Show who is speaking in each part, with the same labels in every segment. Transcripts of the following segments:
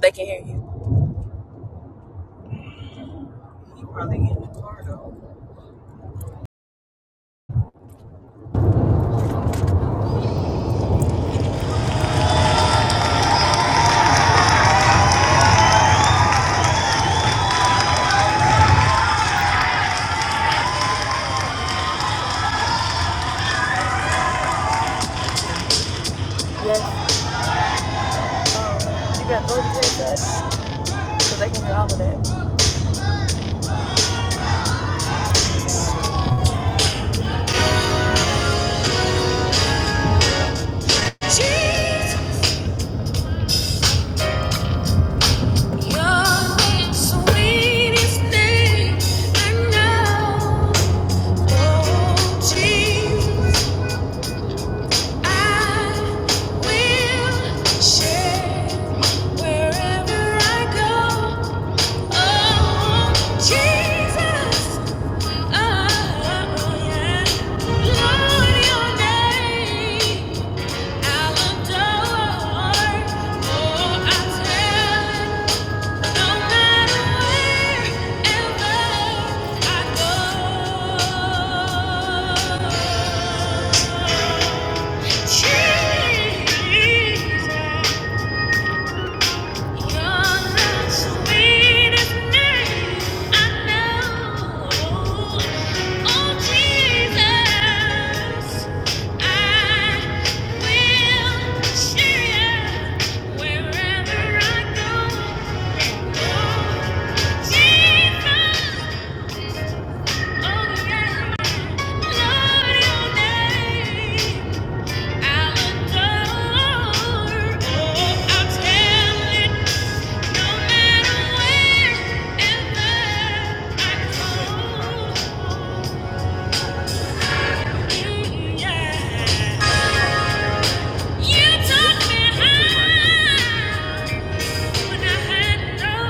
Speaker 1: They can hear you. You probably get in the car though. Yes, you got both headsets, so they can hear all of that. Jesus, your sweetest name I know. Oh, Jesus, I will share wherever I go. Oh, Jesus, oh, yeah. Lord, your name. Jesus. Thank you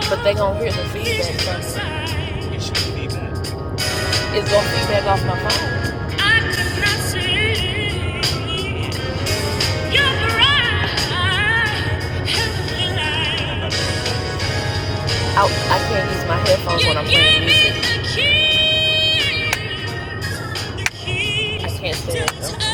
Speaker 1: But they gonna hear the feedback from it. It's gonna feedback off my phone. I could not see your I, I can't use my headphones you when I'm playing music. I can't say it though.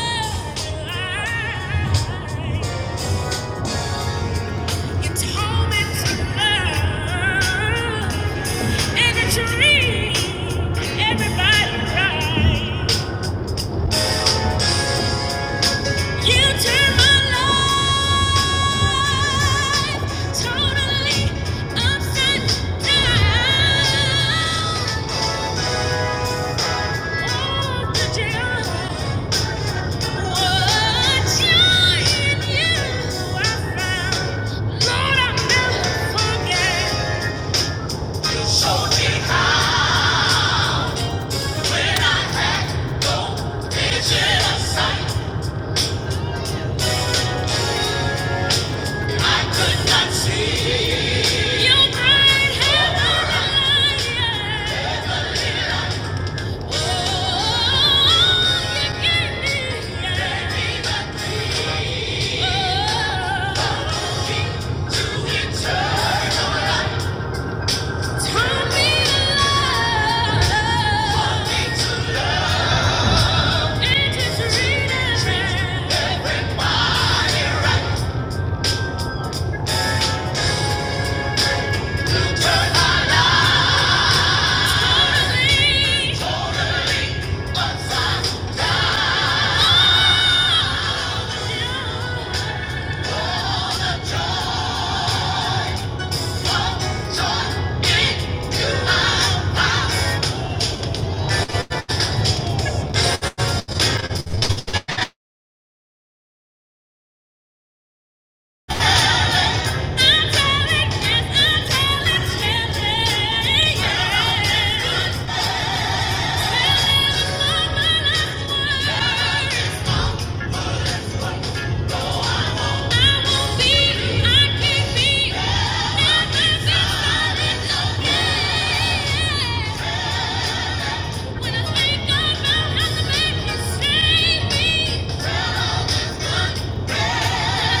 Speaker 1: Totally upside down. Oh, the Turn me alive. When I think about how the man can save me, well, all this good Thank you.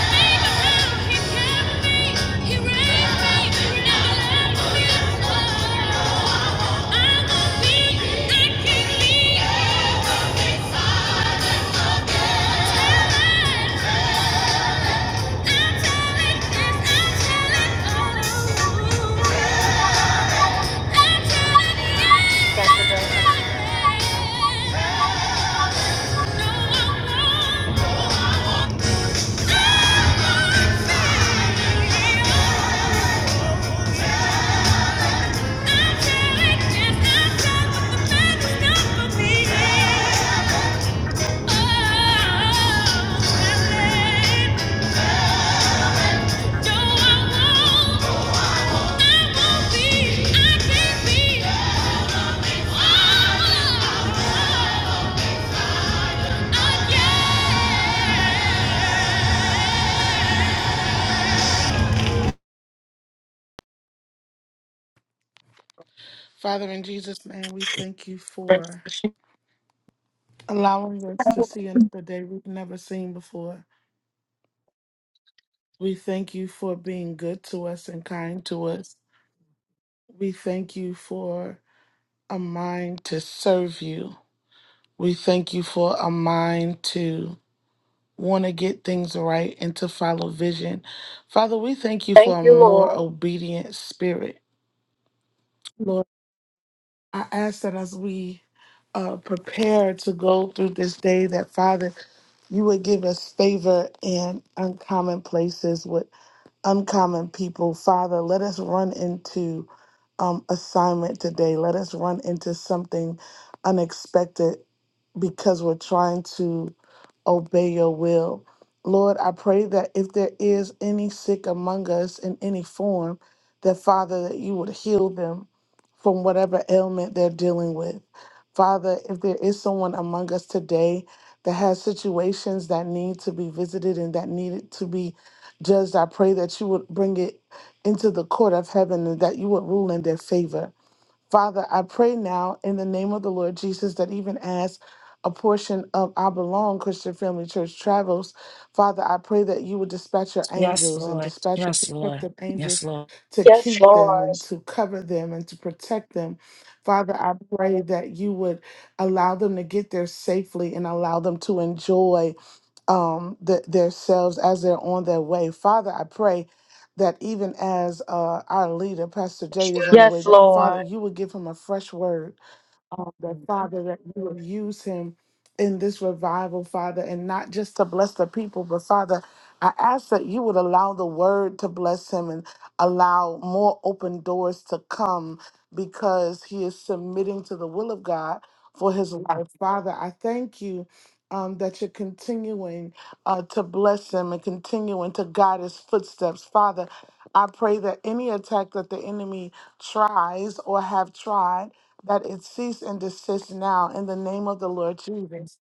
Speaker 2: Father, in Jesus' name, we thank you for allowing us to see another day we've never seen before. We thank you for being good to us and kind to us. We thank you for a mind to serve you. We thank you for a mind to want to get things right and to follow vision. Father, we thank you
Speaker 1: Thank
Speaker 2: for a
Speaker 1: you,
Speaker 2: more
Speaker 1: Lord.
Speaker 2: obedient spirit. Lord, I ask that as we uh, prepare to go through this day, that Father, You would give us favor in uncommon places with uncommon people. Father, let us run into um, assignment today. Let us run into something unexpected because we're trying to obey your will. Lord, I pray that if there is any sick among us in any form, that Father, that you would heal them from whatever ailment they're dealing with. Father, if there is someone among us today that has situations that need to be visited and that needed to be judged, I pray that you would bring it into the court of heaven and that you would rule in their favor. Father, I pray now in the name of the Lord Jesus that even as a portion of I Belong Christian Family Church travels, Father, I pray that you would dispatch your
Speaker 3: Yes,
Speaker 2: angels and
Speaker 3: Lord.
Speaker 2: dispatch your
Speaker 3: Yes, Lord.
Speaker 2: protective
Speaker 3: Yes,
Speaker 2: angels
Speaker 3: Lord.
Speaker 2: to keep them and to cover them and to protect them. Father, I pray that you would allow them to get there safely and allow them to enjoy um th- themselves as they're on their way father i pray that even as uh, our leader, Pastor Jay, is on the way,
Speaker 1: Yes,
Speaker 2: that Father,
Speaker 1: Lord.
Speaker 2: you would give him a fresh word um, that Father, that you will use him in this revival, Father, and not just to bless the people, but Father, I ask that you would allow the word to bless him and allow more open doors to come because he is submitting to the will of God for his life. Father, I thank you. Um, that you're continuing uh, to bless him and continuing to guide his footsteps. Father, I pray that any attack that the enemy tries or have tried that it cease and desist now in the name of the Lord Jesus.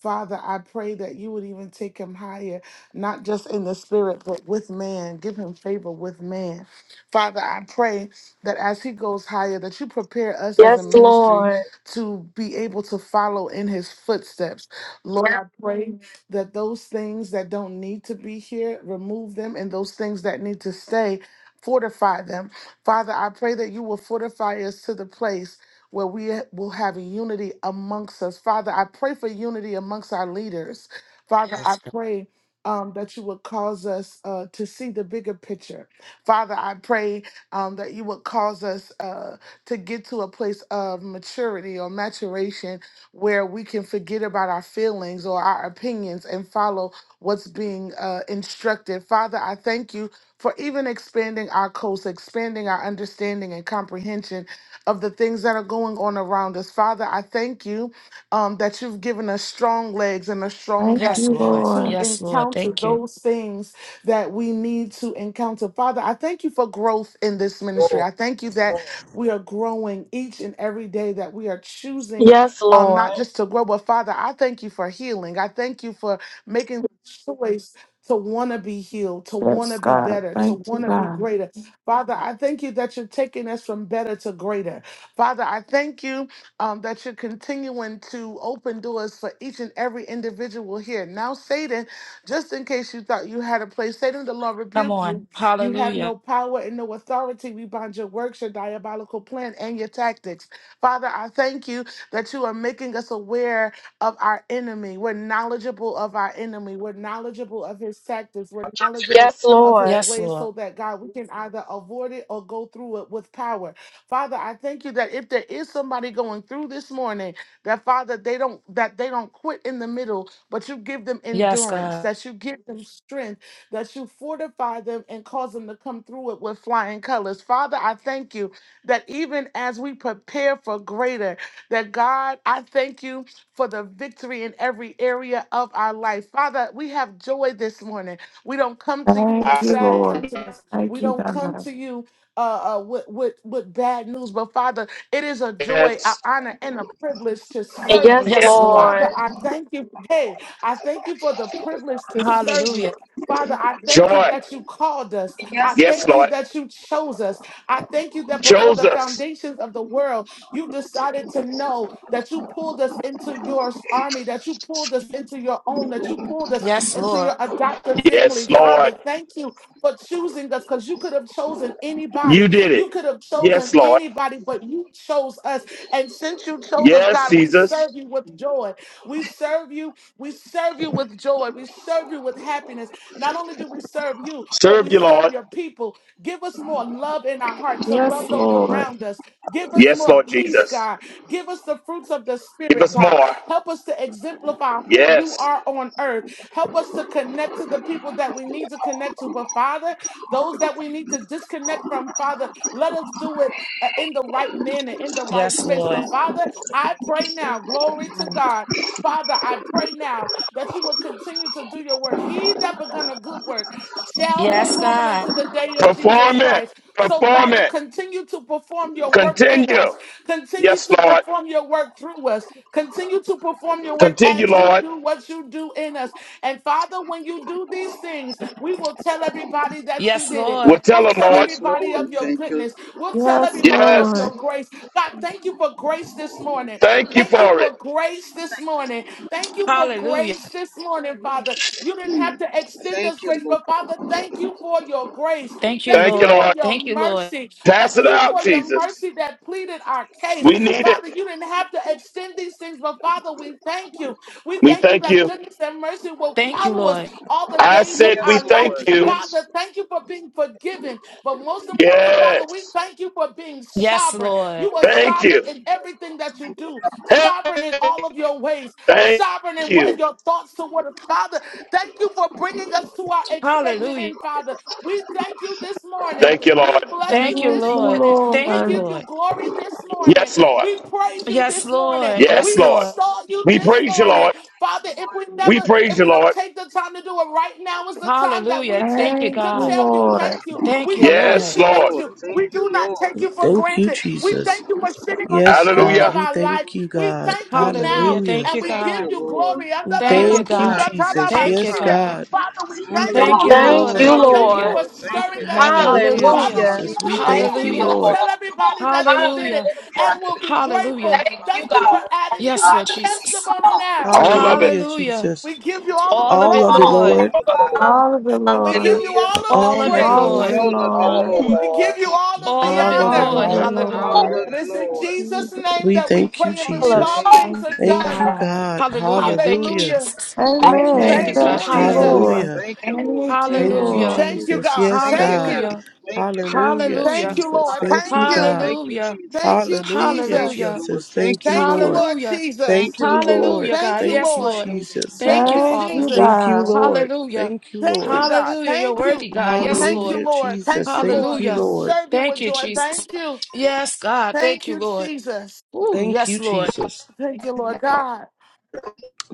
Speaker 2: Father, I pray that you would even take him higher, not just in the spirit, but with man. Give him favor with man. Father, I pray that as he goes higher, that you prepare us as a
Speaker 1: Yes,
Speaker 2: ministry
Speaker 1: Lord.
Speaker 2: to be able to follow in his footsteps. Lord, I pray that those things that don't need to be here, remove them, and those things that need to stay, fortify them. Father, I pray that you will fortify us to the place where we will have unity amongst us. Father, I pray for unity amongst our leaders. Father, I
Speaker 4: It's
Speaker 2: Yes.
Speaker 4: go-
Speaker 2: pray um, that you would cause us uh, to see the bigger picture. Father, I pray um, that you would cause us uh, to get to a place of maturity or maturation where we can forget about our feelings or our opinions and follow what's being uh, instructed. Father, I thank you for even expanding our coast, expanding our understanding and comprehension of the things that are going on around us. Father, I thank you um, that you've given us strong legs and a strong
Speaker 5: Thank
Speaker 2: back
Speaker 3: Yes,
Speaker 5: you,
Speaker 3: Lord.
Speaker 2: to
Speaker 5: Lord.
Speaker 3: Yes, Lord.
Speaker 2: encounter
Speaker 3: Thank you.
Speaker 2: those things that we need to encounter. Father, I thank you for growth in this ministry.
Speaker 6: Lord.
Speaker 2: I thank you
Speaker 6: Yes,
Speaker 2: that
Speaker 6: Lord.
Speaker 2: we are growing each and every day, that we are choosing
Speaker 1: Yes,
Speaker 2: um, not
Speaker 1: Lord.
Speaker 2: just to grow, but Father, I thank you for healing. I thank you for making the choice to want to be healed, to want
Speaker 5: Yes,
Speaker 2: to be
Speaker 5: God.
Speaker 2: better, to
Speaker 5: Thank you,
Speaker 2: want to be
Speaker 5: God.
Speaker 2: greater. Father, I thank you that you're taking us from better to greater. Father, I thank you um, that you're continuing to open doors for each and every individual here. Now, Satan, just in case you thought you had a place, Satan, the Lord
Speaker 3: Come
Speaker 2: rebuke you.
Speaker 3: on.
Speaker 2: You have
Speaker 3: Hallelujah.
Speaker 2: no power and no authority. We bind your works, your diabolical plan, and your tactics. Father, I thank you that you are making us aware of our enemy. We're knowledgeable of our enemy. We're knowledgeable of his tactics. We're knowledgeable
Speaker 1: Yes,
Speaker 2: of
Speaker 1: Lord.
Speaker 2: his
Speaker 3: Yes,
Speaker 2: ways
Speaker 3: Lord.
Speaker 2: so that God, we can either avoid it or go through it with power. Father, I thank you that if there is somebody going through this morning, that Father, they don't that they don't quit in the middle, but you give them
Speaker 3: Yes,
Speaker 2: endurance,
Speaker 3: God.
Speaker 2: that you give them strength, that you fortify them and cause them to come through it with flying colors. Father, I thank you that even as we prepare for greater, that God, I thank you for the victory in every area of our life. Father, we have joy this morning. We don't come to you with a
Speaker 5: Thank
Speaker 7: I
Speaker 5: you,
Speaker 2: sad
Speaker 7: said,
Speaker 5: Lord.
Speaker 2: countenance.
Speaker 5: Thank
Speaker 2: We
Speaker 5: you,
Speaker 2: don't come
Speaker 5: God.
Speaker 2: to you uh, uh, with, with, with bad news. But Father, it is a joy, an
Speaker 7: Yes,
Speaker 2: honor, and a privilege to
Speaker 1: And
Speaker 2: serve
Speaker 1: yes,
Speaker 2: you.
Speaker 3: Yes, Lord.
Speaker 1: Lord.
Speaker 2: Father, I thank you. Hey, I thank you for the privilege to serve you.
Speaker 3: Hallelujah.
Speaker 2: Father, I thank you
Speaker 7: joy.
Speaker 2: that you called us.
Speaker 7: Yes,
Speaker 2: I
Speaker 7: Yes,
Speaker 2: thank you
Speaker 7: Lord.
Speaker 2: that you chose us. I thank you that before
Speaker 7: Chose
Speaker 2: the
Speaker 7: us.
Speaker 2: foundations of the world, you decided to know that you pulled us into your army, that you pulled us into your own, that you pulled us
Speaker 3: Yes,
Speaker 2: into
Speaker 3: Lord.
Speaker 2: your adoptive family.
Speaker 7: Yes, Lord.
Speaker 2: Father, thank you for choosing us because you could have chosen
Speaker 7: You
Speaker 2: anybody.
Speaker 7: did it.
Speaker 2: You could have chosen
Speaker 7: Yes, Lord.
Speaker 2: anybody, but you chose us. And since you chose us,
Speaker 7: Yes,
Speaker 2: God, we
Speaker 7: Jesus.
Speaker 2: serve you with joy. We serve you. We serve you with joy. We serve you with happiness. Not only do we serve you, but
Speaker 7: Serve
Speaker 2: we
Speaker 7: you,
Speaker 2: serve
Speaker 7: Lord.
Speaker 2: your people. Give us more love in our heart to
Speaker 5: Yes,
Speaker 2: love those
Speaker 5: Lord.
Speaker 2: around us. Give us
Speaker 7: Yes,
Speaker 2: more
Speaker 7: Lord
Speaker 2: peace,
Speaker 7: Jesus.
Speaker 2: God. Give us the fruits of the
Speaker 7: Give
Speaker 2: Spirit,
Speaker 7: us
Speaker 2: God.
Speaker 7: more.
Speaker 2: Help us to exemplify who you
Speaker 7: Yes.
Speaker 2: are on earth Help us to connect to the people that we need to connect to. But Father, those that we need to disconnect from, Father, let us do it uh, in the right manner, in the right
Speaker 3: Yes,
Speaker 2: space.
Speaker 3: Lord.
Speaker 2: But Father, I pray
Speaker 5: Yes,
Speaker 2: now, glory to
Speaker 5: God.
Speaker 2: God. Father, I pray now that you will continue to do your work. He that begun a good work shall
Speaker 3: Yes,
Speaker 2: perform it
Speaker 3: God.
Speaker 2: unto the day of Jesus
Speaker 7: Perform it.
Speaker 2: Christ. So,
Speaker 7: Perform
Speaker 2: Father,
Speaker 7: it.
Speaker 2: continue to perform your work in
Speaker 7: Continue.
Speaker 2: us, continue
Speaker 7: Yes,
Speaker 2: to
Speaker 7: Lord.
Speaker 2: perform your work through us, continue to perform your work
Speaker 7: Continue,
Speaker 2: as you
Speaker 7: Lord.
Speaker 2: do what you do in us. And Father, when you do these things, we will tell everybody that you
Speaker 3: Yes,
Speaker 2: did it.
Speaker 7: We'll
Speaker 3: Lord.
Speaker 7: tell
Speaker 2: We'll
Speaker 7: them,
Speaker 2: tell
Speaker 7: Lord.
Speaker 6: Yes,
Speaker 2: everybody
Speaker 6: Lord.
Speaker 2: of your
Speaker 6: Thank you.
Speaker 2: goodness. We'll tell
Speaker 5: Yes,
Speaker 2: everybody
Speaker 7: Yes.
Speaker 2: of your
Speaker 5: Lord.
Speaker 2: grace. God, thank you for grace this morning.
Speaker 7: Thank you
Speaker 2: Thank you
Speaker 7: for it.
Speaker 2: for grace this morning. Thank you for
Speaker 3: Hallelujah.
Speaker 2: grace this morning, Father. You didn't
Speaker 6: Hallelujah.
Speaker 2: have to extend us
Speaker 6: Thank you,
Speaker 2: grace,
Speaker 6: Lord.
Speaker 2: but Father, thank you for your grace.
Speaker 3: Thank you,
Speaker 2: Thank
Speaker 7: Thank
Speaker 2: you
Speaker 7: you,
Speaker 2: for
Speaker 3: Lord.
Speaker 7: Lord.
Speaker 2: your
Speaker 3: Thank you, Lord.
Speaker 2: mercy.
Speaker 7: Pass
Speaker 2: Thank
Speaker 7: it
Speaker 2: you
Speaker 7: out,
Speaker 2: for your
Speaker 7: Jesus.
Speaker 2: mercy that pleaded our case.
Speaker 7: We need it.
Speaker 2: Father, you didn't have to extend these things, but Father, we thank you. We
Speaker 7: We
Speaker 2: thank you
Speaker 7: thank
Speaker 2: that
Speaker 7: you.
Speaker 2: goodness and mercy will
Speaker 3: Thank you,
Speaker 2: follow us
Speaker 3: Lord.
Speaker 2: all the
Speaker 7: I
Speaker 2: days of
Speaker 7: said we
Speaker 6: Yes,
Speaker 2: our life.
Speaker 7: thank
Speaker 6: Lord.
Speaker 7: you.
Speaker 6: Yes,
Speaker 2: Father, thank you for being forgiven. But most importantly,
Speaker 7: Yes.
Speaker 2: Father, we thank you for being
Speaker 3: Yes,
Speaker 2: sovereign.
Speaker 3: Lord.
Speaker 2: You are
Speaker 7: Thank you.
Speaker 2: sovereign in everything that you do,
Speaker 7: Hey,
Speaker 2: sovereign in all of your ways,
Speaker 7: Thank
Speaker 2: sovereign in
Speaker 7: you.
Speaker 2: what your thoughts toward us. Father, thank you for bringing us to our expected
Speaker 3: Hallelujah.
Speaker 2: end, Father. We thank you this morning.
Speaker 7: Thank you, Lord.
Speaker 2: We bless
Speaker 5: Thank
Speaker 3: Thank
Speaker 2: you
Speaker 3: you,
Speaker 2: this
Speaker 5: you,
Speaker 3: Lord.
Speaker 2: morning.
Speaker 3: Thank
Speaker 2: We
Speaker 3: you,
Speaker 5: Lord.
Speaker 2: give you
Speaker 3: Lord.
Speaker 2: glory this morning.
Speaker 7: Yes, Lord.
Speaker 2: We praise you
Speaker 3: Yes,
Speaker 2: this morning.
Speaker 3: Lord. Yes,
Speaker 7: Yes,
Speaker 2: We
Speaker 7: Lord.
Speaker 3: Lord.
Speaker 2: exalt you
Speaker 7: We
Speaker 2: this
Speaker 7: praise you,
Speaker 2: morning.
Speaker 7: Lord.
Speaker 2: Father, if we
Speaker 7: We
Speaker 2: never,
Speaker 7: praise
Speaker 2: if
Speaker 7: you,
Speaker 2: we don't
Speaker 7: Lord.
Speaker 2: take the time to do it right now, is the time that we
Speaker 3: Hallelujah. Thank you,
Speaker 2: take
Speaker 5: Thank
Speaker 2: to
Speaker 5: you,
Speaker 3: God.
Speaker 2: tell you
Speaker 5: Lord.
Speaker 2: thank you.
Speaker 3: Thank
Speaker 2: We
Speaker 3: you, Lord.
Speaker 7: Yes, Lord.
Speaker 2: appreciate
Speaker 6: Lord.
Speaker 2: you.
Speaker 6: Thank
Speaker 2: We do
Speaker 6: you,
Speaker 2: not take
Speaker 6: Lord.
Speaker 2: you for
Speaker 8: Thank you,
Speaker 2: granted. We
Speaker 8: Jesus.
Speaker 2: thank you for sitting on the
Speaker 8: Yes,
Speaker 2: throne
Speaker 8: God.
Speaker 2: of
Speaker 7: Hallelujah.
Speaker 8: We
Speaker 2: our
Speaker 8: thank
Speaker 2: life.
Speaker 8: you,
Speaker 2: We
Speaker 8: God.
Speaker 2: thank you
Speaker 3: Hallelujah.
Speaker 2: now
Speaker 8: Hallelujah.
Speaker 3: Thank
Speaker 2: and
Speaker 3: you,
Speaker 2: we
Speaker 6: Thank
Speaker 2: give
Speaker 3: God.
Speaker 6: you,
Speaker 2: you
Speaker 6: Lord.
Speaker 2: glory.
Speaker 3: Thank
Speaker 2: Father,
Speaker 6: Yes,
Speaker 3: you,
Speaker 8: Thank you,
Speaker 6: God.
Speaker 3: God.
Speaker 6: Thank
Speaker 8: Jesus.
Speaker 6: you,
Speaker 3: Thank you,
Speaker 8: Yes,
Speaker 3: God.
Speaker 6: Father.
Speaker 8: God.
Speaker 2: we
Speaker 8: We
Speaker 2: thank
Speaker 3: Thank
Speaker 2: you
Speaker 8: thank
Speaker 3: you,
Speaker 8: you,
Speaker 6: Hallelujah.
Speaker 2: now.
Speaker 1: Thank
Speaker 3: Lord.
Speaker 1: you,
Speaker 8: Lord.
Speaker 6: Thank
Speaker 2: We
Speaker 6: you,
Speaker 2: thank you
Speaker 1: Lord.
Speaker 3: Hallelujah.
Speaker 2: for
Speaker 6: Lord. Thank you,
Speaker 2: stirring us
Speaker 6: God.
Speaker 2: up.
Speaker 8: Hallelujah,
Speaker 2: Father,
Speaker 3: Hallelujah.
Speaker 2: when
Speaker 6: Thank
Speaker 1: Hallelujah.
Speaker 6: you,
Speaker 2: you
Speaker 8: Jesus. We
Speaker 2: do these
Speaker 8: thank
Speaker 2: things,
Speaker 8: you,
Speaker 3: Hallelujah.
Speaker 2: we'll
Speaker 8: Lord.
Speaker 2: tell everybody that you did it
Speaker 3: Hallelujah.
Speaker 2: and we'll be
Speaker 3: Hallelujah.
Speaker 2: grateful. Thank you for adding to
Speaker 3: Yes,
Speaker 2: our
Speaker 3: Lord Jesus.
Speaker 2: testimony now.
Speaker 7: All of it.
Speaker 8: Hallelujah,
Speaker 3: Hallelujah.
Speaker 8: Jesus.
Speaker 2: We give you all of the
Speaker 3: All of
Speaker 8: All
Speaker 3: it,
Speaker 8: of it,
Speaker 2: glory
Speaker 6: all
Speaker 3: Lord.
Speaker 6: of
Speaker 8: Lord.
Speaker 6: it, Lord.
Speaker 5: All of the
Speaker 2: and we give
Speaker 5: Lord.
Speaker 2: you all of the
Speaker 3: All
Speaker 8: All
Speaker 3: of
Speaker 8: of
Speaker 3: it,
Speaker 8: it,
Speaker 5: All of the
Speaker 2: praise.
Speaker 3: Lord.
Speaker 8: Lord.
Speaker 6: All of
Speaker 9: All
Speaker 6: it,
Speaker 9: of
Speaker 5: Lord.
Speaker 9: it,
Speaker 6: Lord.
Speaker 2: We
Speaker 9: Lord.
Speaker 2: give you all of
Speaker 3: All
Speaker 2: the
Speaker 3: of
Speaker 8: All
Speaker 3: it,
Speaker 8: of it,
Speaker 5: All of
Speaker 3: Lord.
Speaker 2: honor.
Speaker 5: the
Speaker 9: All
Speaker 8: Lord.
Speaker 9: of it,
Speaker 3: Hallelujah.
Speaker 6: All
Speaker 5: Lord.
Speaker 6: of
Speaker 2: And
Speaker 9: Lord.
Speaker 6: it,
Speaker 2: it's in
Speaker 6: Lord.
Speaker 2: Jesus' name
Speaker 8: We
Speaker 2: that we
Speaker 6: In
Speaker 8: thank you,
Speaker 2: pray and
Speaker 1: All
Speaker 6: Jesus'
Speaker 2: believe
Speaker 1: of
Speaker 2: all
Speaker 8: Jesus.
Speaker 1: it,
Speaker 6: name.
Speaker 2: things
Speaker 5: Thank
Speaker 2: are
Speaker 5: you,
Speaker 8: Thank
Speaker 2: done.
Speaker 8: you,
Speaker 1: Lord.
Speaker 5: God.
Speaker 8: God.
Speaker 3: Hallelujah. Thank you,
Speaker 8: Hallelujah.
Speaker 2: Hallelujah.
Speaker 3: Jesus.
Speaker 8: Thank you,
Speaker 3: Thank
Speaker 5: Amen.
Speaker 6: Amen.
Speaker 3: you,
Speaker 2: Thank you,
Speaker 3: God.
Speaker 5: Thank
Speaker 8: Jesus.
Speaker 5: you,
Speaker 6: Hallelujah.
Speaker 3: Hallelujah.
Speaker 5: Lord.
Speaker 2: Jesus.
Speaker 8: Hallelujah.
Speaker 6: Thank you, Lord.
Speaker 5: Thank you,
Speaker 6: Thank you,
Speaker 8: Thank
Speaker 10: Amen.
Speaker 8: you,
Speaker 3: Hallelujah.
Speaker 5: Lord.
Speaker 6: Father.
Speaker 2: Thank you,
Speaker 8: Jesus.
Speaker 2: God.
Speaker 8: Yes,
Speaker 6: Thank you,
Speaker 2: Thank
Speaker 8: God.
Speaker 6: God.
Speaker 2: you.
Speaker 3: Hallelujah.
Speaker 6: Thank you, God.
Speaker 8: Hallelujah,
Speaker 2: Thank
Speaker 3: Hallelujah.
Speaker 2: you,
Speaker 8: Jesus.
Speaker 2: Lord.
Speaker 8: Thank you,
Speaker 2: Thank
Speaker 6: Hallelujah.
Speaker 2: you.
Speaker 8: God.
Speaker 6: Thank you,
Speaker 3: Hallelujah.
Speaker 2: Thank
Speaker 6: Jesus.
Speaker 2: you,
Speaker 8: Hallelujah,
Speaker 6: Thank you,
Speaker 2: Jesus.
Speaker 3: Hallelujah.
Speaker 6: Lord.
Speaker 8: Jesus.
Speaker 6: Thank
Speaker 8: Thank
Speaker 6: you,
Speaker 8: you,
Speaker 2: Thank
Speaker 6: Father.
Speaker 2: you,
Speaker 8: Lord.
Speaker 2: Lord
Speaker 3: Hallelujah.
Speaker 6: Thank
Speaker 8: Thank
Speaker 2: Jesus.
Speaker 6: you,
Speaker 8: you,
Speaker 6: Lord.
Speaker 8: Lord.
Speaker 3: Hallelujah,
Speaker 2: Thank
Speaker 3: God.
Speaker 2: you,
Speaker 3: Yes,
Speaker 8: Thank you,
Speaker 2: Lord.
Speaker 3: Lord.
Speaker 9: Amen.
Speaker 8: Jesus.
Speaker 3: Thank
Speaker 2: Thank
Speaker 3: you,
Speaker 2: you,
Speaker 5: Thank
Speaker 9: Amen.
Speaker 5: you,
Speaker 3: Father.
Speaker 2: Jesus.
Speaker 8: Thank you,
Speaker 5: God.
Speaker 8: Lord.
Speaker 3: Hallelujah.
Speaker 8: Thank you,
Speaker 2: Thank you,
Speaker 8: Lord.
Speaker 2: God.
Speaker 3: Hallelujah. You're
Speaker 2: Thank you.
Speaker 3: worthy, God. Yes,
Speaker 2: Thank you,
Speaker 3: Lord.
Speaker 8: Hallelujah,
Speaker 2: Lord. Thank
Speaker 8: Jesus.
Speaker 2: you,
Speaker 8: Thank
Speaker 2: Lord.
Speaker 8: you,
Speaker 2: We
Speaker 3: Hallelujah.
Speaker 8: Lord.
Speaker 2: serve you
Speaker 3: Thank
Speaker 2: with
Speaker 3: you,
Speaker 2: joy.
Speaker 3: Jesus.
Speaker 2: Thank you.
Speaker 3: Yes, God. Thank
Speaker 2: Thank
Speaker 3: you,
Speaker 2: you,
Speaker 3: Lord.
Speaker 2: Jesus.
Speaker 3: Ooh,
Speaker 8: Thank
Speaker 3: yes,
Speaker 8: you,
Speaker 3: Lord.
Speaker 8: Jesus.
Speaker 2: Thank you, Lord God.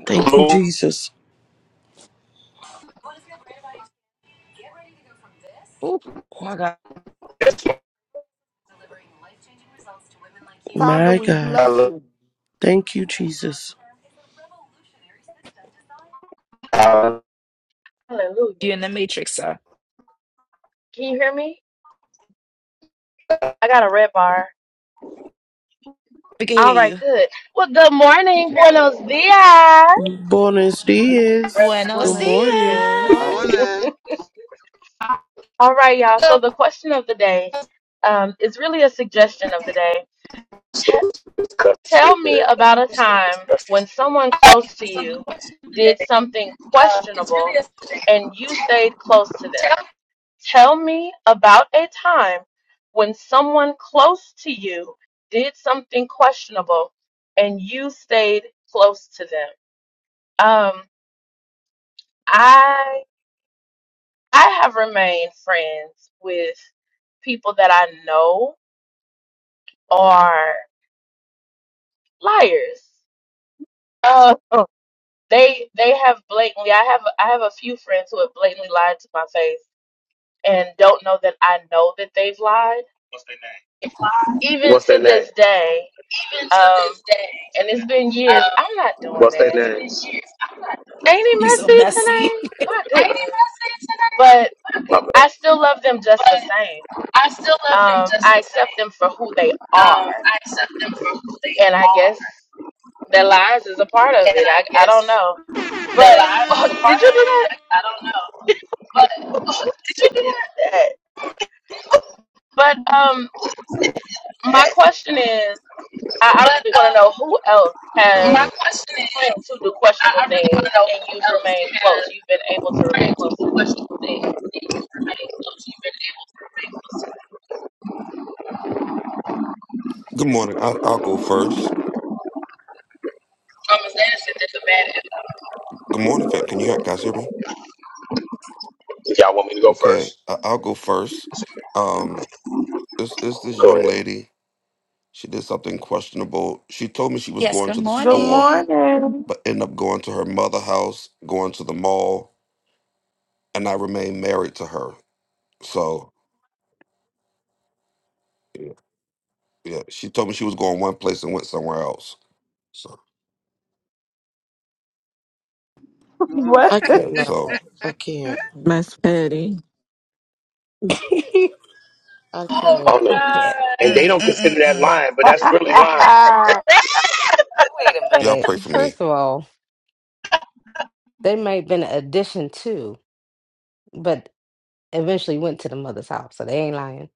Speaker 8: Thank you,
Speaker 7: Lord,
Speaker 8: Jesus.
Speaker 3: Ooh, my God.
Speaker 2: Father,
Speaker 8: My
Speaker 2: we
Speaker 8: God.
Speaker 7: I
Speaker 2: bless
Speaker 7: love-
Speaker 2: you.
Speaker 8: Thank you, Jesus.
Speaker 7: I-
Speaker 3: You're
Speaker 1: Hallelujah.
Speaker 3: in the matrix, sir.
Speaker 1: Can you hear me? I got a red bar.
Speaker 3: We can hear
Speaker 1: All right,
Speaker 3: you.
Speaker 1: good. Well, good morning. Buenos dias.
Speaker 8: Buenos dias.
Speaker 2: One
Speaker 8: Good
Speaker 3: Buenos
Speaker 8: morning.
Speaker 6: Good
Speaker 2: is
Speaker 3: dias.
Speaker 6: morning.
Speaker 1: All right, y'all. So the question of the day um, is really a suggestion of the day. T- tell me about a time when someone close to you did something questionable and you stayed close to them. Tell me about a time when someone close to you did something questionable and you stayed close to them. Um, I I have remained friends with people that I know are liars. Uh, they they have blatantly. I have I have a few friends who have blatantly lied to my face and don't know that I know that they've lied. Even
Speaker 7: What's,
Speaker 1: to this day, um, and it's been years. I'm not doing
Speaker 7: what's their
Speaker 1: that.
Speaker 7: names?
Speaker 1: Ain't he
Speaker 3: You so
Speaker 1: messy
Speaker 3: messy.
Speaker 1: today? My goodness. But
Speaker 7: If
Speaker 1: I still love them just the same. Um, I accept them for who they are, and I guess. That lies is a part of it. I I don't know, but oh, did you do that? that? But um, my question is, I, I really want to know who else has claimed to do questionable things, and you've remained close. You've been able to remain close to them.
Speaker 11: Good morning. I'll, I'll go first. Good morning, fam. Can you hear, guys hear me?
Speaker 7: y'all want me to go
Speaker 11: Okay,
Speaker 7: first,
Speaker 11: I- I'll go first. Um, it's, it's this
Speaker 7: go
Speaker 11: young
Speaker 7: ahead.
Speaker 11: lady. She did something questionable. She told me she was
Speaker 3: Yes,
Speaker 11: going
Speaker 3: good
Speaker 11: to the
Speaker 5: Good
Speaker 11: store,
Speaker 3: morning.
Speaker 5: morning.
Speaker 11: but ended up going to her mother' house, going to the mall, and I remained married to her. So, yeah, yeah. She told me she was going one place and went somewhere else. So,
Speaker 6: morning.
Speaker 8: I
Speaker 5: What?
Speaker 11: yeah.
Speaker 8: cannot.
Speaker 11: So,
Speaker 8: I can't.
Speaker 12: Miss Petty.
Speaker 8: I can't.
Speaker 7: Oh, no.
Speaker 3: I can't.
Speaker 7: And they
Speaker 3: Mm,
Speaker 7: don't
Speaker 3: mm,
Speaker 7: consider that
Speaker 3: mm,
Speaker 7: lying, but that's really lying.
Speaker 10: Wait a
Speaker 11: y'all
Speaker 10: minute.
Speaker 11: pray for me.
Speaker 10: First of all, they may have been an addition too, but eventually went to the mother's house, so they ain't lying.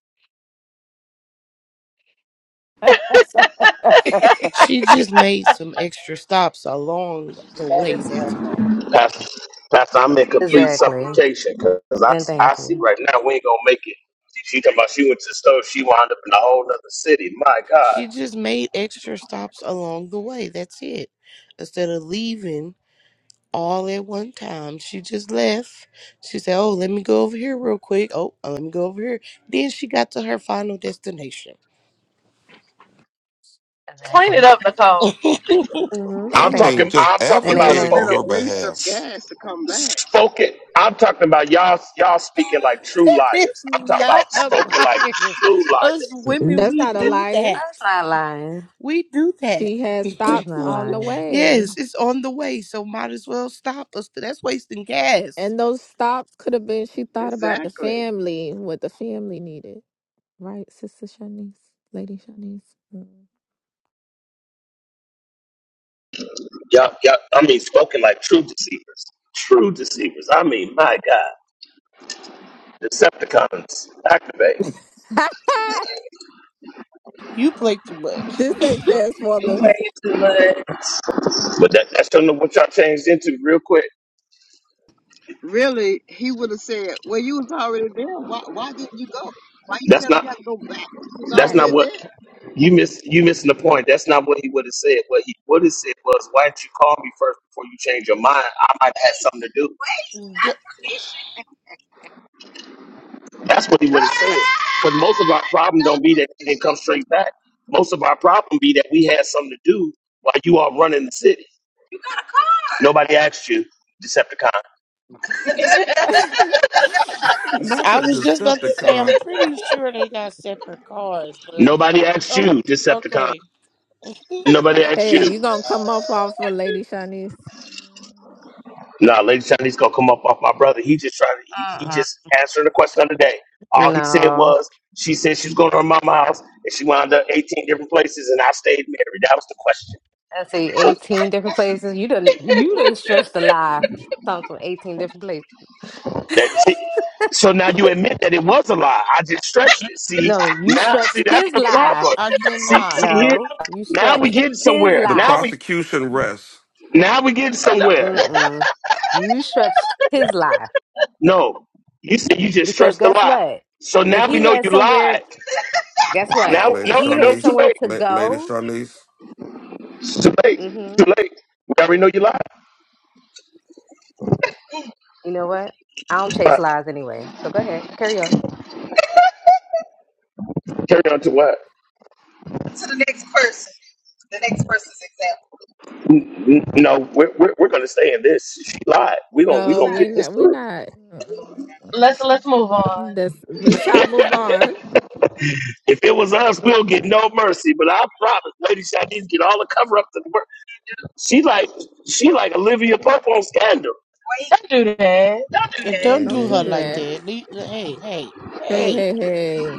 Speaker 8: She just made some extra stops along the
Speaker 9: That
Speaker 8: way.
Speaker 9: is
Speaker 8: That's all.
Speaker 9: hilarious.
Speaker 7: Pastor, Pastor, I'm in complete
Speaker 10: Exactly.
Speaker 7: supplication because I,
Speaker 10: And
Speaker 7: I
Speaker 10: thank
Speaker 7: see
Speaker 10: you.
Speaker 7: right now we ain't gonna make it. She talking about she went to the store, she wound up in a whole other city. My
Speaker 8: She
Speaker 7: God,
Speaker 8: just made extra stops along the way. That's it. Instead of leaving all at one time, she just left. She said, Oh, let me go over here real quick. Oh, uh, let me go over here. Then she got to her final destination.
Speaker 1: Clean it
Speaker 10: Exactly.
Speaker 1: up, Nicole.
Speaker 10: hmm
Speaker 11: I
Speaker 7: I'm
Speaker 10: Thank
Speaker 11: mean,
Speaker 7: talking,
Speaker 10: you.
Speaker 11: just
Speaker 7: I'm talking
Speaker 6: It
Speaker 10: And
Speaker 7: about
Speaker 6: would have
Speaker 11: advocating
Speaker 10: amen.
Speaker 6: been
Speaker 11: on
Speaker 7: spoken,
Speaker 6: a
Speaker 11: her
Speaker 6: waste of
Speaker 11: behalf.
Speaker 6: gas to come back.
Speaker 7: spoken. I'm talking about y'all, y'all speaking like true
Speaker 8: It's
Speaker 7: liars. I'm talking about
Speaker 8: not a
Speaker 7: spoken like
Speaker 8: liar.
Speaker 7: true
Speaker 8: Us
Speaker 7: liars.
Speaker 8: women,
Speaker 12: That's
Speaker 8: we
Speaker 12: not a
Speaker 8: do
Speaker 12: liar.
Speaker 8: that.
Speaker 10: That's not lying.
Speaker 8: We do that.
Speaker 12: She had
Speaker 10: That's
Speaker 12: stops
Speaker 10: not
Speaker 12: on the
Speaker 10: lying.
Speaker 12: way.
Speaker 8: yes, it's on the way, so might as well stop us. That's wasting gas.
Speaker 12: And those stops could have been she thought about the
Speaker 6: Exactly.
Speaker 12: family, what the family needed. Right, Sister Shanice? Lady Shanice?
Speaker 7: Y'all, y'all, I mean, spoken like true deceivers, true deceivers. I mean, my God, Decepticons activate.
Speaker 12: Mm.
Speaker 8: You play too much.
Speaker 12: this ain't Transformers.
Speaker 7: But that, that's not what y'all changed into real quick.
Speaker 6: Really, he would have said, Well, you was already there. Why why didn't you go? Why you
Speaker 7: That's
Speaker 6: tell me
Speaker 7: not
Speaker 6: you had to go back? You was
Speaker 7: that's
Speaker 6: already
Speaker 7: not
Speaker 12: Right.
Speaker 6: there.
Speaker 7: what You miss you missing the point. That's not what he would have said. What he would have said was, "Why didn't you call me first before you change your mind? I might have had something to do."
Speaker 8: Girl,
Speaker 7: That's what he would have said. But most of our problem don't be that he didn't come straight back. Most of our problem be that we had something to do while you all running the city. Nobody asked you, Decepticon.
Speaker 11: Not
Speaker 8: I
Speaker 11: the
Speaker 8: was just about to say,
Speaker 11: Decepticon.
Speaker 8: I'm pretty sure they got separate cars, but
Speaker 7: Nobody asked
Speaker 8: oh,
Speaker 7: you, Decepticon.
Speaker 8: okay,
Speaker 7: Nobody asked
Speaker 12: hey,
Speaker 7: you.
Speaker 12: you gonna come off off of Lady Shanice?
Speaker 7: Nah, Lady Shawnee's gonna come up off my brother. He just trying to. He, he
Speaker 10: Uh-uh.
Speaker 7: just answering the question of the day. All he said
Speaker 10: No.
Speaker 7: was she said she was going to her mama's house and she wound up eighteen different places and I stayed married. That was the question.
Speaker 10: Let's see, 18 different places. You didn't you didn't stretch the lie. Comes from 18 different places.
Speaker 7: That see, so now you admit that it was a lie. I just stretched it. See
Speaker 10: No, you
Speaker 7: now, see
Speaker 10: stretched
Speaker 7: that's
Speaker 10: his
Speaker 7: the
Speaker 10: lie.
Speaker 7: problem.
Speaker 8: I
Speaker 7: See,
Speaker 8: cannot.
Speaker 7: see here.
Speaker 10: No, you
Speaker 7: Now we
Speaker 10: stretched
Speaker 7: getting
Speaker 10: his
Speaker 7: somewhere.
Speaker 11: the
Speaker 7: Now
Speaker 10: lie.
Speaker 7: we
Speaker 11: prosecution rests.
Speaker 7: now we getting somewhere.
Speaker 10: Mm-mm. You stretched his life
Speaker 7: No, you said you just
Speaker 10: because
Speaker 7: stretched the
Speaker 10: guess
Speaker 7: lie.
Speaker 10: what?
Speaker 7: So
Speaker 10: If
Speaker 7: now we
Speaker 10: he
Speaker 7: know
Speaker 10: had
Speaker 7: you lied.
Speaker 10: somewhere, guess
Speaker 11: La-
Speaker 10: what?
Speaker 7: Now
Speaker 11: Lady
Speaker 7: no,
Speaker 10: If
Speaker 7: no,
Speaker 10: he
Speaker 7: it's
Speaker 10: had
Speaker 7: too
Speaker 11: Shawnice,
Speaker 10: somewhere
Speaker 7: late.
Speaker 10: to
Speaker 11: La- Lady
Speaker 10: go,
Speaker 11: Shawnice.
Speaker 7: It's too late. It's
Speaker 10: mm-hmm.
Speaker 7: too late. We already know you lied.
Speaker 10: You know what? I don't chase
Speaker 7: But
Speaker 10: lies anyway. So go ahead, carry on.
Speaker 7: carry on to what? To the next person. The next person's example. N- No, we're, we're, we're going to stay in this. She lied. We're going we
Speaker 12: No,
Speaker 7: gonna to
Speaker 12: we're
Speaker 7: get this
Speaker 12: not. We're
Speaker 7: through.
Speaker 12: not. Mm-mm.
Speaker 1: Let's let's move on.
Speaker 12: That's, we shall move on.
Speaker 7: if it was us, we'll get no mercy. But I promise, Lady Shadine's get all the cover up to the work. She like, she like Olivia Pope on Scandal. Wait,
Speaker 1: Don't do that.
Speaker 7: don't do
Speaker 8: And don't
Speaker 7: that.
Speaker 8: do
Speaker 12: Don't
Speaker 8: her
Speaker 12: do
Speaker 8: like
Speaker 11: Mm-hmm.
Speaker 12: that.
Speaker 8: that. Le- Hey, hey,
Speaker 12: Hey,
Speaker 8: hey,
Speaker 12: hey, hey.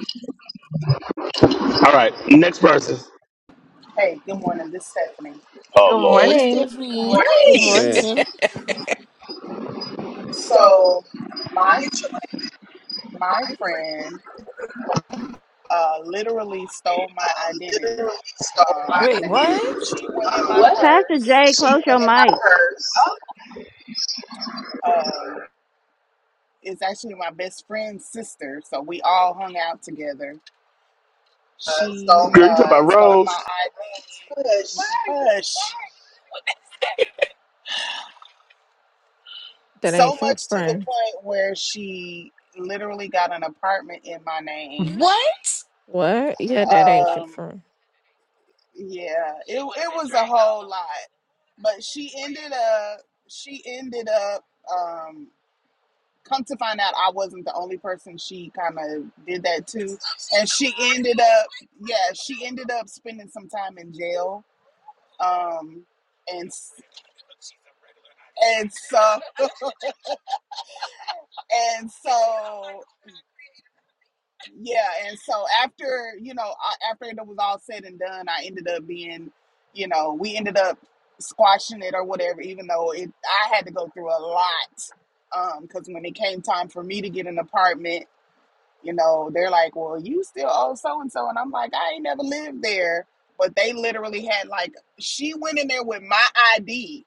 Speaker 7: All right, next person.
Speaker 9: Hey,
Speaker 7: Hey,
Speaker 9: good
Speaker 7: this one is
Speaker 9: morning. This is Stephanie.
Speaker 7: a Oh,
Speaker 1: Good
Speaker 7: Lord.
Speaker 8: hey,
Speaker 1: morning.
Speaker 7: seven.
Speaker 8: Stephanie. Good
Speaker 9: Wait.
Speaker 7: Right.
Speaker 11: Mm.
Speaker 3: mm.
Speaker 8: morning.
Speaker 7: So
Speaker 9: So,
Speaker 7: my
Speaker 9: my
Speaker 7: my
Speaker 9: my
Speaker 7: friend.
Speaker 9: friend uh, literally stole my identity.
Speaker 7: literally stole
Speaker 9: Um,
Speaker 7: my
Speaker 9: What?
Speaker 3: Wait,
Speaker 7: identity.
Speaker 3: what?
Speaker 9: She went in
Speaker 7: Um,
Speaker 9: my
Speaker 13: Pastor
Speaker 9: purse.
Speaker 13: Jay,
Speaker 7: She
Speaker 13: close your
Speaker 7: went in my
Speaker 13: mic.
Speaker 7: purse,
Speaker 9: Um, it's actually my best friend's sister, so we all hung out together.
Speaker 7: uh,
Speaker 9: She
Speaker 7: stole my Girl, you talking
Speaker 9: uh,
Speaker 7: about
Speaker 9: stole
Speaker 7: Rose?
Speaker 9: my
Speaker 7: push.
Speaker 9: ID. Hush. What is that?
Speaker 12: That
Speaker 9: So
Speaker 12: ain't your
Speaker 9: much to the
Speaker 12: friend.
Speaker 9: point where she literally got an apartment in my name.
Speaker 3: What?
Speaker 12: What? Yeah, that ain't your
Speaker 9: Um,
Speaker 12: friend.
Speaker 9: yeah, it it was a whole lot, but she ended up she ended up um come to find out I wasn't the only person she kind of did that to, and she ended up yeah she ended up spending some time in jail. Um, and s- and so and so Yeah, and so after you know, a- after it was all said and done, I ended up being, you know, we ended up squashing it or whatever. Even though it, I had to go through a lot, because when it came time for me to get an apartment, you know, they're like, "Well, you still owe so and so," and I'm like, "I ain't never lived there," but they literally had like she went in there with my ID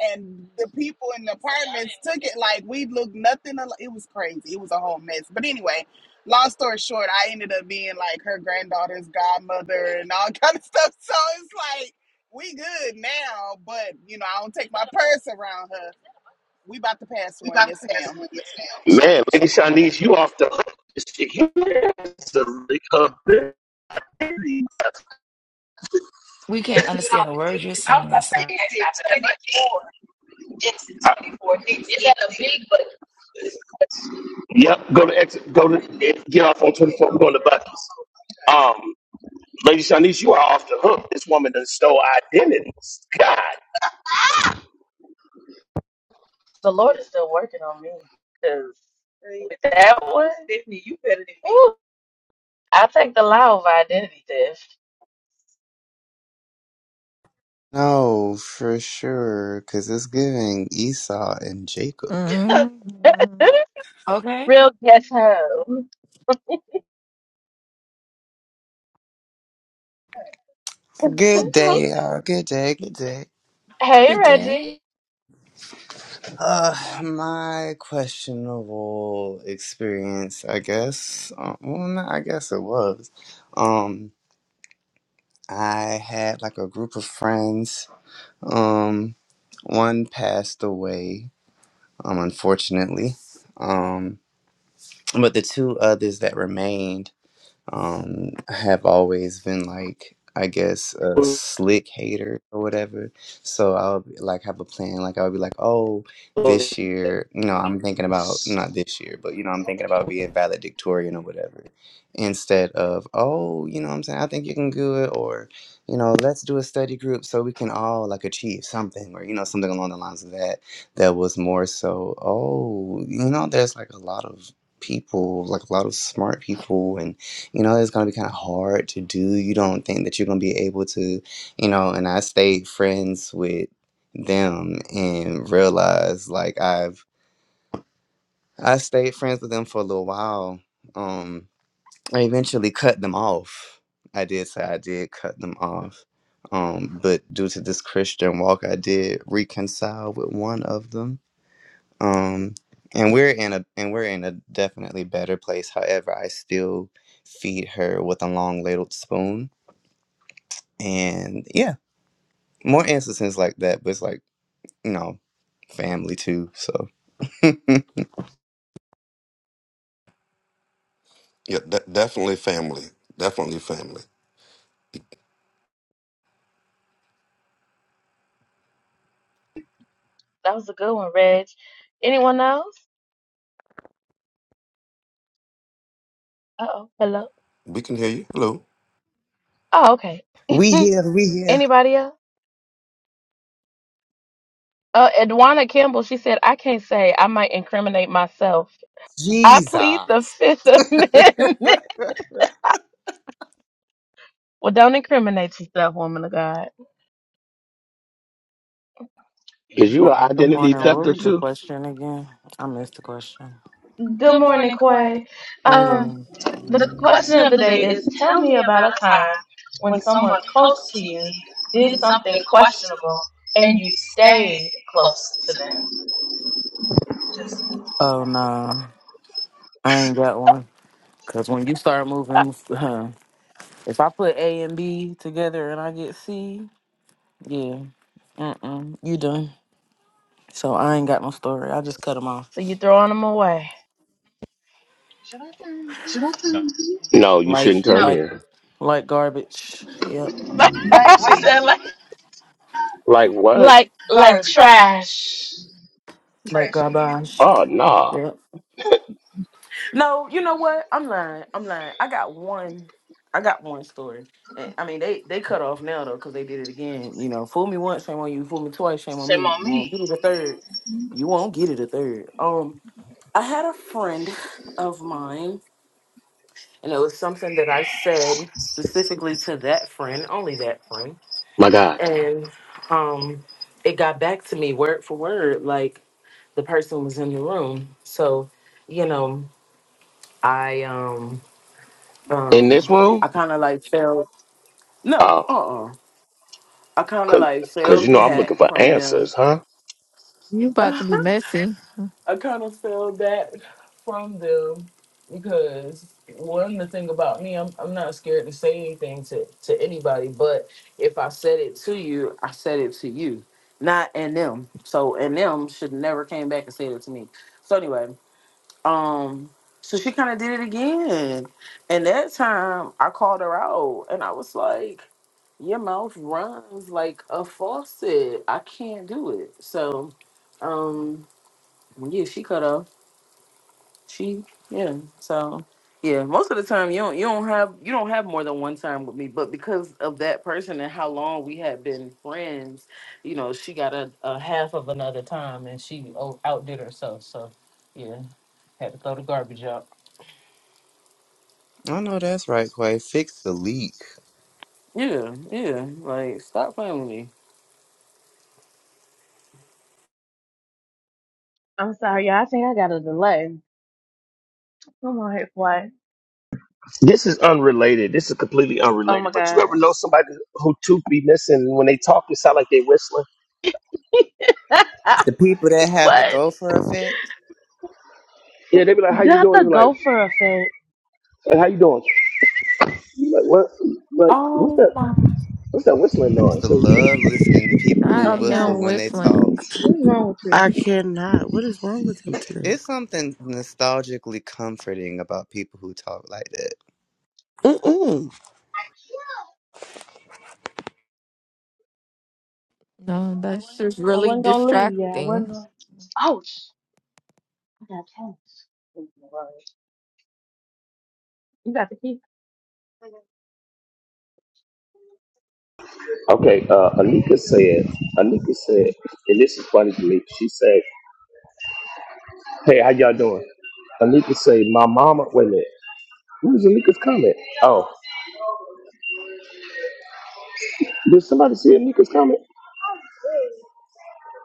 Speaker 9: and the people in the apartments took it like we looked nothing. al- It was crazy. It was a whole mess. But anyway, long story short, I ended up being like her granddaughter's godmother and all kind of stuff. So it's like we good now, but you know I don't take my purse around her. We about to pass
Speaker 7: We
Speaker 9: one,
Speaker 7: about
Speaker 9: yes,
Speaker 7: to pass
Speaker 9: ma'am.
Speaker 7: one, yes, ma'am. Man, Lady Shanice, you off the hook. This chick, you has to recover.
Speaker 3: We can't understand a word you're saying, sir.
Speaker 7: Yep, go to exit, go to get off on 24. I'm going to Bucky's. Um, Lady Shanice, you are off the hook. This woman done stole identities. God.
Speaker 1: The Lord is still working on me because that one, Stephanie, you better than me. Ooh, I take the lie over identity
Speaker 4: no, for sure, because it's giving Esau and Jacob.
Speaker 1: theft.
Speaker 12: Mm-hmm.
Speaker 3: Okay.
Speaker 1: Real ghetto.
Speaker 4: Good day, y'all. Good day, good day.
Speaker 1: hey,
Speaker 3: Good
Speaker 1: Reggie.
Speaker 3: day.
Speaker 4: Uh, my questionable experience, I guess. Uh, well, not, I guess it was. Um, I had like a group of friends. Um, one passed away, um, unfortunately. Um, but the two others that remained. um I have always been like I guess a slick hater or whatever. So I'll be- like have a plan. Like I'll be like, oh, this year, you know, I'm thinking about not this year, but you know, I'm thinking about being valedictorian or whatever. Instead of, oh, you know what I'm saying, I think you can do it or, you know, let's do a study group so we can all like achieve something or, you know, something along the lines of that. That was more so, oh, you know, there's like a lot of people, like a lot of smart people and you know it's going to be kind of hard to do you don't think that you're going to be able to you know and i stayed friends with them and realized like i've i stayed friends with them for a little while um i eventually cut them off i did say i did cut them off um but due to this christian walk i did reconcile with one of them um and we're in a and we're in a definitely better place however i still feed her with a long ladled spoon and yeah, more instances like that. But it's like you know, family too. So
Speaker 11: Yeah, de- definitely family. Definitely family.
Speaker 1: That was a good one, Reg. Anyone else? Uh oh. Hello.
Speaker 11: We can hear you. Hello.
Speaker 1: Oh, okay.
Speaker 4: we here, we here.
Speaker 1: Anybody else? Uh, Edwana Campbell, she said, I can't say. I might incriminate myself. I
Speaker 4: Jesus,
Speaker 1: plead the Fifth
Speaker 4: I
Speaker 1: Amendment. well, don't incriminate yourself, woman of God.
Speaker 7: Is you an
Speaker 14: Good
Speaker 7: identity
Speaker 14: morning. What
Speaker 7: thefter
Speaker 14: was the
Speaker 7: too?
Speaker 14: question again? I missed the question.
Speaker 1: Good morning, Quay.
Speaker 14: Hey,
Speaker 1: Um,
Speaker 14: um,
Speaker 1: the question of the day is tell me about a time when someone close to you did something questionable and you stayed close to them.
Speaker 14: oh no, I ain't got one. Cause when you start moving, if I put A and B together and I get C, yeah, mm-mm, you done. So I ain't got no story. I just cut them off
Speaker 1: So you throwing them away.
Speaker 7: Should I? No, you
Speaker 14: like
Speaker 7: shouldn't No, turn No.
Speaker 14: like
Speaker 7: here.
Speaker 14: like garbage. Yep,
Speaker 7: Like what?
Speaker 1: like
Speaker 7: Like,
Speaker 1: like Sorry. trash.
Speaker 14: like garbage.
Speaker 7: Oh, nah.
Speaker 14: Yep. No, you know what? I'm lying. I'm lying. I got one. I got one story. And I mean, they they cut off now though because they did it again. You know, fool me once, shame on you. Fool me twice, shame on me. You won't get it a third. You won't get it a third. Um, I had a friend of mine, and it was something that I said specifically to that friend, only that friend,
Speaker 7: My God.
Speaker 14: and um, it got back to me word for word, like the person was in the room. So, you know, I um.
Speaker 7: In
Speaker 14: um
Speaker 7: this room?
Speaker 14: I kind of like fell no
Speaker 7: Oh,
Speaker 14: uh uh I kind of
Speaker 7: cause,
Speaker 14: like
Speaker 7: 'cause,
Speaker 14: fell
Speaker 7: you know I'm
Speaker 14: back
Speaker 7: looking for
Speaker 14: from them.
Speaker 7: answers, huh?
Speaker 12: You about to be
Speaker 14: I
Speaker 12: messy.
Speaker 14: kind of fell back from them because one the thing about me I'm I'm not scared to say anything to to anybody but if I said it to you I said it to you not and them so and them should never came back and said it to me so anyway Um, so she kind of did it again. And that time I called her out and I was like, Your mouth runs like a faucet. I can't do it. So, um, yeah, she cut off. She yeah. So yeah, most of the time you don't you don't have you don't have more than one time with me, but because of that person and how long we had been friends, you know, she got a, a half of another time and she o- outdid herself. So yeah, had to throw the garbage out.
Speaker 4: know that's right, Quay. Fix the leak.
Speaker 14: Yeah, yeah. Like, stop playing with me.
Speaker 1: I'm sorry, y'all. I think I got a delay. I'm on here what?
Speaker 7: This is unrelated. This is completely
Speaker 1: Oh
Speaker 7: unrelated.
Speaker 1: my
Speaker 7: But you
Speaker 1: god.
Speaker 7: ever know somebody who tooth be missing when they talk, it sound like they whistling?
Speaker 4: The people that have the
Speaker 1: what?
Speaker 4: gopher effect.
Speaker 7: Yeah, they be like,
Speaker 1: Not the gopher effect.
Speaker 7: "Hey, "How you doing?" Like, what? Like, what's
Speaker 5: oh
Speaker 7: that?
Speaker 5: my.
Speaker 7: What's that whistling
Speaker 4: I used
Speaker 7: noise?
Speaker 4: to
Speaker 7: So-
Speaker 4: love listening to people who
Speaker 12: I
Speaker 1: I'm
Speaker 12: hear him
Speaker 4: whistle
Speaker 1: not.
Speaker 4: when they
Speaker 12: whistling.
Speaker 4: talk.
Speaker 1: What's wrong with
Speaker 8: I
Speaker 1: you?
Speaker 8: cannot. What is wrong with him today?
Speaker 4: It's something nostalgically comforting about people who talk like that.
Speaker 8: Mm-mm.
Speaker 12: No, that's just
Speaker 1: I
Speaker 12: really
Speaker 1: wasn't gonna leave yet. I wasn't
Speaker 12: distracting.
Speaker 1: gonna. Oh, sh- I got tennis. You got the key.
Speaker 7: okay, uh, Anika said. Anika said, and this is funny to me. She said Hey, how y'all doing? Anika say, my mama, wait a minute. Who's Anika's comment? Oh, did somebody see Anika's comment?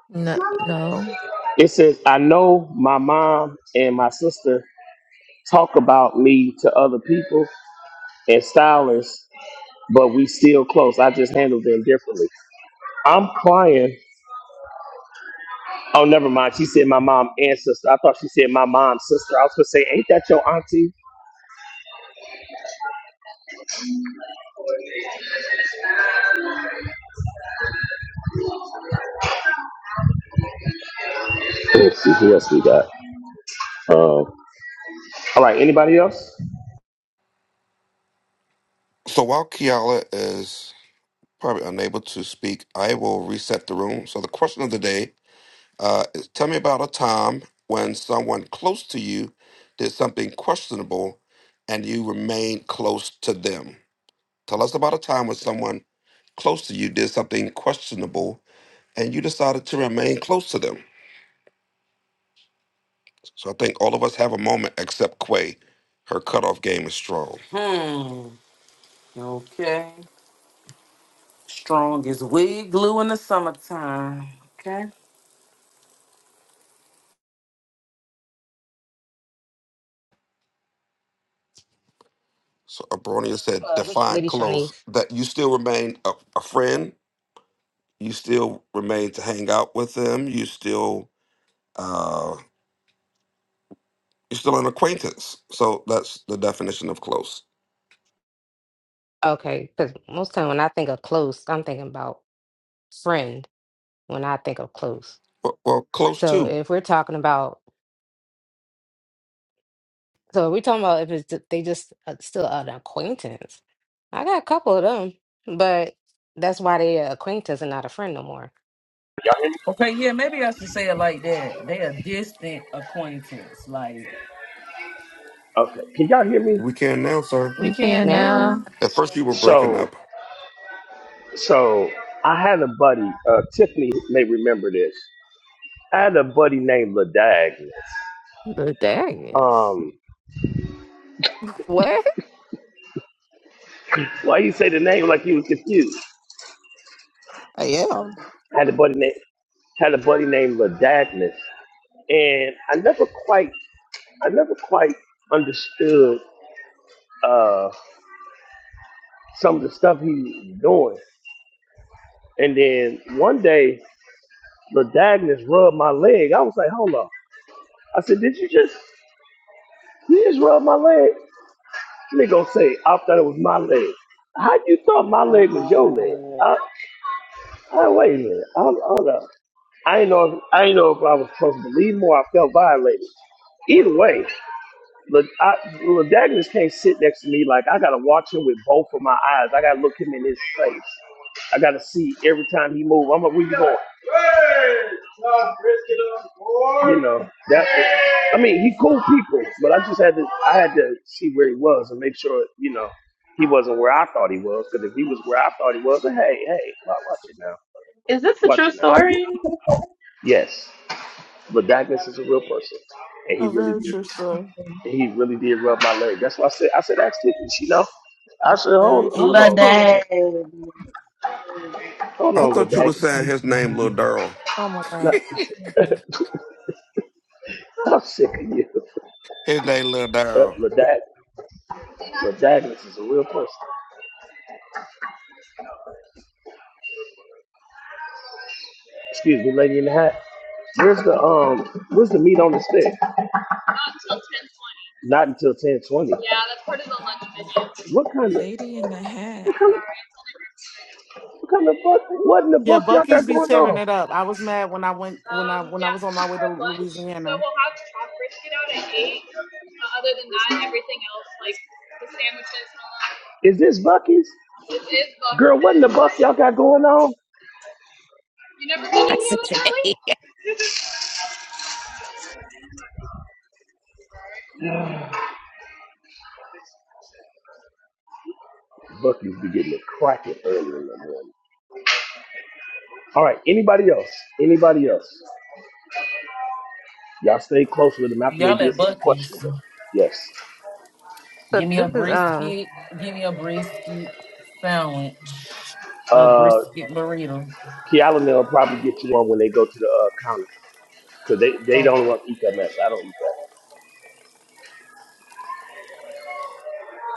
Speaker 12: No, no,
Speaker 7: It says, I know my mom and my sister talk about me to other people and stylists, but we still close. I just handle them differently. I'm crying. Oh, never mind. She said my mom and sister. I thought she said my mom's sister. I was gonna say, ain't that your auntie? Let's see who else we got. Um, all right, anybody else?
Speaker 11: So while Kiala is probably unable to speak, I will reset the room. So the question of the day uh, is tell me about a time when someone close to you did something questionable and you remained close to them. Tell us about a time when someone close to you did something questionable and you decided to remain close to them. So I think all of us have a moment except Quay. Her cutoff game is strong.
Speaker 14: Hmm. Okay. Strong as wig glue in the summertime. Okay.
Speaker 11: So Abronia said,
Speaker 10: Hello, this is
Speaker 11: define
Speaker 10: Lady
Speaker 11: close,
Speaker 10: Shawnee's.
Speaker 11: that you still remain a, a friend, you still remain to hang out with them, you still uh you're still an acquaintance. So that's the definition of close.
Speaker 10: Okay, because most time when I think of close, I'm thinking about friend. When I think of close,
Speaker 11: Well, well close
Speaker 10: so
Speaker 11: too.
Speaker 10: if we're talking about, so if we're talking about if it's ju- they just uh, still an acquaintance. I got a couple of them, but that's why they are acquaintance and not a friend no more.
Speaker 7: Y'all hear me?
Speaker 14: Okay, yeah, maybe I should say it like that. They are distant acquaintance. Like
Speaker 7: Okay. Can y'all hear me?
Speaker 11: We can now, sir.
Speaker 14: we
Speaker 12: you
Speaker 14: can't
Speaker 12: can
Speaker 10: Now we
Speaker 14: marry
Speaker 10: can.
Speaker 12: now.
Speaker 14: 'em.
Speaker 11: At first you were breaking
Speaker 7: So
Speaker 11: up.
Speaker 7: So I had a buddy, uh, Tiffany may remember this. I had a buddy named Ladag.
Speaker 12: But there he is.
Speaker 7: Um,
Speaker 12: What?
Speaker 7: why you say the name like you was confused?
Speaker 12: Yeah.
Speaker 7: I had a buddy named had a buddy named Ladagnus, and I never quite I never quite understood uh, some of the stuff he was doing. And then one day, Ladagnus rubbed my leg. I was like, hold on. I said, did you just just rub my leg? I said, how you thought my
Speaker 9: Oh
Speaker 7: leg was
Speaker 9: my
Speaker 7: your leg?
Speaker 9: God.
Speaker 7: I, I wait a minute. Hold, hold up. I ain't know. If, I ain't know if I was supposed to believe more. I felt violated. Either way, look. I- Ledagnis can't sit next to me. Like I gotta watch him with both of my eyes. I gotta look him in his face. I gotta see every time he move. I'm like, where you going? You know that. I mean, he cool people, but I just had to. I had to see where he was and make sure you know he wasn't where I thought he was. Because if he was where I thought he was, then hey, hey, wa- watch it now.
Speaker 1: Is this a true story?
Speaker 7: Yes, Ledagnis is a real person, and he
Speaker 2: a
Speaker 7: really
Speaker 2: very
Speaker 7: did.
Speaker 2: true story.
Speaker 7: He really did rub my leg. That's why I said I said ask Tiffany. you know. I said
Speaker 2: Very
Speaker 7: hold
Speaker 2: true
Speaker 7: hold
Speaker 1: La
Speaker 2: story.
Speaker 1: dang.
Speaker 7: hold
Speaker 11: I
Speaker 7: on,
Speaker 11: thought you were
Speaker 7: Ladak.
Speaker 11: saying his name, Lil Durrell.
Speaker 2: Oh my
Speaker 7: No,
Speaker 2: God.
Speaker 7: I'm sick of you.
Speaker 11: His name, Lil
Speaker 7: Uh,
Speaker 11: Durrell.
Speaker 7: Ladak Ladagnus is a real person. Excuse me, lady in the hat. Where's the um where's the meat on the stick? Not until ten twenty. What kind of
Speaker 12: Lady in the hat.
Speaker 7: what kind of buck what in the
Speaker 2: Yeah,
Speaker 7: buck y'all
Speaker 2: Bucky's
Speaker 7: got
Speaker 2: be
Speaker 7: going
Speaker 2: tearing
Speaker 7: on?
Speaker 2: it up. I was mad when I went when I when I was on my way to Louisiana.
Speaker 7: Is this Bucky's? Buck y'all got going on? Bucky's be getting it cracking early in the morning. All right, anybody else? Anybody else? Y'all stay close with them after they
Speaker 14: y'all
Speaker 7: did
Speaker 14: at
Speaker 7: some
Speaker 14: Bucky's.
Speaker 7: questionable. Yes.
Speaker 10: So
Speaker 14: Give me a
Speaker 10: this is um
Speaker 14: brisket. Give me a brisket sandwich. A
Speaker 7: Uh,
Speaker 14: brisket burrito.
Speaker 7: Kealan, they'll probably get you one when they go to the uh, counter because they, they
Speaker 14: Oh,
Speaker 7: don't want to eat that mess. I don't eat that.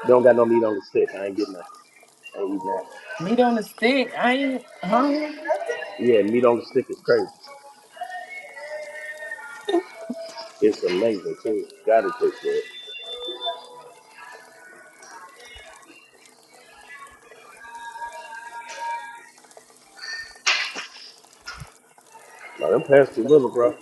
Speaker 7: They don't got no meat on the stick. I ain't getting that. I ain't eating that.
Speaker 14: meat on the stick. I ain't hungry.
Speaker 7: Yeah, meat on the stick is crazy. It's amazing too. Gotta taste good. No, them pants too little, bro.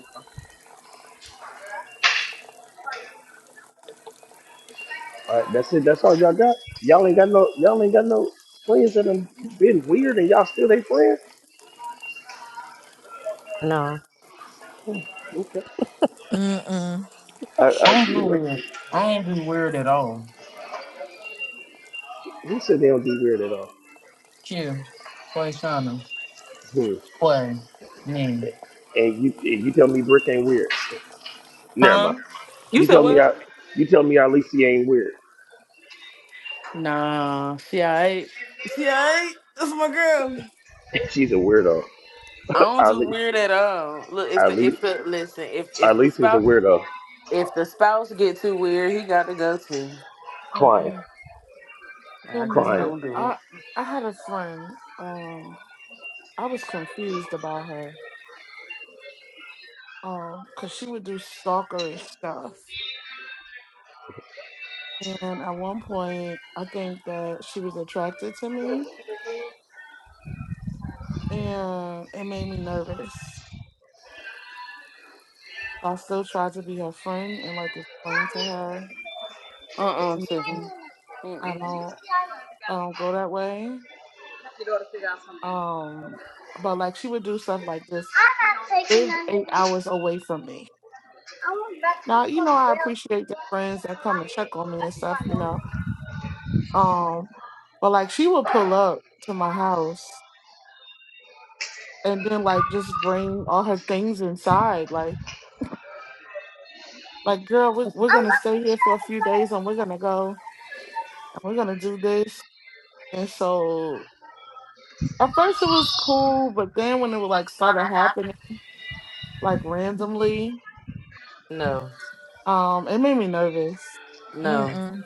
Speaker 7: All right, that's it. That's all y'all got. Y'all ain't got no. Y'all ain't got no friends that have been weird, and y'all still they friends.
Speaker 10: no.
Speaker 7: Okay.
Speaker 12: Mm-mm.
Speaker 7: I, I,
Speaker 14: I don't
Speaker 7: you
Speaker 14: do
Speaker 7: know,
Speaker 14: weird. I don't do weird at all.
Speaker 7: who said they don't be weird at all?
Speaker 14: Q, Quayshana,
Speaker 7: Hmm.
Speaker 14: Quay, me.
Speaker 7: And you, and you tell me Brick ain't weird. Never mind.
Speaker 14: Huh? You
Speaker 7: You
Speaker 14: said
Speaker 7: tell me,
Speaker 14: what?
Speaker 7: I, you tell me, Alicia ain't weird.
Speaker 14: Nah, she alright. She ain't. That's my girl.
Speaker 7: She's a weirdo.
Speaker 14: I don't do
Speaker 7: Ali,
Speaker 14: weird at all. Look, if the
Speaker 7: Ali,
Speaker 14: if the listen, if if the
Speaker 7: Alicia's a
Speaker 14: spouse
Speaker 7: weirdo.
Speaker 14: if the spouse get too weird, he got to go too.
Speaker 7: Crying,
Speaker 2: Mm-mm. Good
Speaker 14: I just
Speaker 2: morning.
Speaker 7: crying.
Speaker 14: don't do
Speaker 2: I
Speaker 14: it.
Speaker 2: I had a friend. Um, I was confused about her. Um, cause she would do stalkerish stuff, and at one point, I think that she was attracted to me and it made me nervous. I still tried to be her friend and like explain to her,
Speaker 14: Uh uh
Speaker 2: you know,
Speaker 14: Tiffany.
Speaker 2: I
Speaker 14: Mm-mm.
Speaker 2: don't, I don't go that way. Um, but like she would do stuff like this. Lived eight hours away from me. Now you know I appreciate the friends that come and check on me and stuff, you know. Um, but like she would pull up to my house and then like just bring all her things inside, like. Like, girl, we're, we're gonna stay here for a few days and we're gonna go and we're gonna do this And so at first it was cool, but then when it would like
Speaker 14: Like saw
Speaker 2: started
Speaker 14: that happen.
Speaker 2: happening like randomly,
Speaker 14: No,
Speaker 2: um, it made me nervous.
Speaker 14: no.
Speaker 12: Mm-mm.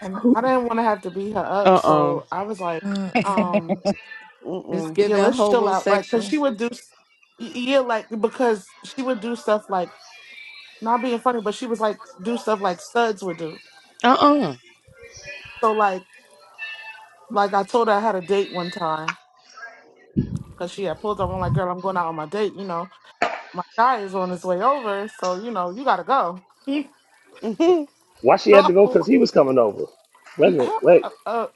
Speaker 2: And I didn't want to have to beat her up,
Speaker 8: Uh-uh.
Speaker 2: so I was like,
Speaker 12: Mm-mm.
Speaker 2: um,
Speaker 12: It's
Speaker 8: Mm-mm.
Speaker 2: yeah,
Speaker 12: giving
Speaker 2: let's chill out, like, cause she
Speaker 12: homosexuals.
Speaker 2: would do, s- y- yeah, like because she would do stuff like not being funny, but she was like do stuff like studs would do.
Speaker 8: Uh-uh.
Speaker 2: So like, like I told her I had a date one time, cause she had pulled up. I'm like, girl, I'm going out on my date. You know, my guy is on his way over, so you know, you gotta go.
Speaker 8: hmm
Speaker 7: Why she had to go? Cause
Speaker 2: Oh,
Speaker 7: he was coming over. Wait a minute.
Speaker 2: how-
Speaker 7: Wait.
Speaker 2: uh, uh,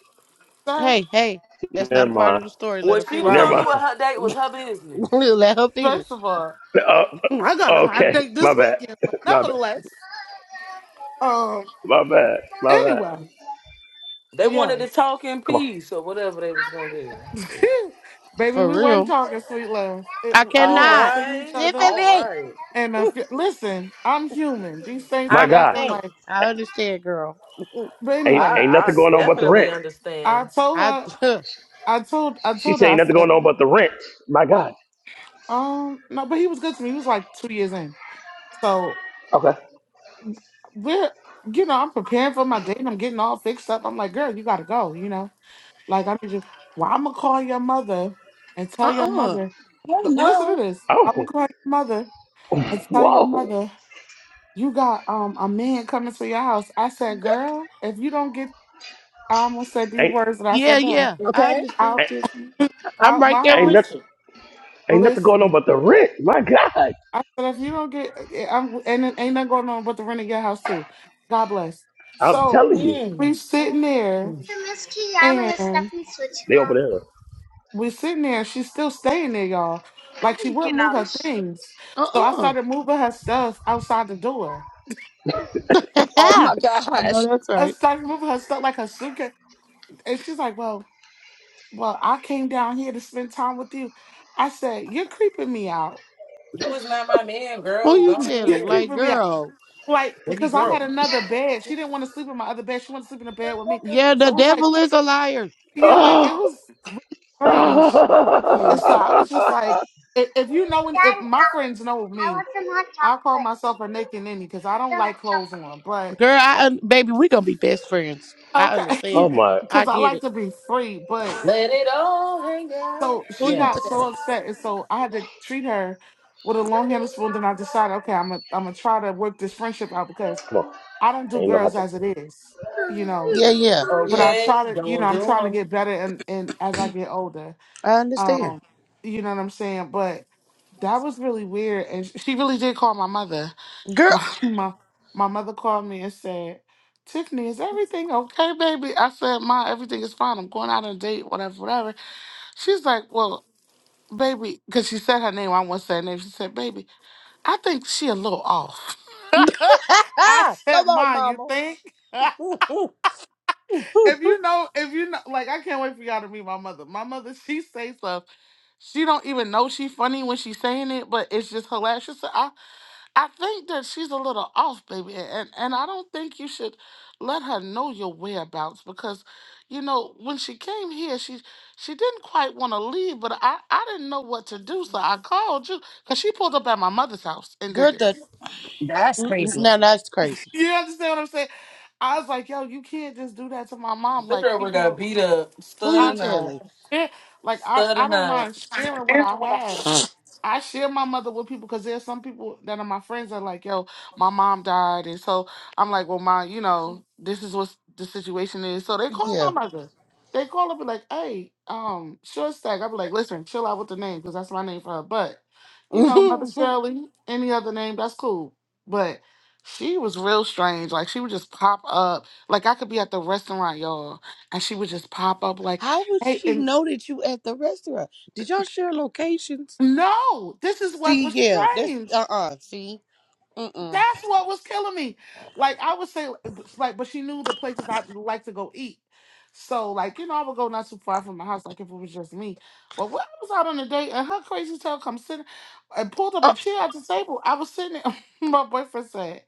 Speaker 2: sir,
Speaker 8: Hey, hey, that's not a part of the story. Let her
Speaker 14: What she was
Speaker 7: Never
Speaker 8: finish.
Speaker 14: gonna do
Speaker 12: Right.
Speaker 14: with
Speaker 7: mind.
Speaker 14: her date was her business.
Speaker 8: Let her finish.
Speaker 2: first of all,
Speaker 8: For
Speaker 2: I got a
Speaker 7: Oh,
Speaker 2: hot
Speaker 7: okay.
Speaker 2: date
Speaker 7: My
Speaker 2: this
Speaker 7: bad.
Speaker 2: weekend, but
Speaker 7: My bad.
Speaker 2: nevertheless, um,
Speaker 7: My bad. My bad.
Speaker 2: anyway,
Speaker 14: They wanted to
Speaker 2: yes,
Speaker 14: talk in
Speaker 7: Come on.
Speaker 14: peace or whatever they was gonna do.
Speaker 2: baby, we wasn't
Speaker 8: real.
Speaker 2: talking sweet love. It,
Speaker 8: I
Speaker 2: we
Speaker 14: All
Speaker 2: hadn't
Speaker 8: cannot.
Speaker 2: seen each
Speaker 14: right.
Speaker 2: other,
Speaker 14: All
Speaker 8: Tiffany!
Speaker 14: right.
Speaker 2: and I feel, listen, I'm human. These things
Speaker 7: My
Speaker 8: I
Speaker 2: be
Speaker 7: God.
Speaker 2: acting
Speaker 8: hey,
Speaker 2: like,
Speaker 8: I understand, girl.
Speaker 2: but
Speaker 7: Ain't
Speaker 2: anyway,
Speaker 7: ain't
Speaker 14: I
Speaker 7: nothing
Speaker 2: s-
Speaker 7: going
Speaker 14: I
Speaker 7: on but the
Speaker 14: definitely
Speaker 7: rent.
Speaker 2: I
Speaker 14: understand.
Speaker 2: told
Speaker 8: I
Speaker 2: her,
Speaker 8: uh
Speaker 2: I told, I
Speaker 7: She
Speaker 2: told her,
Speaker 7: said
Speaker 2: I
Speaker 7: ain't nothing
Speaker 2: said,
Speaker 7: going on but the rent. My God.
Speaker 2: um, no, but he was good to me. He was like two years in, so.
Speaker 7: Okay.
Speaker 2: We're, you know, I'm preparing for my date and I'm getting all fixed up. I'm like, girl, you gotta go, you know. Like I need you well, I'm gonna call your mother and tell your
Speaker 8: uh
Speaker 2: mother.
Speaker 3: Oh
Speaker 2: L- Well, listen to
Speaker 3: no.
Speaker 2: this. I'm
Speaker 7: Oh.
Speaker 2: gonna call your mother and tell your
Speaker 7: Whoa.
Speaker 2: mother you got um a man coming to your house. I said, girl, if you don't get I almost said these
Speaker 7: Ain't
Speaker 2: words that I
Speaker 8: yeah,
Speaker 2: said to her
Speaker 8: yeah. I
Speaker 3: Okay.
Speaker 8: understand,
Speaker 2: out
Speaker 7: ain't
Speaker 8: Tiffany. I'm
Speaker 2: out
Speaker 8: right
Speaker 2: my
Speaker 8: there
Speaker 7: ain't
Speaker 8: with
Speaker 7: nothing
Speaker 2: house.
Speaker 8: you.
Speaker 7: ain't nothing going on
Speaker 2: Listen,
Speaker 7: but the rent. My God.
Speaker 2: I said if you don't get eh, I'm and it ain't nothing going on but the rent of your house too. God bless.
Speaker 7: I'm
Speaker 2: So
Speaker 7: telling you.
Speaker 2: we
Speaker 14: Mm,
Speaker 2: sitting there.
Speaker 14: mm.
Speaker 2: and.
Speaker 7: Yeah.
Speaker 2: we're sitting there and she's still staying there, y'all. Like she wouldn't move her things. So I
Speaker 8: Uh
Speaker 2: started moving her stuff outside the door.
Speaker 8: uh I know
Speaker 3: That's,
Speaker 8: that's
Speaker 2: I
Speaker 8: right.
Speaker 2: started moving her stuff like her suitcase. And she's like, Well, well, I came down here to spend time with you. I said, You're creeping me out.
Speaker 14: You was not my man,
Speaker 8: Who
Speaker 14: girl. Go
Speaker 8: you
Speaker 14: on
Speaker 2: You're
Speaker 8: telling?
Speaker 14: here.
Speaker 8: Like,
Speaker 2: creeping me out.
Speaker 8: girl.
Speaker 2: Like,
Speaker 14: Baby
Speaker 2: because I had
Speaker 14: girl.
Speaker 2: another bed. She didn't want to sleep in my other bed. She wanted to sleep in a bed with me.
Speaker 8: Yeah, the
Speaker 2: So it was like,
Speaker 8: devil is a liar.
Speaker 2: yeah, like
Speaker 7: Oh.
Speaker 2: it was really strange.
Speaker 8: Mm
Speaker 2: And
Speaker 8: mm.
Speaker 2: so I
Speaker 7: oh
Speaker 2: was just like, if, if you know, any- if my friends know me, I call myself a naked ninny because I don't like clothes on, but
Speaker 8: Girl, I un- baby, we gonna be best friends. I
Speaker 2: okay,
Speaker 8: understand.
Speaker 7: my,
Speaker 8: I
Speaker 2: because I
Speaker 8: get
Speaker 2: like
Speaker 8: it.
Speaker 2: to be free. But
Speaker 14: Let it all hang out.
Speaker 2: so
Speaker 8: Who
Speaker 2: she
Speaker 8: you
Speaker 14: Yeah.
Speaker 2: got so
Speaker 8: telling?
Speaker 2: upset, and so I had to treat her with a long handled spoon. Then I decided, okay, I'm gonna I'm gonna try to work this friendship out because
Speaker 7: come on.
Speaker 2: I don't do
Speaker 7: ain't no hot
Speaker 2: girls as
Speaker 7: chocolate.
Speaker 2: it is, you know.
Speaker 8: Yeah, yeah,
Speaker 2: But
Speaker 8: yeah.
Speaker 2: I
Speaker 14: Okay.
Speaker 2: try to, you know,
Speaker 14: Don't
Speaker 2: I'm
Speaker 14: do
Speaker 2: trying to
Speaker 14: 'em.
Speaker 2: get better, and and as I get older,
Speaker 8: I understand,
Speaker 2: um, you know what I'm saying. But that was really weird, and sh- she really did call my mother,
Speaker 8: girl.
Speaker 2: my my said, Tiffany, is everything okay, baby? I said, Ma, everything is fine. I'm going out on a date, whatever, whatever. She's like, Well, baby, because she said her name, I won't say her name. She said, Baby, I think she a little off.
Speaker 8: Come
Speaker 2: I said,
Speaker 8: on,
Speaker 2: Ma, you
Speaker 8: mama.
Speaker 2: think? if you know, if you know, like, I can't wait for y'all to meet my mother. My mother, she say stuff. She don't even know she funny when she's saying it, but it's just hilarious. She said, I think that she's a little off, baby, and and I don't think you should let her know your whereabouts because, you know, when she came here, she she didn't quite want to leave, but I I didn't know what to do, so I called you because she pulled up at my mother's house and did
Speaker 8: Girl, the
Speaker 2: this.
Speaker 3: that's
Speaker 8: Mm-mm.
Speaker 3: crazy.
Speaker 8: Now that's crazy.
Speaker 2: You understand what I'm saying? I was like, yo, you can't just do that to my mom.
Speaker 14: The
Speaker 2: Like,
Speaker 14: girl would
Speaker 2: even
Speaker 14: got
Speaker 2: though
Speaker 14: beat up.
Speaker 8: Who
Speaker 14: Stud
Speaker 8: you
Speaker 2: I
Speaker 14: or not.
Speaker 8: telling?
Speaker 2: share, like I
Speaker 14: Stud or
Speaker 2: I don't
Speaker 14: not.
Speaker 2: mind sharing what I had. I share my mother with people because there's some people that are my friends that are like, yo, my mom died. And so I'm like, well, my, you know, this is what the situation is. So they call my
Speaker 8: yeah.
Speaker 2: mother. They call up and like, hey, um, short stack. I'll be like, listen, chill out with the name because that's my name for her. But, you know, Mother Shirley, any other name, that's cool. But she was real strange. Like she would just pop up. Like I could be at the restaurant, y'all, and she would just pop up like,
Speaker 8: How would
Speaker 2: hey,
Speaker 8: she
Speaker 2: and
Speaker 8: know that you at the restaurant? Did y'all share locations?
Speaker 2: no, this is what
Speaker 8: See,
Speaker 2: was
Speaker 8: yeah, that's uh
Speaker 2: strange.
Speaker 8: uh See, Mm-mm.
Speaker 2: That's what was killing me. Like I would say, like, but she knew the places I like to go eat. So like, you know, I would go not too far from my house, like if it was just me. But when I was out on a date and her crazy tail come sitting and pulled up
Speaker 8: uh
Speaker 2: a chair at the table, I was sitting there. my boyfriend said,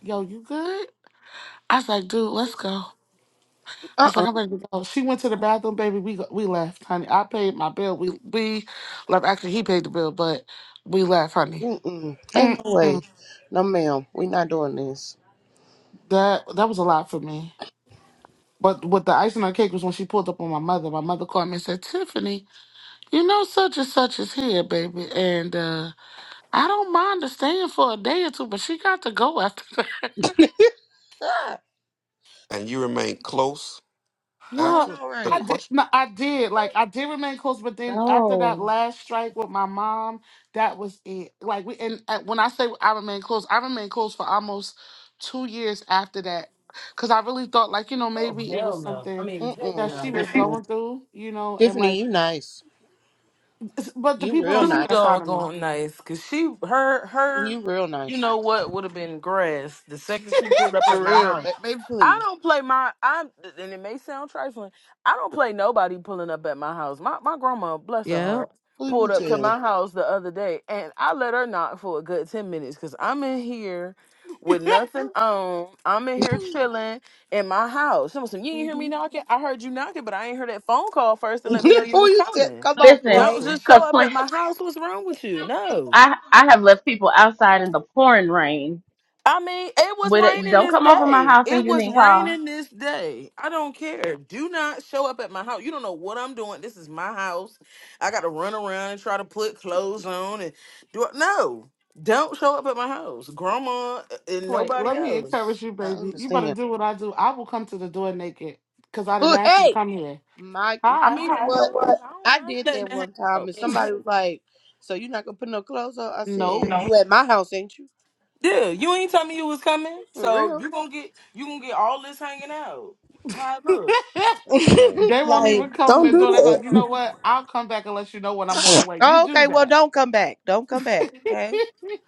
Speaker 2: "Yo, you good?" I was like, "Dude, let's go." I
Speaker 8: uh
Speaker 2: was like,
Speaker 8: uh
Speaker 2: "I'm ready to go." She went to the bathroom, baby. We go- we left, honey. I paid my bill. We we left. Actually, he paid the bill, but we left, honey.
Speaker 8: Mm-mm. Ain't no
Speaker 2: Mm-mm.
Speaker 8: way. No, ma'am, we not doing this.
Speaker 2: That that was a lot for me. But what the icing on the cake was when she pulled up on my mother. My mother called me and said, Tiffany, you know such and such is here, baby. And uh, I don't mind her staying for a day or two, but she got to go after that.
Speaker 8: Ah,
Speaker 11: And you remain close
Speaker 8: I
Speaker 2: Well,
Speaker 11: after
Speaker 8: know,
Speaker 11: the
Speaker 2: I
Speaker 8: right?
Speaker 2: did.
Speaker 11: question.
Speaker 2: No, I did. Like, I did remain close, but then after that
Speaker 1: No.
Speaker 2: last strike with my mom, that was it. Like, we, and uh, when I say I remain close, I remained close for almost two years after that. Because I really thought, like, you know,
Speaker 14: Oh,
Speaker 2: maybe it
Speaker 14: hell
Speaker 2: was
Speaker 14: no. I
Speaker 2: something
Speaker 14: mean, heck
Speaker 8: Mm-mm.
Speaker 2: that she
Speaker 14: no.
Speaker 2: was
Speaker 8: Mm-mm.
Speaker 2: going through, you know, and like,
Speaker 8: Tiffany, you nice.
Speaker 2: It's- But the
Speaker 8: You
Speaker 2: people
Speaker 8: real
Speaker 2: don't see
Speaker 14: too
Speaker 8: nice.
Speaker 2: that side of me.
Speaker 14: doggone nice because she her
Speaker 8: You
Speaker 14: her
Speaker 8: real
Speaker 14: you
Speaker 8: nice.
Speaker 14: know what would have been grass the second she pulled up
Speaker 8: For
Speaker 14: at my
Speaker 8: real,
Speaker 14: house
Speaker 8: ba- baby,
Speaker 14: i
Speaker 8: please.
Speaker 14: don't play my i'm and it may sound trifling i don't play nobody pulling up at my house my, my grandma bless her
Speaker 12: Yeah.
Speaker 14: heart
Speaker 8: Who you
Speaker 14: pulled up to
Speaker 8: telling?
Speaker 14: my house the other day and i let her knock for a good 10 minutes because i'm in here with nothing on, I'm in here chilling in my house. Someone said, "You didn't hear me
Speaker 2: hmm
Speaker 14: knocking. I heard you knocking, but I ain't heard that phone call first to
Speaker 8: Who
Speaker 14: let me know you was
Speaker 8: you tell?
Speaker 14: coming."
Speaker 8: Come on,
Speaker 1: Listen,
Speaker 8: Clay.
Speaker 14: Don't
Speaker 2: Listen,
Speaker 14: just show
Speaker 1: cause
Speaker 14: up at
Speaker 1: play,
Speaker 14: my house. What's wrong with you? No.
Speaker 1: I I have left people outside in the pouring rain.
Speaker 14: I mean, it was
Speaker 1: But it,
Speaker 14: raining
Speaker 1: don't
Speaker 14: this
Speaker 1: come over my
Speaker 14: day.
Speaker 1: house and
Speaker 14: It
Speaker 1: you
Speaker 14: was
Speaker 1: didn't call.
Speaker 14: raining this day. I don't care. Do not show up at my house. You don't know what I'm doing. This is my house. I got to run around and try to put clothes on and do it. No, don't show up at my house. Grandma uh, and
Speaker 2: wait,
Speaker 14: nobody
Speaker 2: let me
Speaker 14: else.
Speaker 2: encourage you,
Speaker 8: I
Speaker 2: baby. You better
Speaker 8: understand.
Speaker 2: do what I do. I will come to the door naked because I didn't
Speaker 8: Oh,
Speaker 2: ask you to
Speaker 8: hey,
Speaker 2: come here.
Speaker 8: Mike,
Speaker 14: I
Speaker 8: you
Speaker 2: Hi.
Speaker 14: mean,
Speaker 8: know
Speaker 14: you know
Speaker 8: what?
Speaker 14: what? I don't
Speaker 8: I
Speaker 14: mind
Speaker 8: did
Speaker 14: letting
Speaker 8: that
Speaker 14: that hang
Speaker 8: one time,
Speaker 14: out.
Speaker 8: and
Speaker 14: but
Speaker 8: somebody
Speaker 14: No.
Speaker 8: was like, "So you're not gonna put no clothes on?" I
Speaker 2: Nope.
Speaker 8: said, "You at my house, ain't you?
Speaker 14: Yeah, you ain't tell me you was coming,
Speaker 8: For
Speaker 14: so
Speaker 8: real?
Speaker 14: you gonna get you gonna get all this hanging out. How it look?
Speaker 11: Mm,
Speaker 2: they won't
Speaker 11: mm,
Speaker 8: like,
Speaker 2: even come in
Speaker 8: don't
Speaker 2: the
Speaker 8: do
Speaker 2: door.
Speaker 11: mm.
Speaker 2: They're like, you
Speaker 8: that."
Speaker 2: know what? I'll come back and let you know when I'm on the way. You
Speaker 8: oh, okay,
Speaker 2: do
Speaker 8: well,
Speaker 2: that.
Speaker 8: don't come back. Don't come back. Okay,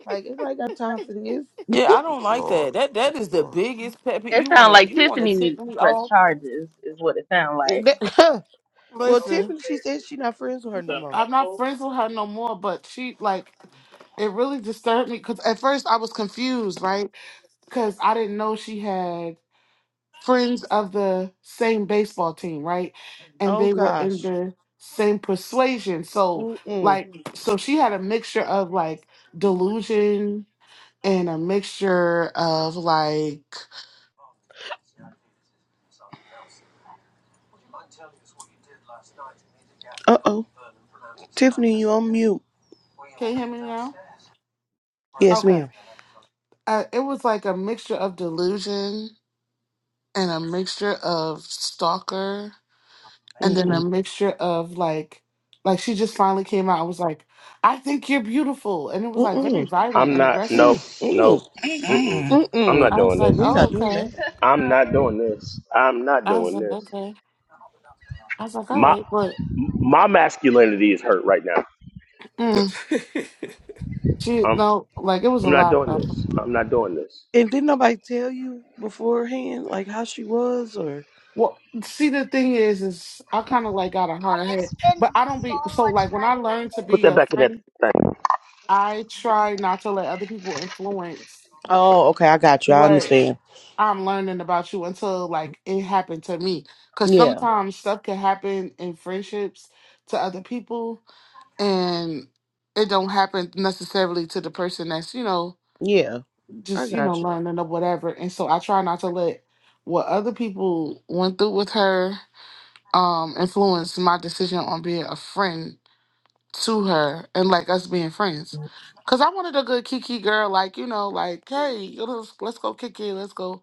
Speaker 8: like anybody got time for this?
Speaker 14: Yeah, I don't like
Speaker 11: Lord,
Speaker 14: that. That that is the
Speaker 11: Lord.
Speaker 14: biggest pet peeve.
Speaker 1: It
Speaker 14: You
Speaker 1: sounds
Speaker 14: wanna
Speaker 1: like
Speaker 14: you wanna
Speaker 1: Tiffany
Speaker 14: tip
Speaker 1: needs to
Speaker 14: me
Speaker 1: press
Speaker 14: off.
Speaker 1: charges. Is what it sounds like.
Speaker 8: That- well,
Speaker 2: Listen,
Speaker 8: Tiffany, she said she not friends with her no more.
Speaker 2: I'm not friends with her no more, but she, like, it really disturbed me because at first I was confused, right? Because I didn't know she had. friends of the same baseball team, right? And
Speaker 8: Oh
Speaker 2: they were in
Speaker 8: gosh.
Speaker 2: the same persuasion. So
Speaker 8: Mm-mm.
Speaker 2: like so she had a mixture of like delusion and a mixture of like
Speaker 8: Uh oh, Tiffany, you on mute?
Speaker 2: can you hear me now?
Speaker 8: Yes, ma'am.
Speaker 2: Okay. Uh, it was like a mixture of delusion and a mixture of stalker and then a
Speaker 8: Mm-mm.
Speaker 2: mixture of like like she just finally came out. I was like, I think you're beautiful. And it was like very
Speaker 8: Mm-mm.
Speaker 2: violent
Speaker 7: I'm
Speaker 2: and
Speaker 7: not,
Speaker 2: aggressive.
Speaker 7: nope, nope,
Speaker 8: Mm-mm.
Speaker 7: mm-mm.
Speaker 3: Mm-mm.
Speaker 7: I'm
Speaker 8: Mm-mm.
Speaker 7: not
Speaker 2: I was
Speaker 7: doing this.
Speaker 2: like,
Speaker 8: We
Speaker 2: oh,
Speaker 8: not doing
Speaker 2: okay.
Speaker 8: that.
Speaker 7: I'm not doing this. I'm not
Speaker 2: I was
Speaker 7: doing
Speaker 2: like,
Speaker 7: this.
Speaker 2: okay. I was like,
Speaker 7: My
Speaker 2: all right, but
Speaker 7: my masculinity is hurt right now.
Speaker 2: mm, she
Speaker 7: I'm
Speaker 2: no, like it was a
Speaker 7: I'm not
Speaker 2: lot
Speaker 7: doing
Speaker 2: though.
Speaker 7: this. I'm not doing this.
Speaker 8: And didn't nobody tell you beforehand, like how she was, or
Speaker 2: Well, see, the thing is, is I kind of like got a hard head, but I don't be so like when I learned to
Speaker 7: Put
Speaker 2: be
Speaker 7: that
Speaker 2: a
Speaker 7: back in that.
Speaker 2: friend, I try not to let other people influence
Speaker 8: Oh, okay. I got you. I
Speaker 2: what
Speaker 8: understand.
Speaker 2: I'm learning about you until like it happened to me. Because
Speaker 8: Yeah.
Speaker 2: sometimes stuff can happen in friendships to other people, and it don't happen necessarily to the person that's you know
Speaker 8: Yeah. I
Speaker 2: just you
Speaker 8: got
Speaker 2: know learning or whatever and so i try not to let what other people went through with her um influence my decision on being a friend to her and like us being friends
Speaker 8: you.
Speaker 2: because i wanted a good kiki girl like you know like hey let's, let's go kick it let's go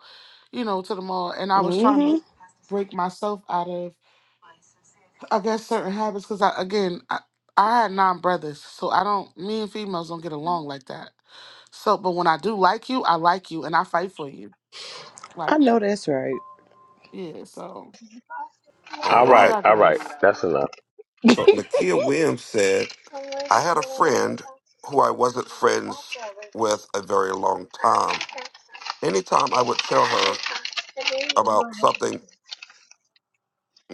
Speaker 2: you know to the mall and i was trying
Speaker 8: hmm
Speaker 2: to break myself out of i guess certain habits because i again I, I had nine brothers so i don't me and females don't get along like that so but when i do like you i like you and i fight for you like
Speaker 8: I know that's right.
Speaker 2: Yeah. So,
Speaker 11: All
Speaker 7: All
Speaker 2: but I
Speaker 7: right,
Speaker 11: right.
Speaker 7: all right.
Speaker 2: digress.
Speaker 7: That's enough.
Speaker 11: So Nakia Williams said, I had a friend who I wasn't friends with a very long time. Anytime I would tell her about something,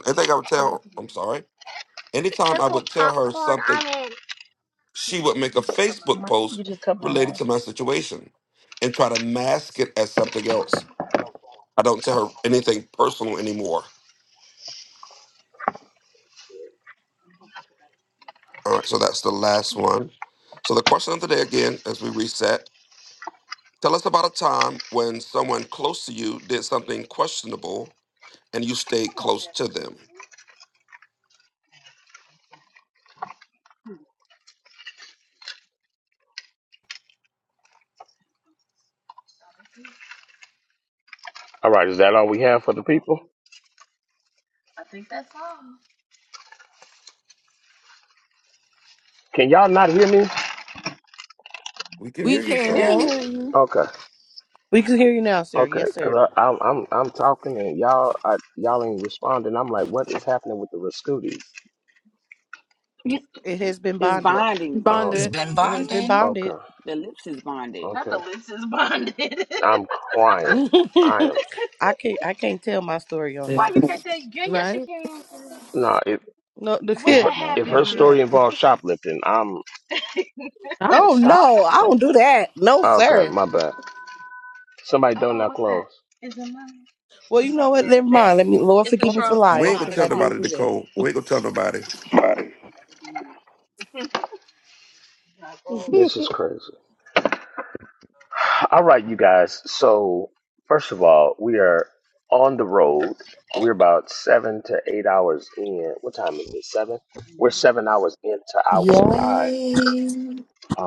Speaker 11: anything I would tell her, I'm sorry. Anytime I would tell her something, she would make a Facebook
Speaker 1: My,
Speaker 11: post
Speaker 1: you just cut mine off.
Speaker 11: related to my situation and try to mask it as something else. I don't tell her anything personal anymore. All right, so that's the last one. So the question of the day again, as we reset, tell us about a time when someone close to you did something questionable and you stayed close to them.
Speaker 7: All right, is that all we have for the people? Can y'all not hear me?
Speaker 11: We can
Speaker 12: We
Speaker 11: hear you,
Speaker 15: We
Speaker 11: sir.
Speaker 15: can
Speaker 12: can.
Speaker 15: hear you.
Speaker 7: Okay,
Speaker 8: We can hear you now, sir.
Speaker 7: okay.
Speaker 8: Yes, sir.
Speaker 7: Cause I, I'm I'm I'm talking and y'all I, y'all ain't responding. I'm like, what is happening with the Rascooties?
Speaker 8: It has been
Speaker 15: It's
Speaker 8: bonded.
Speaker 15: bonding.
Speaker 7: Um,
Speaker 3: It's
Speaker 12: Bonded.
Speaker 3: been
Speaker 8: It has been
Speaker 3: bonding.
Speaker 8: bonded.
Speaker 7: okay,
Speaker 15: The lips is bonded.
Speaker 7: I'm crying. I am
Speaker 8: I can't. I can't tell my story on
Speaker 14: It
Speaker 8: here.
Speaker 12: Right.
Speaker 7: no. If if
Speaker 8: No, the
Speaker 7: What her, if
Speaker 8: kid. No,
Speaker 7: her
Speaker 8: no, I
Speaker 7: heard?
Speaker 8: can't.
Speaker 7: story involves shoplifting, I'm
Speaker 12: I was
Speaker 8: Oh no, I
Speaker 12: shocked.
Speaker 8: don't do that. No,
Speaker 7: okay.
Speaker 8: sir.
Speaker 7: My bad. Somebody don't Oh, knock Oh, okay. close.
Speaker 8: Well, you know what? Never mind. Let me. Lord, forgive me for
Speaker 11: We
Speaker 8: lying
Speaker 11: ain't gonna
Speaker 8: because
Speaker 11: tell
Speaker 8: I did
Speaker 11: nobody,
Speaker 8: do
Speaker 11: Nicole. We ain't gonna tell nobody.
Speaker 7: This
Speaker 8: that.
Speaker 7: is crazy. All right, you guys. So first of all, we are on the road. We're about seven to eight hours in. What time is it? Seven. We're seven hours into our ride.
Speaker 16: Yay.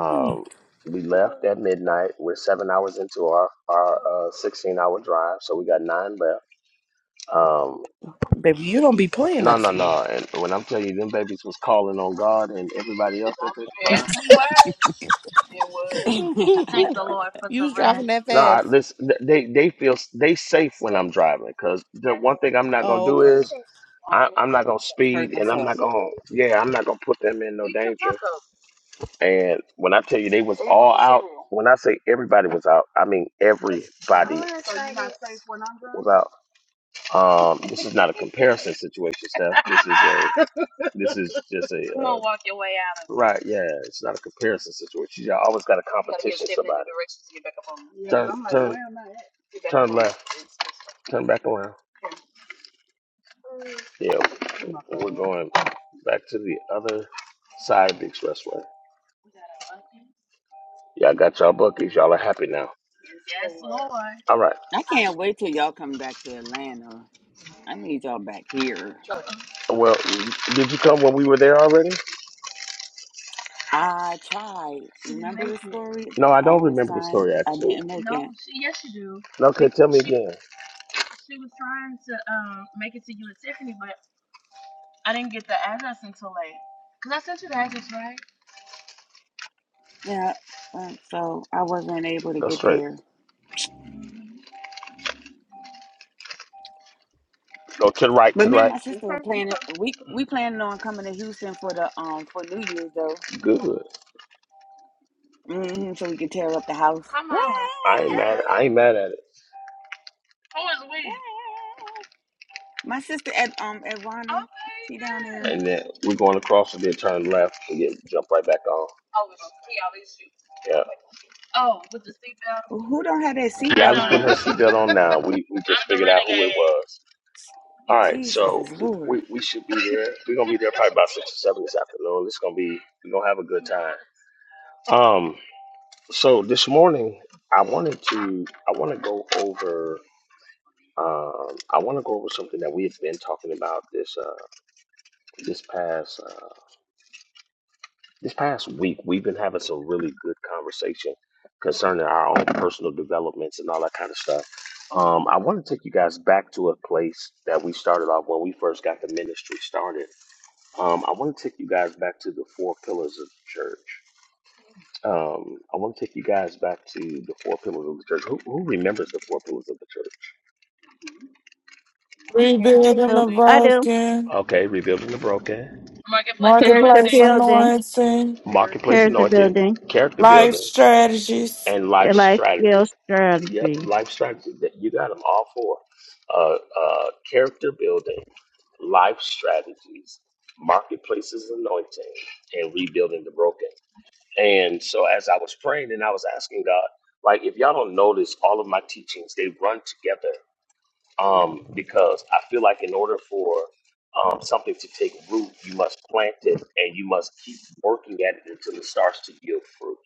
Speaker 7: we left at midnight. We're seven hours into our our uh, sixteen hour drive, so we got nine left. Um,
Speaker 8: Baby, you don't be playing. I
Speaker 7: No, no,
Speaker 8: see.
Speaker 7: no. And when I'm telling you, them babies was calling on God and everybody else.
Speaker 8: you was driving that
Speaker 7: No, I,
Speaker 8: fast.
Speaker 7: listen, th- they they feel s- they safe when I'm driving because the one thing I'm not gonna
Speaker 8: Oh,
Speaker 7: do
Speaker 8: okay.
Speaker 7: is I'm not gonna
Speaker 15: Hurt
Speaker 7: speed and I'm not
Speaker 15: myself.
Speaker 7: gonna yeah I'm not gonna put them in. No, and when I tell you they was all out, when I say everybody was out, I mean everybody was out. Um, this is not a comparison situation, Steph. This is a this is just a right. Yeah, it's not a comparison situation. You always gotta comp- turn turn turn back around. Yeah, we're going back to the other side of the expressway. Yeah, I got y'all buckets. Y'all are happy now. All right.
Speaker 15: I can't wait till y'all come back to Atlanta. I need y'all back here.
Speaker 7: Well, did you come when we were there already?
Speaker 15: I tried. Remember the story?
Speaker 7: No, I
Speaker 15: I
Speaker 7: don't
Speaker 15: was
Speaker 7: remember the
Speaker 15: trying.
Speaker 7: story
Speaker 15: I
Speaker 7: actually.
Speaker 15: didn't make it.
Speaker 7: No, Okay, tell me again.
Speaker 15: Yeah. uh, so I wasn't able to
Speaker 7: Go
Speaker 15: get
Speaker 7: straight.
Speaker 15: there.
Speaker 7: Go to the right,
Speaker 15: But
Speaker 7: to the
Speaker 15: me and
Speaker 7: right.
Speaker 15: my sister were planning. We we planning on coming to Houston for the um for New Year's though.
Speaker 7: Good.
Speaker 15: hmm so we could tear up the house. My sister Ed, um Edwana, she down there.
Speaker 7: And then we're going across and then turn left and then jump right back on. Yeah.
Speaker 15: Who don't have that
Speaker 7: Yeah, I
Speaker 15: seatbelt
Speaker 7: got her
Speaker 15: on?
Speaker 7: seatbelt on now. We we was. All right,
Speaker 15: Jesus
Speaker 7: so
Speaker 15: is Lord.
Speaker 7: we, we should be there. We're gonna be there probably about six or seven this afternoon. It's gonna be we're gonna have a good time. Um So this morning, I wanted to I want to go over um, I want to go over something that we have been talking about this uh, this past uh, this past week. We've been having some really good conversation concerning our own personal developments and all that kind of stuff. Um, I want to take you guys back to a place that we started off when we first got the ministry started. Um, I want to take you guys back to the four pillars of the church. Um, I want to take you guys back to the four pillars of the church. Who, who remembers the four pillars of the church?
Speaker 5: Rebuilding
Speaker 13: No,
Speaker 5: the
Speaker 13: I do.
Speaker 5: broken,
Speaker 7: Okay, rebuilding the broken,
Speaker 13: Here's the
Speaker 5: marketplace
Speaker 13: building.
Speaker 5: anointing,
Speaker 7: marketplace
Speaker 13: Here's the
Speaker 7: anointing,
Speaker 13: building.
Speaker 7: character
Speaker 5: life
Speaker 7: building,
Speaker 5: strategies.
Speaker 7: and life
Speaker 13: Your life
Speaker 7: strategy.
Speaker 13: skill strategy.
Speaker 7: Yep, life strategy. That- You got them all four. Uh, uh, character building, life strategies, marketplaces anointing, and rebuilding the broken. And so, as I was praying and I was asking God, like, if y'all notice, all of my teachings they run together um, because I feel like in order for um, something to take root, you must plant it and you must keep working at it until it starts to yield fruit.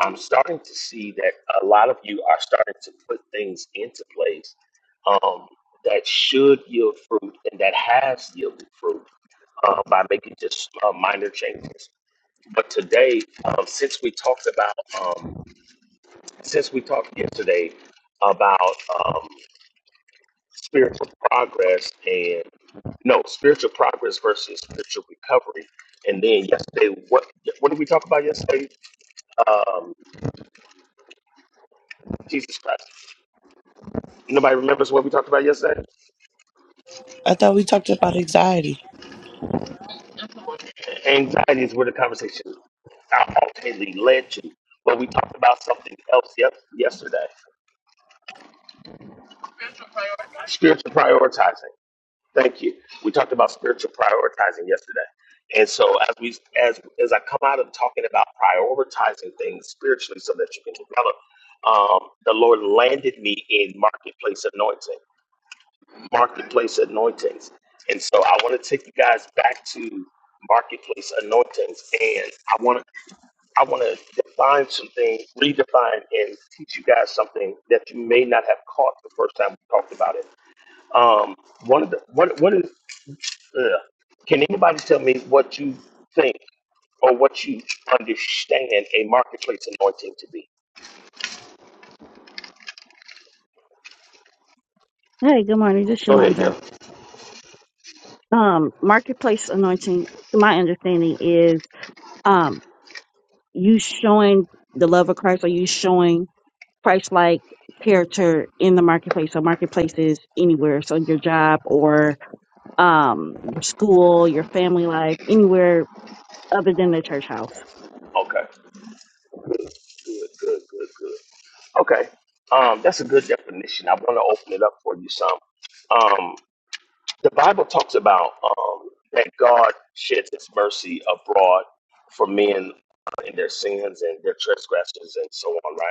Speaker 7: I'm starting to see that a lot of you are starting to put things into place um, that should yield fruit and that has yielded fruit uh, by making just uh, minor changes. But today, um, since we talked about, um, since we talked yesterday about um, spiritual progress and. No, spiritual progress versus spiritual recovery. And then yesterday, what what did we talk about yesterday? Um, Jesus Christ. Nobody remembers what we talked about yesterday.
Speaker 8: I thought we talked about anxiety.
Speaker 7: Anxiety is where the conversation ultimately led to, but we talked about something else. Yep, yesterday. Spiritual prioritizing. Thank you. We talked about spiritual prioritizing yesterday. And so as we as as I come out of talking about prioritizing things spiritually so that you can develop, um, the Lord landed me in marketplace anointing, markets. And so to take you guys back to marketplace anointings and I wanna I wanna define something, redefine and teach you guys something that you may not have caught the first time we talked about it. Um, one of the one one of Ugh. Can anybody tell me what you think or what you understand a marketplace anointing to be?
Speaker 13: Hey, good morning. This is
Speaker 7: Go ahead, yeah.
Speaker 13: Yolanda. Um, marketplace anointing, to my understanding, is um you showing the love of Christ or you showing Christ like character in the marketplace. So marketplace is anywhere. So your job or um your school, your family life, anywhere other than the church house.
Speaker 7: Okay. Good, good, good, good. Okay. Um, that's a good definition. I want to open it up for you some. Um, the Bible talks about um, that God sheds his mercy abroad for men uh, in their sins and their transgressions and so on, right?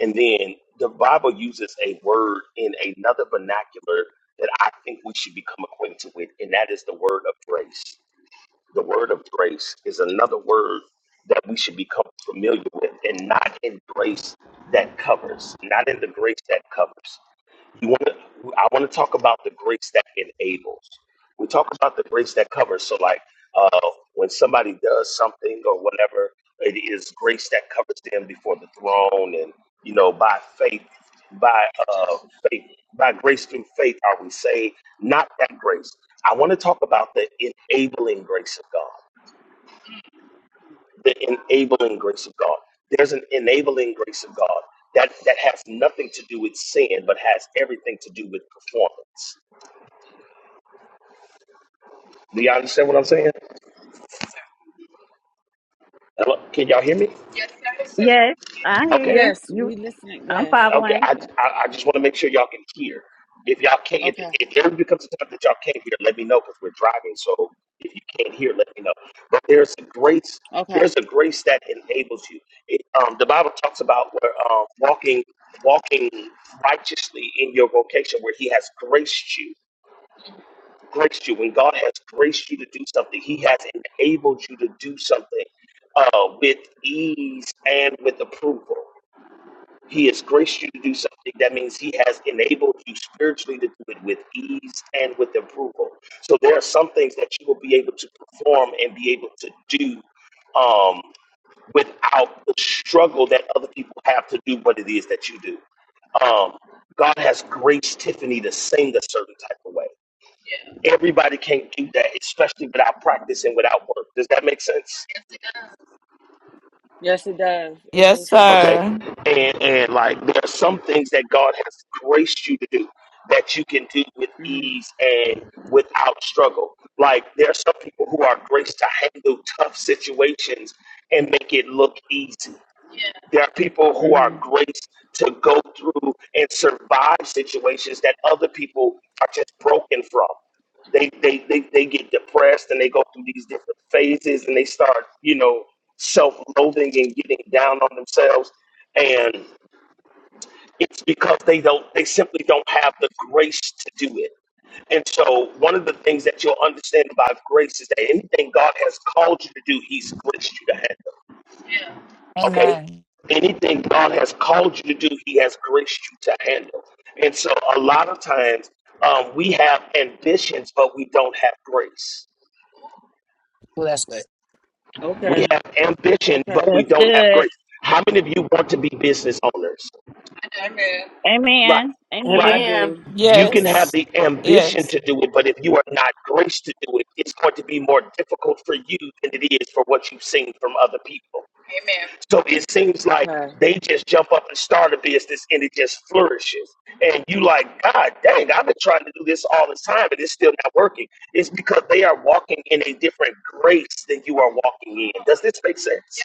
Speaker 7: And then the Bible uses a word in another vernacular that I think we should become acquainted with, and that is the word of grace. The word of grace is another word that we should become familiar with, and not in grace that covers, not in the grace that covers. We want to. I want to talk about the grace that enables. We talk about the grace that covers. So, like uh, when somebody does something or whatever, it is grace that covers them before the throne, and you know, by faith, by uh, faith, by grace through faith, are we saved? Not that grace. I want to talk about the enabling grace of God. The enabling grace of God. There's an enabling grace of God that that has nothing to do with sin, but has everything to do with performance Do y'all understand what I'm saying? Hello? Can y'all hear me?
Speaker 13: Yes, I hear
Speaker 7: Okay,
Speaker 13: you.
Speaker 15: Yes,
Speaker 13: you.
Speaker 15: we listening.
Speaker 13: I'm
Speaker 15: Yes.
Speaker 7: okay.
Speaker 13: following.
Speaker 7: I,
Speaker 15: Yeah.
Speaker 7: I, I just want to make sure y'all can hear. If y'all can't, if,
Speaker 15: Okay.
Speaker 7: if there becomes a time that y'all can't hear, let me know because we're driving. So if you can't hear, let me know. But there's a grace.
Speaker 15: Okay.
Speaker 7: There's a grace that enables you. It, um, the Bible talks about where, uh, walking, walking righteously in your vocation, where He has graced you graced you, when God has graced you to do something, He has enabled you to do something uh, with ease and with approval. He has graced you to do something. That means He has enabled you spiritually to do it with ease and with approval. So there are some things that you will be able to perform and be able to do um, without the struggle that other people have to do what it is that you do. Um, God has graced Tiffany to sing a certain type of way. Everybody can't do that, especially without practice and without work. Does that make sense?
Speaker 15: Yes, it does. It
Speaker 5: Yes,
Speaker 15: makes sense.
Speaker 7: Okay.
Speaker 5: sir.
Speaker 7: And and like there are some things that God has graced you to do that you can do with
Speaker 15: Mhm.
Speaker 7: ease and without struggle. Like there are some people who are graced to handle tough situations and make it look easy. There are people who are
Speaker 15: Mhm.
Speaker 7: graced to go through and survive situations that other people are just broken from. they, they they they get depressed and they go through these different phases and they start you know self-loathing and getting down on themselves and it's because they don't they simply don't have the grace to do it and so one of the things that you'll understand about grace is that anything god has called you to do he's graced you to handle okay
Speaker 3: Amen.
Speaker 7: anything god has called you to do he has graced you to handle and so a lot of times um, we have ambitions but we don't have grace
Speaker 3: Well, that's good.
Speaker 15: Okay.
Speaker 7: We have ambition, but
Speaker 15: Okay.
Speaker 7: we
Speaker 13: That's
Speaker 7: don't have
Speaker 13: good.
Speaker 7: grace. How many of you want to be business owners? Right,
Speaker 13: Amen.
Speaker 7: right.
Speaker 15: I
Speaker 13: Amen.
Speaker 8: Amen.
Speaker 15: do.
Speaker 7: You can have
Speaker 5: Yes.
Speaker 7: the ambition
Speaker 5: Yes.
Speaker 7: to do it, but if you are not graced to do it, it's going to be more difficult for you than it is for what you've seen from other people. So it seems
Speaker 15: Okay.
Speaker 7: like they just jump up and start a business and it just flourishes. And you like, God dang, I've been trying to do this all this time and it's still not working. It's because they are walking in a different grace than you are walking in. Does this make sense?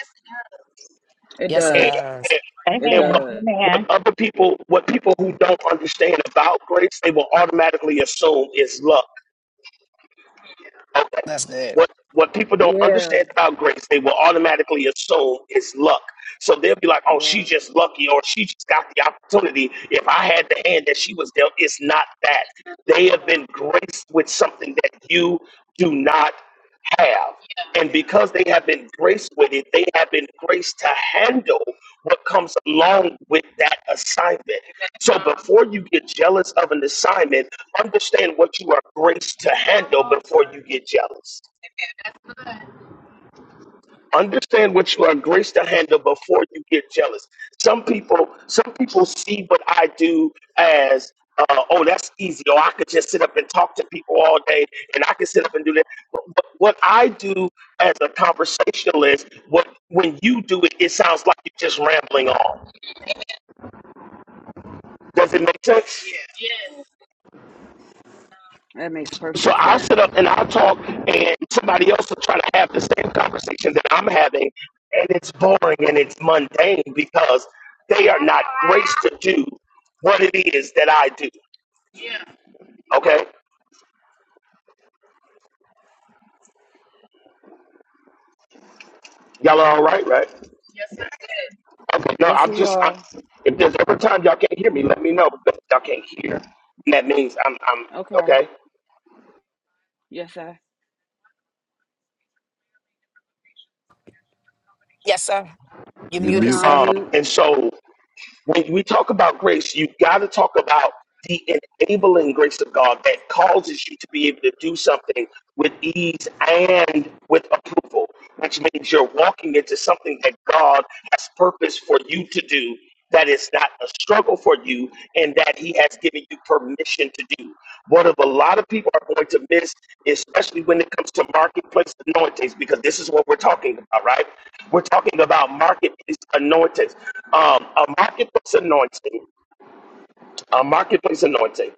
Speaker 15: It
Speaker 3: Yes, it
Speaker 7: And,
Speaker 15: does.
Speaker 3: does.
Speaker 7: and,
Speaker 15: It
Speaker 7: and what,
Speaker 13: Amen.
Speaker 15: does.
Speaker 13: Amen.
Speaker 7: what other people, what people who don't understand about grace, they will automatically assume is love. Okay.
Speaker 3: That's good.
Speaker 7: What what people don't
Speaker 15: Yeah.
Speaker 7: understand about grace, they will automatically assume it's luck. So they'll be like, "Oh,
Speaker 15: Yeah.
Speaker 7: she's just lucky, or she just got the opportunity. If I had the hand that she was dealt, it's not that. They have been graced with something that you do not have, and because they have been graced with it, they have been graced to handle what comes along with that assignment. So before you get jealous of an assignment, understand what you are graced to handle before you get jealous. Understand what you are graced to handle before you get jealous. Some people, some people see what I do as, uh, oh, that's easy. Or I could just sit up and talk to people all day, and I can sit up and do that. But but what I do as a conversationalist, what when you do it, it sounds like you're just rambling on. Does it make sense?
Speaker 15: That makes
Speaker 7: So
Speaker 15: perfect
Speaker 7: I'll sit
Speaker 15: sense.
Speaker 7: up and I'll talk, and somebody else will try to have the same conversation that I'm having, and it's boring and it's mundane because they are not graced to do what it is that I do. Okay, y'all are all right, right? Okay, no,
Speaker 15: Yes,
Speaker 7: I'm
Speaker 15: we
Speaker 7: just. I'm,
Speaker 15: are.
Speaker 7: if there's ever time y'all can't hear me, let me know because y'all can't hear. And that means I'm. I'm
Speaker 15: Okay.
Speaker 7: okay.
Speaker 15: Yes, sir. You
Speaker 11: You
Speaker 15: went
Speaker 11: mute.
Speaker 15: on
Speaker 7: Um,
Speaker 15: mute.
Speaker 7: and so when we talk about grace, you got to talk about the enabling grace of God that causes you to be able to do something with ease and with approval, which means you're walking into something that God has purpose for you to do that is not a struggle for you and that he has given you permission to do. What a lot of people are going to miss, especially when it comes to marketplace anointings, because this is what we're talking about, right? We're talking about marketplace anointings. Um, a marketplace anointing, a marketplace anointing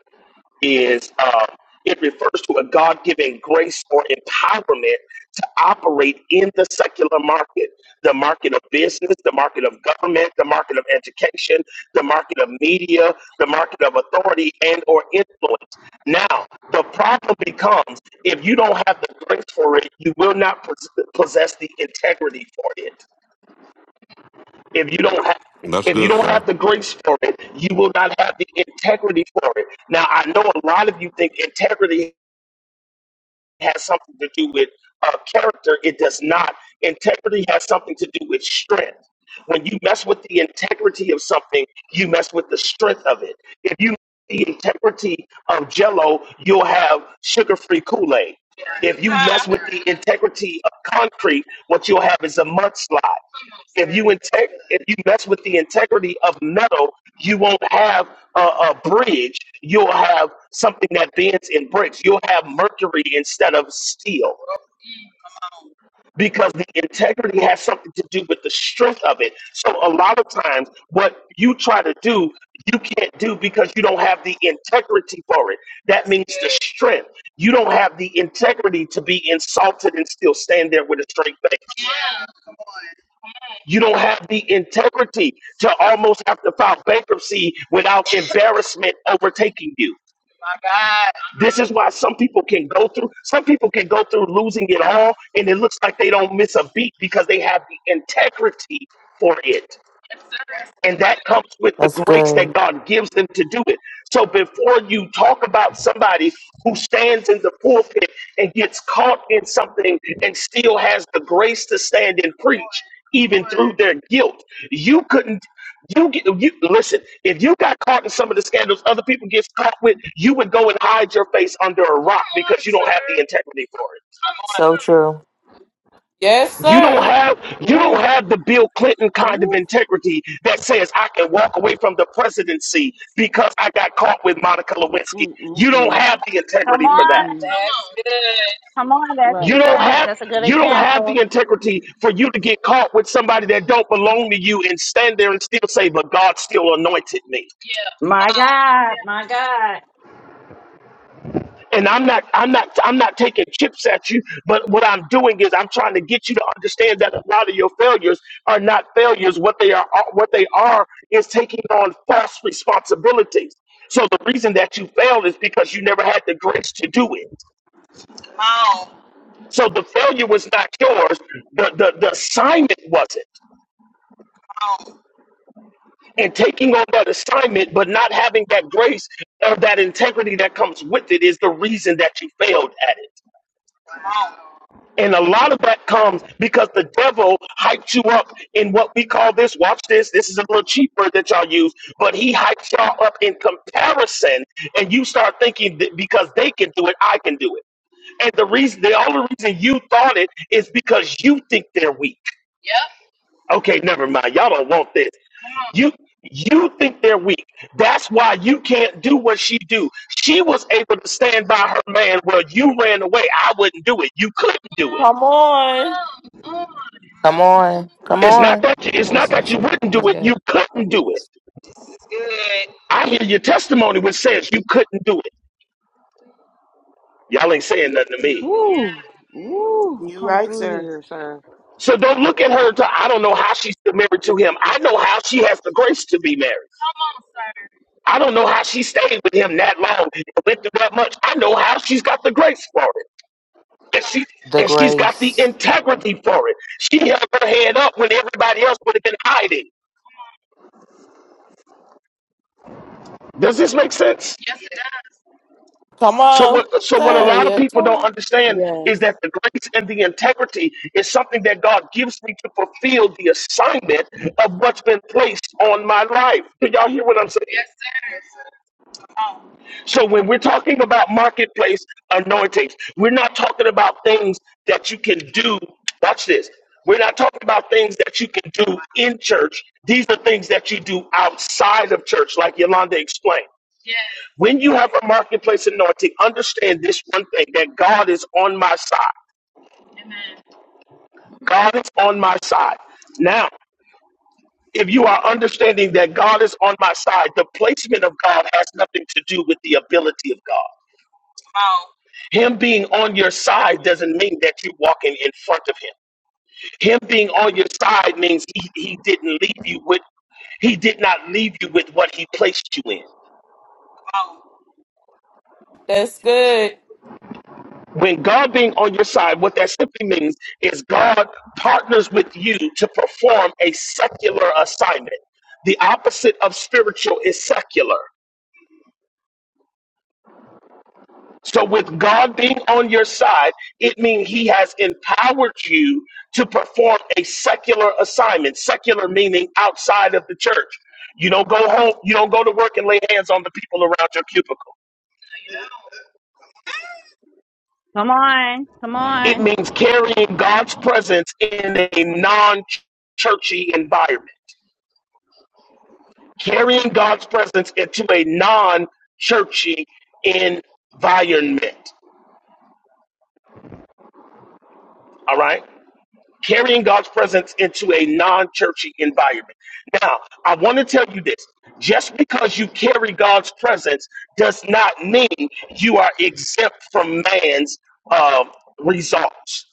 Speaker 7: is um, it refers to a God-given grace or empowerment to operate in the secular market, the market of business, the market of government, the market of education, the market of media, the market of authority and or influence. Now, the problem becomes if you don't have the grace for it, you will not pos- possess the integrity for it. If you don't have
Speaker 11: That's
Speaker 7: if you
Speaker 11: good,
Speaker 7: don't
Speaker 11: sir.
Speaker 7: have the grace for it, you will not have the integrity for it. Now I know a lot of you think integrity has something to do with uh, character. It does not. Integrity has something to do with strength. When you mess with the integrity of something, you mess with the strength of it. If you the integrity of Jello, you'll have sugar-free Kool-Aid. If you mess with the integrity of concrete, what you'll have is a mudslide. If you integ- if you mess with the integrity of metal, you won't have a, a bridge. You'll have something that bends in bricks. You'll have mercury instead of steel because the integrity has something to do with the strength of it. So a lot of times, what you try to do, you can't do because you don't have the integrity for it. That means the strength. You don't have the integrity to be insulted and still stand there with a straight face. You don't have the integrity to almost have to file bankruptcy without embarrassment overtaking you. My God. This is why some people can go through, some people can go through losing it all, and it looks like they don't miss a beat because they have the integrity for it and that comes with the
Speaker 16: That's
Speaker 7: grace that
Speaker 16: good.
Speaker 7: God gives them to do it. So before you talk about somebody who stands in the pulpit and gets caught in something and still has the grace to stand and preach, even through their guilt, you couldn't. You get you listen. If you got caught in some of the scandals other people get caught with, you would go and hide your face under a rock because you don't have the integrity for it.
Speaker 16: So true.
Speaker 5: Yes,
Speaker 7: You don't
Speaker 5: sir.
Speaker 7: have you don't
Speaker 15: Woo.
Speaker 7: have the Bill Clinton kind of
Speaker 15: Woo.
Speaker 7: integrity that says I can walk away from the presidency because I got caught with Monica Lewinsky.
Speaker 15: Mm mm
Speaker 7: You don't
Speaker 15: mm.
Speaker 7: have the
Speaker 13: Come
Speaker 7: integrity for
Speaker 15: Mm
Speaker 13: on.
Speaker 7: that.
Speaker 15: mm.
Speaker 13: Come on. That's
Speaker 7: You
Speaker 15: Right.
Speaker 7: don't
Speaker 13: good.
Speaker 7: have
Speaker 13: That's a good
Speaker 7: you don't have
Speaker 13: example.
Speaker 7: the integrity for you to get caught with somebody that don't belong to you and stand there and still say, "But God still anointed me."
Speaker 13: My God. My God.
Speaker 7: and I'm not I'm not I'm not taking chips at you, but what I'm doing is I'm trying to get you to understand that a lot of your failures are not failures. What they are what they are is taking on false responsibilities. So the reason that you failed is because you never had the grace to do it. So the failure was not yours. The the, the assignment wasn't. And taking on that assignment but not having that grace or that integrity that comes with it is the reason that you failed at it. And a lot of that comes because the devil hyped you up in what we call this. Watch this. This is a little cheap word that y'all use, but he hypes y'all up in comparison, and you start thinking that because they can do it, I can do it. And the reason, the only reason you thought it is because you think they're weak. Okay, never mind. Y'all don't want this. You you think they're weak. That's why you can't do what she do. She was able to stand by her man. Well, you ran away. I wouldn't do it. You couldn't do it.
Speaker 5: Come on.
Speaker 16: Come on. Come
Speaker 7: It's not
Speaker 16: on.
Speaker 7: that it's
Speaker 10: One
Speaker 7: not
Speaker 10: sir.
Speaker 7: that you wouldn't do
Speaker 10: That's
Speaker 7: it, you
Speaker 10: good.
Speaker 7: couldn't do it. I hear your testimony which says you couldn't do it. Y'all ain't saying nothing to me.
Speaker 15: Woo. Woo.
Speaker 8: You
Speaker 15: Come
Speaker 8: right,
Speaker 15: through
Speaker 8: sir.
Speaker 15: here, sir.
Speaker 7: So don't look at her to I don't know how she's still married to him. I know how she has the grace to be married. I don't know how she stayed with him that long and went through that much. I know how she's got the grace for it. And she
Speaker 16: The
Speaker 7: and she's got the
Speaker 16: grace.
Speaker 7: integrity for it. She held her head up when everybody else would have been hiding. Does this make sense?
Speaker 5: Come
Speaker 7: So
Speaker 5: on,
Speaker 7: what so what a
Speaker 5: sir.
Speaker 7: lot of
Speaker 5: Yes,
Speaker 7: people don't
Speaker 5: sir.
Speaker 7: understand
Speaker 15: Yes.
Speaker 7: is that the grace and the integrity is something that God gives me to fulfill the assignment of what's been placed on my life. Do y'all hear what I'm saying? So when we're talking about marketplace anointings, we're not talking about things that you can do. Watch this. We're not talking about things that you can do in church. These are things that you do outside of church, like Yolanda explained. When you have a marketplace anointing, understand this one thing that God is on my side. God is on my side. Now, if you are understanding that God is on my side, the placement of God has nothing to do with the ability of God. Him being on your side doesn't mean that you're walking in front of Him. Him being on your side means He, he didn't leave you with, He did not leave you with what He placed you in.
Speaker 5: That's good.
Speaker 7: When God being on your side, what that simply means is God partners with you to perform a secular assignment. The opposite of spiritual is secular. So, with God being on your side, it means He has empowered you to perform a secular assignment. Secular meaning outside of the church. You don't go home, you don't go to work and lay hands on the people around your cubicle.
Speaker 13: Come on. Come
Speaker 7: It
Speaker 13: on.
Speaker 7: means carrying God's presence in a non churchy environment. carrying God's presence into a non churchy environment. All right? Carrying God's presence into a non churchy environment. Now, I want to tell you this just because you carry God's presence does not mean you are exempt from man's uh, results.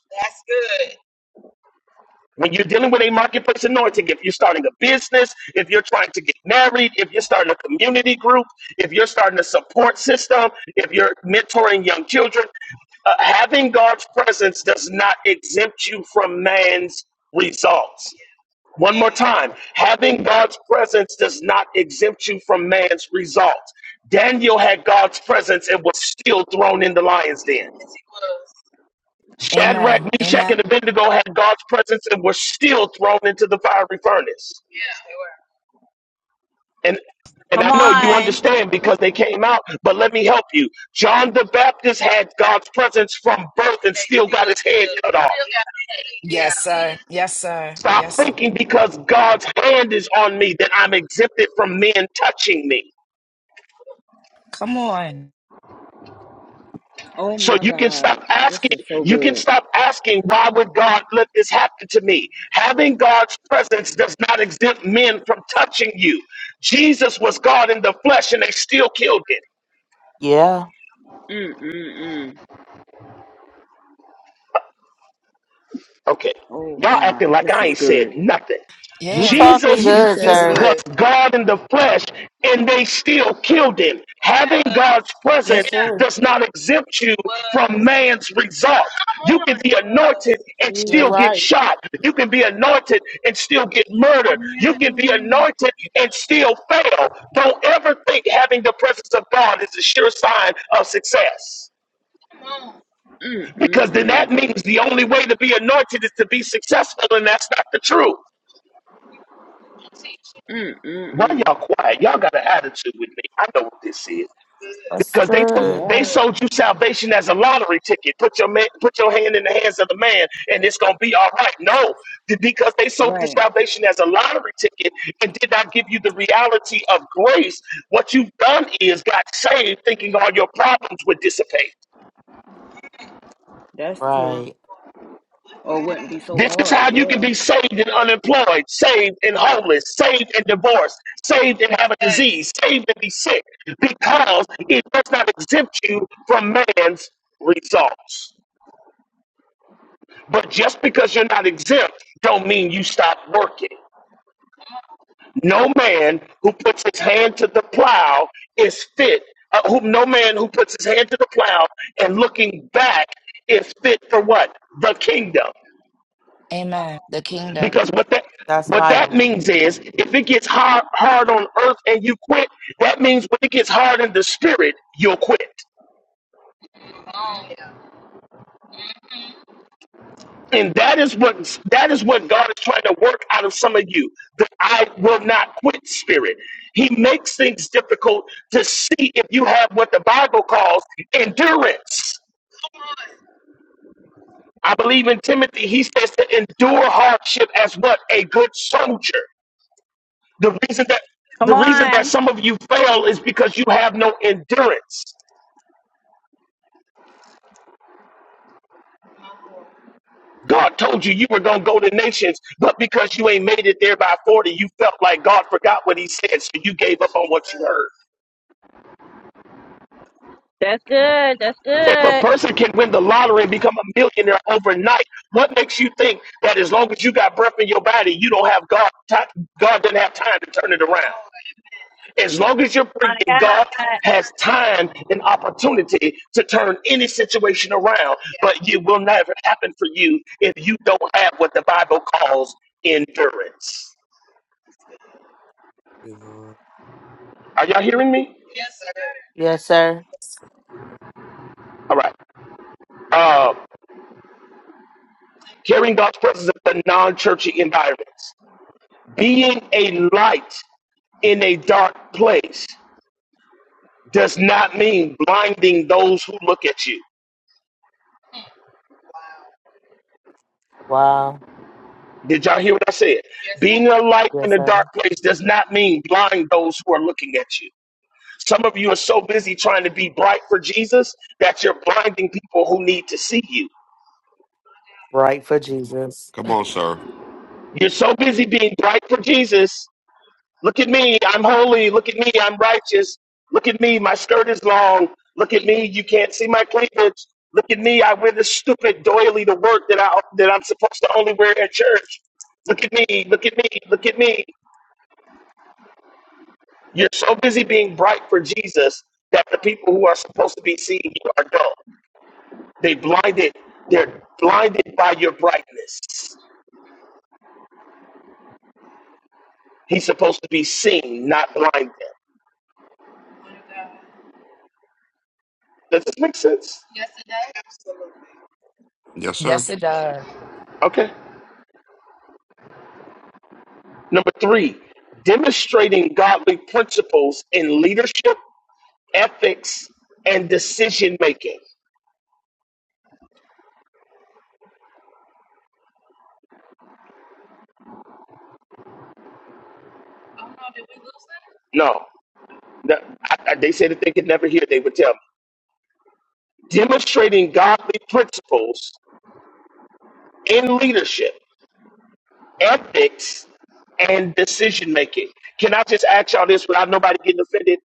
Speaker 7: When you're dealing with a marketplace anointing, if you're starting a business, if you're trying to get married, if you're starting a community group, if you're starting a support system, if you're mentoring young children, uh, having God's presence does not exempt you from man's results. One more time, having God's presence does not exempt you from man's results. Daniel had God's presence and was still thrown in the lion's den. Shadrach,
Speaker 3: Amen.
Speaker 7: Meshach,
Speaker 3: Amen.
Speaker 7: and Abednego had God's presence and were still thrown into the fiery furnace. And and I
Speaker 13: Come
Speaker 7: know you
Speaker 13: on.
Speaker 7: understand because they came out, but let me help you. John the Baptist had God's presence from birth and still got his head cut off.
Speaker 3: Yes, sir. Yes, sir.
Speaker 7: Stop
Speaker 3: Yes, sir.
Speaker 7: thinking because God's hand is on me that I'm exempted from men touching me.
Speaker 3: Come on.
Speaker 15: Oh
Speaker 7: So
Speaker 15: my
Speaker 7: you can
Speaker 15: God.
Speaker 7: stop
Speaker 15: This
Speaker 7: asking,
Speaker 15: is so
Speaker 7: you can
Speaker 15: good.
Speaker 7: stop asking, why would God let this happen to me? Having God's presence does not exempt men from touching you. Jesus was God in the flesh and they still killed him.
Speaker 16: Yeah.
Speaker 15: Mm mm mm.
Speaker 7: Okay.
Speaker 15: Oh
Speaker 7: Y'all acting
Speaker 15: my.
Speaker 7: like
Speaker 15: This
Speaker 7: I
Speaker 15: is
Speaker 7: ain't
Speaker 15: good.
Speaker 7: said nothing.
Speaker 16: You
Speaker 3: Yeah.
Speaker 16: talking
Speaker 7: Jesus
Speaker 3: You.
Speaker 15: You
Speaker 16: good,
Speaker 15: said a
Speaker 3: That's
Speaker 16: sir.
Speaker 15: lot.
Speaker 7: was
Speaker 3: good.
Speaker 7: God in the flesh and they still killed him. Having God's
Speaker 8: Yes,
Speaker 7: presence
Speaker 8: sir.
Speaker 7: does not exempt you from man's result. You can be anointed and
Speaker 8: You're
Speaker 7: still
Speaker 15: Jesus.
Speaker 7: get
Speaker 8: right.
Speaker 7: shot. You can be anointed and still get murdered. You can be
Speaker 15: Mm
Speaker 7: anointed and still fail. Don't ever think having the presence of God is a sure sign of success.
Speaker 15: mm
Speaker 7: Because then that
Speaker 15: mm.
Speaker 7: means the only way to be anointed is to be successful, and that's not the truth.
Speaker 15: Mm mm
Speaker 7: Why
Speaker 15: mm.
Speaker 7: y'all quiet? Y'all got an attitude with me. I know what this is
Speaker 5: That's
Speaker 7: because they
Speaker 5: good.
Speaker 7: they
Speaker 15: Yes.
Speaker 7: sold you salvation as a lottery ticket. Put your man, put your hand in the hands of the man, and it's gonna be all right. No, because they sold you
Speaker 15: Right.
Speaker 7: salvation as a lottery ticket and did not give you the reality of grace. What you've done is got saved, thinking all your problems would dissipate.
Speaker 15: That's true.
Speaker 16: Right.
Speaker 15: Or it wouldn't be so
Speaker 7: This is
Speaker 15: hard.
Speaker 7: how you can
Speaker 15: Yeah.
Speaker 7: be saved and unemployed, saved and homeless, saved and divorced, saved and have a disease, saved and be sick, because it does not exempt you from man's results. But just because you're not exempt, don't mean you stop working. No man who puts his hand to the plow is fit. Uh, who, no man who puts his hand to the plow and looking back is fit for what? The kingdom.
Speaker 3: Amen. The kingdom.
Speaker 7: Because what that
Speaker 16: That's
Speaker 7: what that
Speaker 16: Bible.
Speaker 7: means is if it gets hard hard on earth and you quit, that means when it gets hard in the spirit, you'll quit. And that is what that is what God is trying to work out of some of you. The I will not quit spirit. He makes things difficult to see if you have what the Bible calls endurance. I believe in Timothy, he says to endure hardship as what? A good soldier. The reason that
Speaker 13: Come
Speaker 7: the reason that
Speaker 13: on.
Speaker 7: some of you fail is because you have no endurance. God told you you were going to go to nations, but because you ain't made it there by 40, you felt like God forgot what he said, so you gave up on what you heard.
Speaker 13: That's good. That's
Speaker 7: If a
Speaker 13: good.
Speaker 7: person can win the lottery and become a millionaire overnight, what makes you think that as long as you got breath in your body, you don't have God, ti- God doesn't have time to turn it around? As long as you're
Speaker 13: My
Speaker 7: breathing, God
Speaker 13: God.
Speaker 7: has time and opportunity to turn any situation around, but it will never happen for you if you don't have what the Bible calls endurance.
Speaker 4: Good Lord.
Speaker 7: Are y'all hearing me? Yes. sir.
Speaker 16: Yes, sir.
Speaker 7: All right. Uh, carrying God's presence in the non churchy environments. Being a light in a dark place does not mean blinding those who look at you.
Speaker 16: Wow.
Speaker 7: Did y'all hear what I said? Yes. Being a light in
Speaker 16: Yes,
Speaker 7: a
Speaker 16: sir.
Speaker 7: dark place does not mean blind those who are looking at you. Some of you are so busy trying to be bright for Jesus that you're blinding people who need to see you.
Speaker 16: Right for Jesus.
Speaker 11: Come on, sir.
Speaker 7: You're so busy being bright for Jesus Look at me, I'm holy. Look at me, I'm righteous. Look at me, my skirt is long. Look at me, you can't see my cleavage. Look at me, I wear this stupid doily to work that I that I'm supposed to only wear at church. Look at me, look at me, look at me. You're so busy being bright for Jesus that the people who are supposed to be seeing you are dull. They blinded, they're blinded by your brightness. He's supposed to be seen, not blinded. Does this make sense?
Speaker 11: Yes, sir.
Speaker 3: Yes, it does.
Speaker 7: Okay. Number three, demonstrating godly principles in leadership, ethics, and decision making. No, no, I- I- they said if they could never hear, they would tell me. Demonstrating godly principles in leadership, ethics, and decision making. Can I just ask y'all this without nobody getting offended?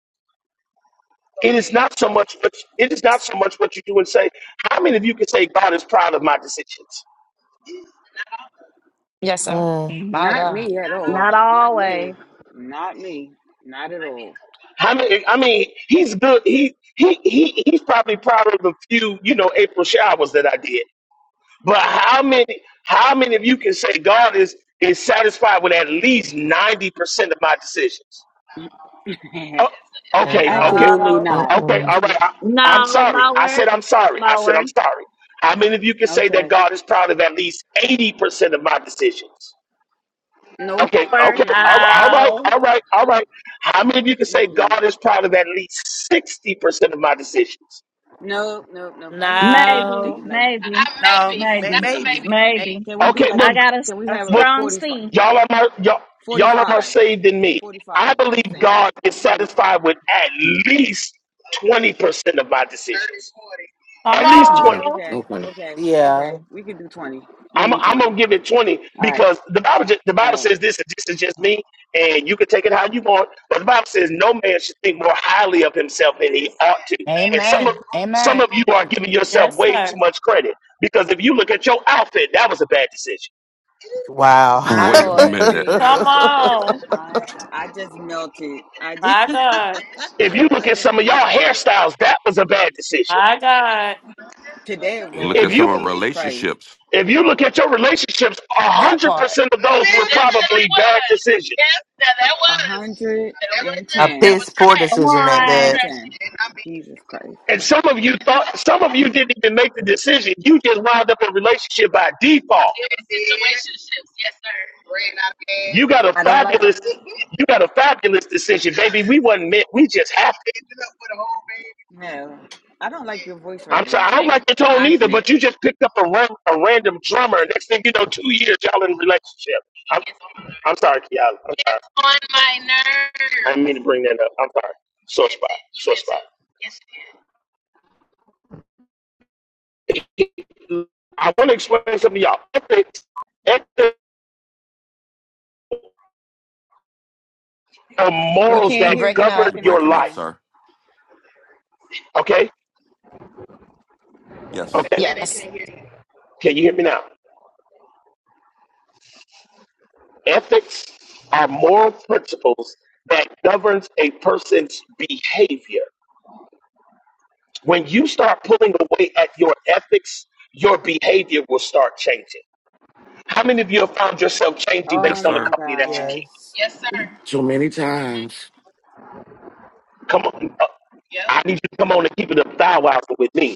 Speaker 7: It is not so much, but it is not so much what you do and say. How many of you can say God is proud of my decisions?
Speaker 3: Yes, sir.
Speaker 16: Mm,
Speaker 3: My
Speaker 15: Not
Speaker 3: God.
Speaker 15: me at all.
Speaker 13: Not
Speaker 15: Not me.
Speaker 13: always.
Speaker 15: Not me. Not at all.
Speaker 7: I mean, I mean, he's good. He he he he's probably proud of the few, you know, April showers that I did. But how many how many of you can say God is is satisfied with at least ninety percent of my decisions? Oh, okay,
Speaker 16: mm-mm.
Speaker 7: okay,
Speaker 15: Absolutely
Speaker 5: No,
Speaker 4: Oh,
Speaker 15: not.
Speaker 7: okay. All right.
Speaker 16: Mm-mm.
Speaker 7: I, I'm
Speaker 13: No,
Speaker 7: sorry. I
Speaker 13: lower.
Speaker 7: said I'm sorry. I said
Speaker 13: Lower.
Speaker 7: I'm sorry. How many of you can say that
Speaker 15: Okay.
Speaker 7: God is proud of at least eighty percent of my decisions?
Speaker 15: Nope.
Speaker 7: Okay,
Speaker 13: Lower.
Speaker 7: okay, all
Speaker 15: Mm-mm.
Speaker 7: right, all right,
Speaker 5: no,
Speaker 7: all right, all right. How many of you can say
Speaker 15: Mm-mm.
Speaker 7: God is proud of at least sixty percent of my decisions?
Speaker 15: Nope. Nope. Nope. I need to go
Speaker 13: Maybe.
Speaker 15: dig,
Speaker 5: no.
Speaker 15: like.
Speaker 13: Maybe.
Speaker 8: No,
Speaker 15: mm,
Speaker 8: may-
Speaker 13: Maybe.
Speaker 15: mm, mm.
Speaker 8: maybe. May-
Speaker 13: Maybe.
Speaker 15: Can we do
Speaker 7: Okay,
Speaker 15: like?
Speaker 13: I
Speaker 8: may-
Speaker 7: well,
Speaker 13: got a,
Speaker 15: Can we
Speaker 13: a
Speaker 15: have like
Speaker 7: well
Speaker 13: strong
Speaker 15: 45,
Speaker 13: C.
Speaker 7: y'all are more y'all,
Speaker 15: forty
Speaker 7: y'all are more
Speaker 15: five,
Speaker 7: saved than me.
Speaker 15: forty
Speaker 7: I
Speaker 15: five
Speaker 7: believe
Speaker 15: percent,
Speaker 7: God is
Speaker 15: forty five?
Speaker 7: satisfied with at least twenty percent of my decisions.
Speaker 5: Come
Speaker 7: At
Speaker 15: Okay.
Speaker 7: least
Speaker 15: Okay.
Speaker 17: Yeah.
Speaker 7: twenty.
Speaker 5: on.
Speaker 15: Okay.
Speaker 17: Okay.
Speaker 15: Okay.
Speaker 16: Yeah.
Speaker 15: Okay. We can do twenty,
Speaker 7: I'm
Speaker 15: maybe
Speaker 7: I'm gonna
Speaker 15: twenty.
Speaker 7: give it 20
Speaker 15: All right.
Speaker 7: because the Bible ju- the Bible
Speaker 15: All right.
Speaker 7: says this, and this is just me, and you can take it how you want, but the Bible says no man should think more highly of himself than he ought to. And some of
Speaker 3: Amen.
Speaker 7: some
Speaker 3: Amen.
Speaker 7: of you are giving yourself
Speaker 5: Yes,
Speaker 7: way
Speaker 5: sir.
Speaker 7: too much credit because if you look at your outfit, that was a bad decision.
Speaker 16: Wow.
Speaker 3: My
Speaker 11: Wait a
Speaker 15: I'm
Speaker 3: Lord.
Speaker 11: minute.
Speaker 15: screaming.
Speaker 5: Come on.
Speaker 15: I I just melted. I just
Speaker 5: My God.
Speaker 7: If you
Speaker 15: I
Speaker 7: look at
Speaker 15: just
Speaker 7: some of y'all
Speaker 15: melted.
Speaker 7: hairstyles, that was a bad decision.
Speaker 5: My God.
Speaker 15: Today
Speaker 11: Look
Speaker 7: If
Speaker 11: at
Speaker 15: was
Speaker 11: some of
Speaker 7: you
Speaker 15: Jesus Christ.
Speaker 11: relationships.
Speaker 7: if you look at your relationships,
Speaker 3: That
Speaker 7: hundred
Speaker 3: part.
Speaker 7: percent of those were probably bad decisions.
Speaker 15: A hundred and
Speaker 16: A
Speaker 15: ten.
Speaker 16: piss poor
Speaker 13: Come
Speaker 16: decision at
Speaker 13: on.
Speaker 16: that.
Speaker 15: 110. Jesus Christ.
Speaker 7: And some of you thought, some of you didn't even make the decision. You just wound up in a relationship by default. Situationships, yes, sir. You got a
Speaker 15: I don't like,
Speaker 7: fabulous, you got a fabulous decision, baby. We wasn't meant. We just happened.
Speaker 15: no, I don't like your voice right
Speaker 7: I'm sorry.
Speaker 15: now,
Speaker 7: I don't
Speaker 15: sir.
Speaker 7: like your tone
Speaker 15: Thank
Speaker 7: either,
Speaker 15: you.
Speaker 7: but you just picked up a, ran, a random drummer. Next thing you know, two years y'all in a relationship. I'm, I'm sorry, Kiala. I'm sorry. It's on my nerves. I didn't mean to bring that up. I'm sorry. Sore spot. Sore spot. I want to explain something to y'all. Ethics, ethics are
Speaker 15: We
Speaker 7: morals
Speaker 15: can't
Speaker 3: You
Speaker 15: hear
Speaker 7: that
Speaker 15: you
Speaker 3: breaking
Speaker 7: govern
Speaker 11: You
Speaker 3: up?
Speaker 15: cracking up
Speaker 7: your
Speaker 11: breaking up,
Speaker 7: life.
Speaker 15: now.
Speaker 11: sir?
Speaker 7: Okay?
Speaker 11: Yes.
Speaker 7: Okay.
Speaker 3: Yes.
Speaker 7: Can you hear me now? Ethics are moral principles that governs a person's behavior. When you start pulling away at your ethics, your behavior will start changing. How many of you have found yourself changing
Speaker 11: Yes,
Speaker 15: Oh
Speaker 7: based on the
Speaker 15: my
Speaker 11: sir.
Speaker 7: company that you
Speaker 15: God.
Speaker 7: keep?
Speaker 16: Yes.
Speaker 17: So many times.
Speaker 7: Come on. uh, I need you to come on and keep it a thou with me.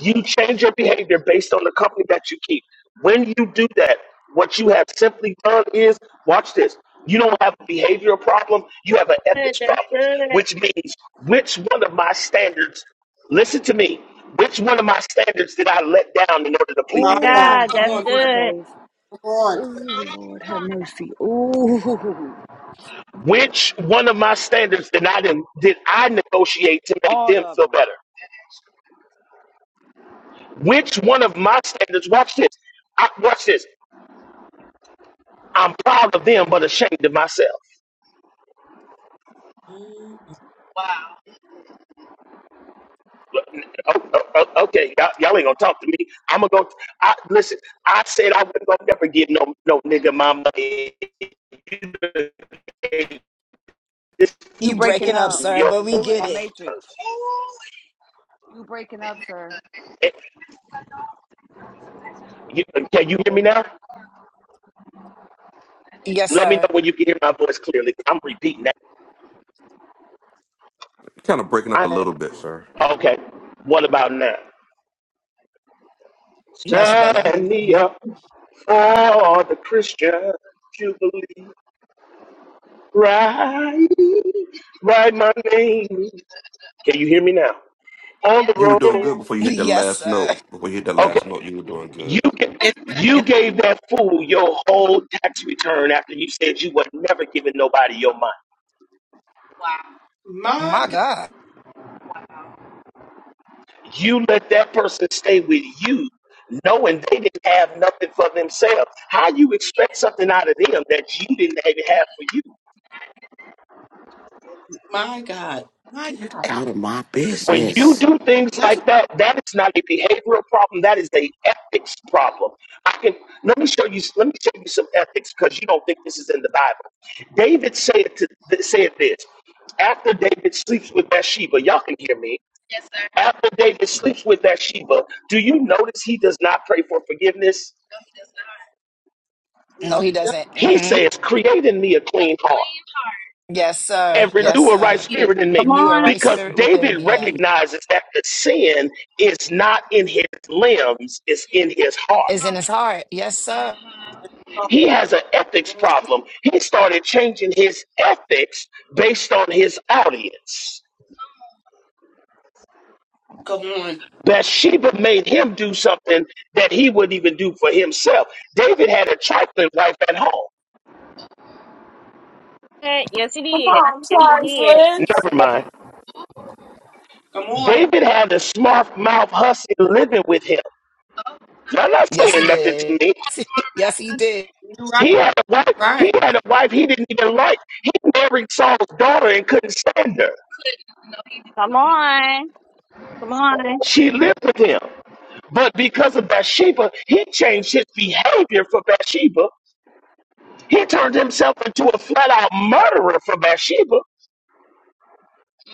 Speaker 7: You change your behavior based on the company that you keep. When you do that, what you have simply done is watch this. You don't have a behavioral problem, you have an
Speaker 13: good.
Speaker 7: ethics
Speaker 13: That's
Speaker 7: problem,
Speaker 13: good.
Speaker 7: which means which one of my standards, listen to me, which one of my standards did I let down in order to please
Speaker 13: My
Speaker 8: My
Speaker 7: them?
Speaker 8: God.
Speaker 13: God,
Speaker 15: Oh,
Speaker 8: Come
Speaker 13: that's
Speaker 8: on,
Speaker 15: Jesus
Speaker 8: sir.
Speaker 13: good.
Speaker 15: Christ.
Speaker 8: Come on.
Speaker 15: Oh, Lord have mercy. Oh,
Speaker 7: Which one of my standards did I, did did I negotiate to make
Speaker 15: all
Speaker 7: them
Speaker 15: of
Speaker 7: feel
Speaker 15: them.
Speaker 7: better? Which one of my standards, watch this, I, watch this, I'm proud of them but ashamed of myself.
Speaker 8: Mm,
Speaker 7: Oh, oh, oh, okay, y'all, y'all ain't gonna talk to me. I'm gonna go. I, listen, I said I wasn't gonna never get no no nigga my money. You done gave this
Speaker 15: You
Speaker 3: You
Speaker 15: breaking
Speaker 3: breaking
Speaker 7: to
Speaker 3: up,
Speaker 15: up.
Speaker 3: sir,
Speaker 7: Yo,
Speaker 3: but we
Speaker 15: You in
Speaker 3: get
Speaker 15: the
Speaker 3: it.
Speaker 15: matrix. You breaking up, sir.
Speaker 7: Eh, you, can you hear me now?
Speaker 3: Yes,
Speaker 7: Let me know
Speaker 3: sir.
Speaker 7: when you can hear my voice clearly. I'm repeating that.
Speaker 11: Kind of breaking up a
Speaker 7: I,
Speaker 11: little bit, sir.
Speaker 7: okay, what about now?
Speaker 3: Much better.
Speaker 7: Sign me up for the Christian Jubilee. Right, write my name. Can you hear me now? On the
Speaker 11: You were doing
Speaker 7: road.
Speaker 11: good before you hit that
Speaker 3: Yes,
Speaker 11: last
Speaker 3: sir.
Speaker 11: note. Before you hit that
Speaker 7: Okay.
Speaker 11: last note, you were doing good.
Speaker 7: You ga-
Speaker 8: Yes,
Speaker 7: you
Speaker 8: yes.
Speaker 7: gave that fool your whole tax return after you said you would never giving nobody your money.
Speaker 8: My
Speaker 3: My
Speaker 8: God.
Speaker 3: God.
Speaker 7: You let that person stay with you, knowing they didn't have nothing for themselves. How you expect something out of them that you didn't even have for you?
Speaker 8: My God. My
Speaker 17: Get
Speaker 8: God.
Speaker 17: out of my
Speaker 7: When you
Speaker 17: business.
Speaker 7: do things
Speaker 8: That's what
Speaker 7: like that, that is not a behavioral problem. That is a ethics problem. I can let me show you. Let me show you some ethics because you don't think this is in the Bible. David said to said this after David sleeps with Bathsheba. Y'all can hear me. After David sleeps with Bathsheba, do you notice he does not pray for forgiveness?
Speaker 8: you
Speaker 3: No,
Speaker 8: know.
Speaker 3: he
Speaker 8: Yes,
Speaker 3: doesn't.
Speaker 7: He
Speaker 3: hmm
Speaker 7: says, "Create in me a clean heart."
Speaker 3: Yes, sir.
Speaker 8: yes,
Speaker 7: and
Speaker 8: sir.
Speaker 3: Yes,
Speaker 7: renew a right
Speaker 3: sir.
Speaker 7: spirit in me.
Speaker 13: Come
Speaker 3: Renew a
Speaker 13: on.
Speaker 3: right
Speaker 7: Because
Speaker 3: spirit within
Speaker 7: David
Speaker 3: me. Yeah.
Speaker 8: Me.
Speaker 7: recognizes that the sin is not in his limbs, it's in his heart.
Speaker 3: Is in his heart. Yes, sir.
Speaker 8: Come
Speaker 7: He has an ethics
Speaker 8: on.
Speaker 7: problem. He started changing his ethics based on his audience.
Speaker 8: Come on.
Speaker 7: Bathsheba made him do something that he wouldn't even do for himself. David had a trifling wife at home.
Speaker 13: Yes, it
Speaker 5: Come
Speaker 13: is.
Speaker 5: on,
Speaker 13: Yes, it
Speaker 5: Charles
Speaker 13: is.
Speaker 5: Flynn.
Speaker 7: Never mind.
Speaker 8: Come on.
Speaker 7: David had a smart mouth hussy living with him. Y'all not
Speaker 3: Yes, he
Speaker 7: saying nothing
Speaker 3: did.
Speaker 7: to me.
Speaker 3: yes, he did.
Speaker 8: You right.
Speaker 7: He had a wife. He
Speaker 8: Right.
Speaker 7: had a wife he didn't even like. He married Saul's daughter and couldn't stand her.
Speaker 13: Come on. Come on.
Speaker 7: She lived with him. But because of Bathsheba, he changed his behavior for Bathsheba. He turned himself into a flat out murderer for Bathsheba.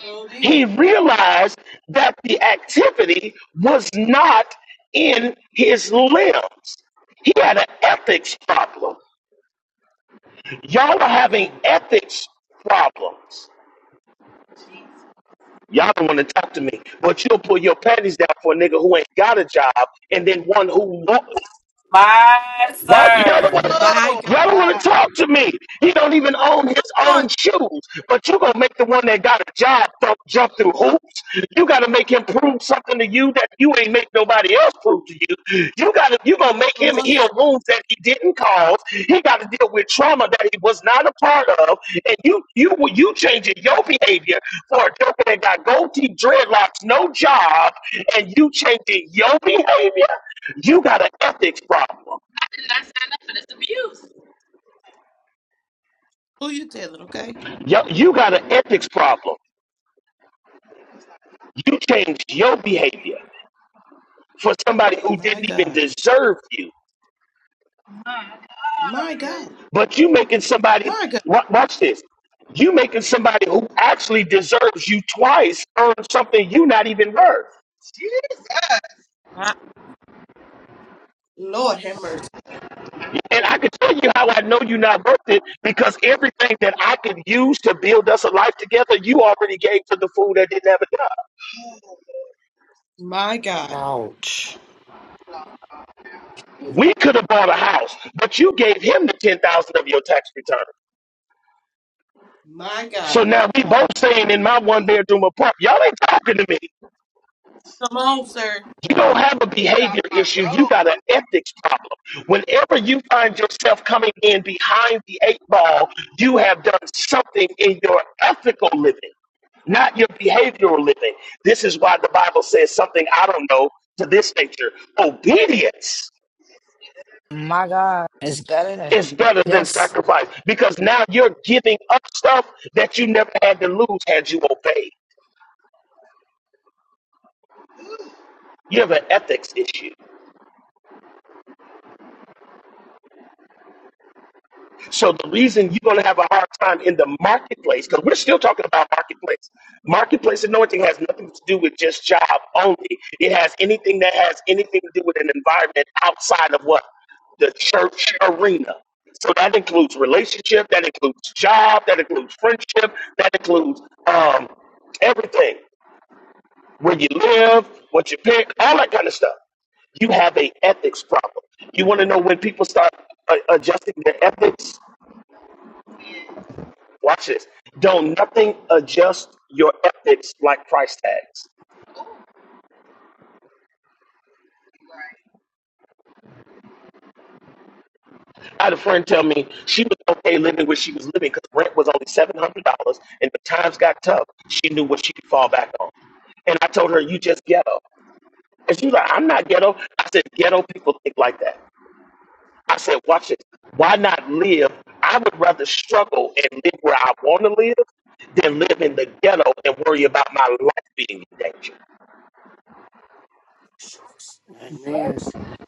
Speaker 8: So
Speaker 7: He
Speaker 8: did.
Speaker 7: realized that the activity was not in his limbs. He had an ethics problem. Y'all are
Speaker 8: My
Speaker 7: having
Speaker 8: God.
Speaker 7: ethics problems. Y'all don't want to talk to me, but you'll pull your panties down for a nigga who ain't got a job, and then one who
Speaker 5: My
Speaker 7: why y'all don't
Speaker 5: sir.
Speaker 7: want to
Speaker 8: My God.
Speaker 7: talk to me? He don't even own his
Speaker 8: Come on,
Speaker 7: own shoes, but you gonna make the one that got a job th- jump through hoops. You gotta make him prove something to you that you ain't make nobody else prove to you. You gotta you gonna make
Speaker 8: come
Speaker 7: him
Speaker 8: on,
Speaker 7: heal
Speaker 8: sir.
Speaker 7: wounds that he didn't cause. He got to deal with trauma that he was not a part of, and you you you changing your behavior for a joker that got gold teeth, dreadlocks, no job, and you changing your behavior. You got an ethics problem.
Speaker 8: Who you telling, okay?
Speaker 7: Yo, you got an ethics problem. You changed your behavior for somebody who
Speaker 8: My
Speaker 7: didn't even
Speaker 8: God.
Speaker 7: deserve you.
Speaker 8: My God.
Speaker 7: But you making somebody
Speaker 8: My God.
Speaker 7: wa- watch this. You making somebody who actually deserves you twice earn something you not even worth. Jesus.
Speaker 8: My Lord have mercy.
Speaker 7: And I can tell you how I know you're not worth it because everything that I could use to build us a life together, you already gave to the fool that didn't have a job.
Speaker 8: My God.
Speaker 17: Ouch.
Speaker 7: We could have bought a house, but you gave him the ten thousand of your tax return.
Speaker 8: My God.
Speaker 7: So now we both staying in my one bedroom apartment. Y'all ain't talking to me.
Speaker 8: Come on, sir.
Speaker 7: You don't have a behavior issue. You got an ethics problem. Whenever you find yourself coming in behind the eight ball, you have done something in your ethical living, not your behavioral living. This is why the Bible says something I don't know to this nature. Obedience
Speaker 3: My God. It's better than.
Speaker 7: is better than
Speaker 3: Yes.
Speaker 7: sacrifice because now you're giving up stuff that you never had to lose had you obeyed. You have an ethics issue. So the reason you're going to have a hard time in the marketplace, because we're still talking about marketplace. Marketplace anointing has nothing to do with just job only. It has anything that has anything to do with an environment outside of what the church arena. So that includes relationship, that includes job, that includes friendship, that includes um, everything. Where you live, what you pick, all that kind of stuff. You have a ethics problem. You want to know when people start uh, adjusting their ethics Watch this. Don't nothing adjust your ethics like price tags. I had a friend tell me she was okay living where she was living because rent was only seven hundred dollars, and the times got tough. She knew what she could fall back on, and I told her, "You just ghetto." And she was like, "I'm not ghetto." I said, "Ghetto people think like that." I said, "Watch this. Why not live? I would rather struggle and live where I want to live than live in the ghetto and worry about my life being in danger."
Speaker 17: Amen.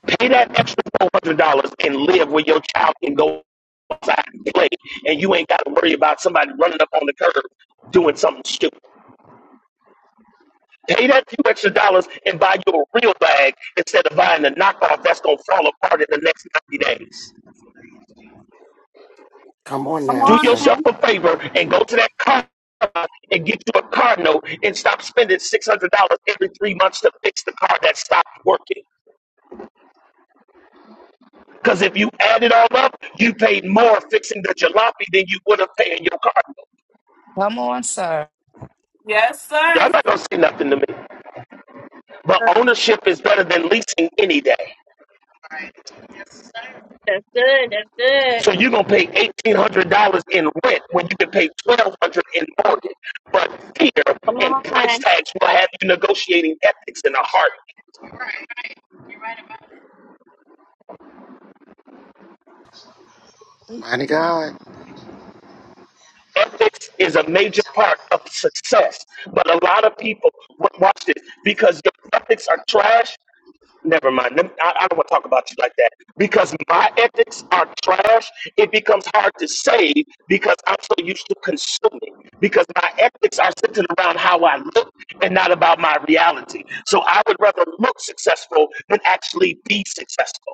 Speaker 7: Pay that extra four hundred dollars and live where your child can go outside and play, and you ain't got to worry about somebody running up on the curb doing something stupid. Pay that few extra dollars and buy you a real bag instead of buying the knockoff that's gonna fall apart in the next ninety days.
Speaker 17: Come on
Speaker 13: Come
Speaker 17: now,
Speaker 7: Do
Speaker 13: on.
Speaker 17: sir.
Speaker 7: yourself a favor and go to that car and get you a car note and stop spending six hundred dollars every three months to fix the car that stopped working. Because if you add it all up, you paid more fixing the jalopy than you would have paid in your car
Speaker 3: Come on, sir.
Speaker 5: Yes,
Speaker 7: Y'all
Speaker 5: sir.
Speaker 7: not gonna say nothing to me. But ownership is better than leasing any day.
Speaker 13: That's good. That's good.
Speaker 7: So you're gonna pay eighteen hundred dollars in rent when you can pay twelve hundred in mortgage. But fear
Speaker 13: Come
Speaker 7: and price
Speaker 13: on.
Speaker 7: tags will have you negotiating ethics in a heart.
Speaker 17: Mighty God.
Speaker 7: Ethics is a major part of success, but a lot of people wa- watch this because your ethics are trash. Never mind. Let I, I don't want to talk about you like that because my ethics are trash. It becomes hard to save because I'm so used to consuming. Because my ethics are centered around how I look and not about my reality. So I would rather look successful than actually be successful.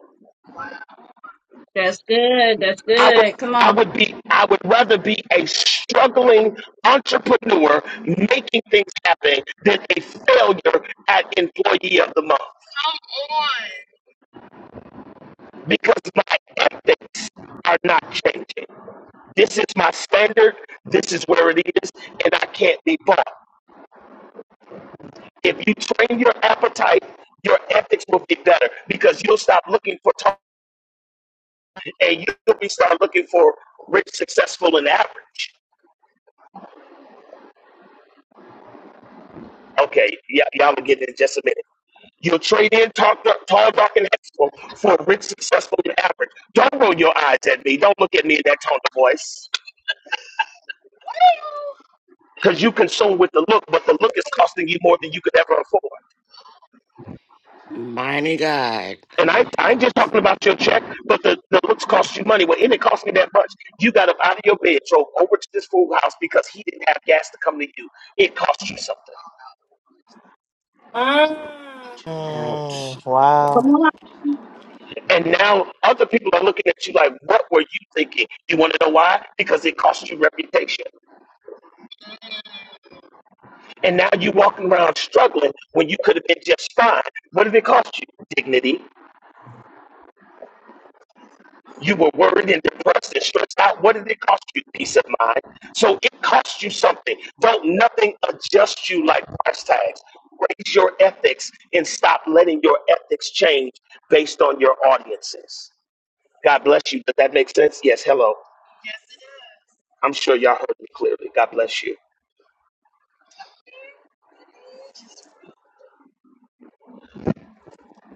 Speaker 13: That's good. That's
Speaker 7: I would,
Speaker 13: good. Come
Speaker 7: I
Speaker 13: on.
Speaker 7: would be, I would rather be a struggling entrepreneur making things happen than a failure at employee of the month because my ethics are not changing. This is my standard. This is where it is, and I can't be bought. If you train your appetite, your ethics will be better because you'll stop looking for target and you'll be start looking for rich, successful, and average. Okay, y- y'all will get it in just a minute. You'll trade in tall, tall, dark, and handsome for rich, successful, and average. Don't roll your eyes at me. Don't look at me in that tone of voice because you consume with the look, but the look is costing you more than you could ever afford.
Speaker 17: Mighty God.
Speaker 7: And I, I ain't just talking about your check, but the, the looks cost you money. Well, it didn't cost me that much. You got up out of your bed, drove over to this fool house because he didn't have gas to come to you. It cost you something.
Speaker 5: Mm.
Speaker 16: Mm,
Speaker 17: Ouch.
Speaker 13: Come
Speaker 16: wow.
Speaker 13: on.
Speaker 7: And now other people are looking at you like, what were you thinking? You want to know why? Because it cost you reputation. And now you're walking around struggling when you could have been just fine. What did it cost you? Dignity. You were worried and depressed and stressed out. What did it cost you? Peace of mind. So it cost you something. Don't nothing adjust you like price tags. Raise your ethics and stop letting your ethics change based on your audiences. God bless you. Did that make sense? Yes. Hello. I'm sure y'all heard me clearly. God bless you.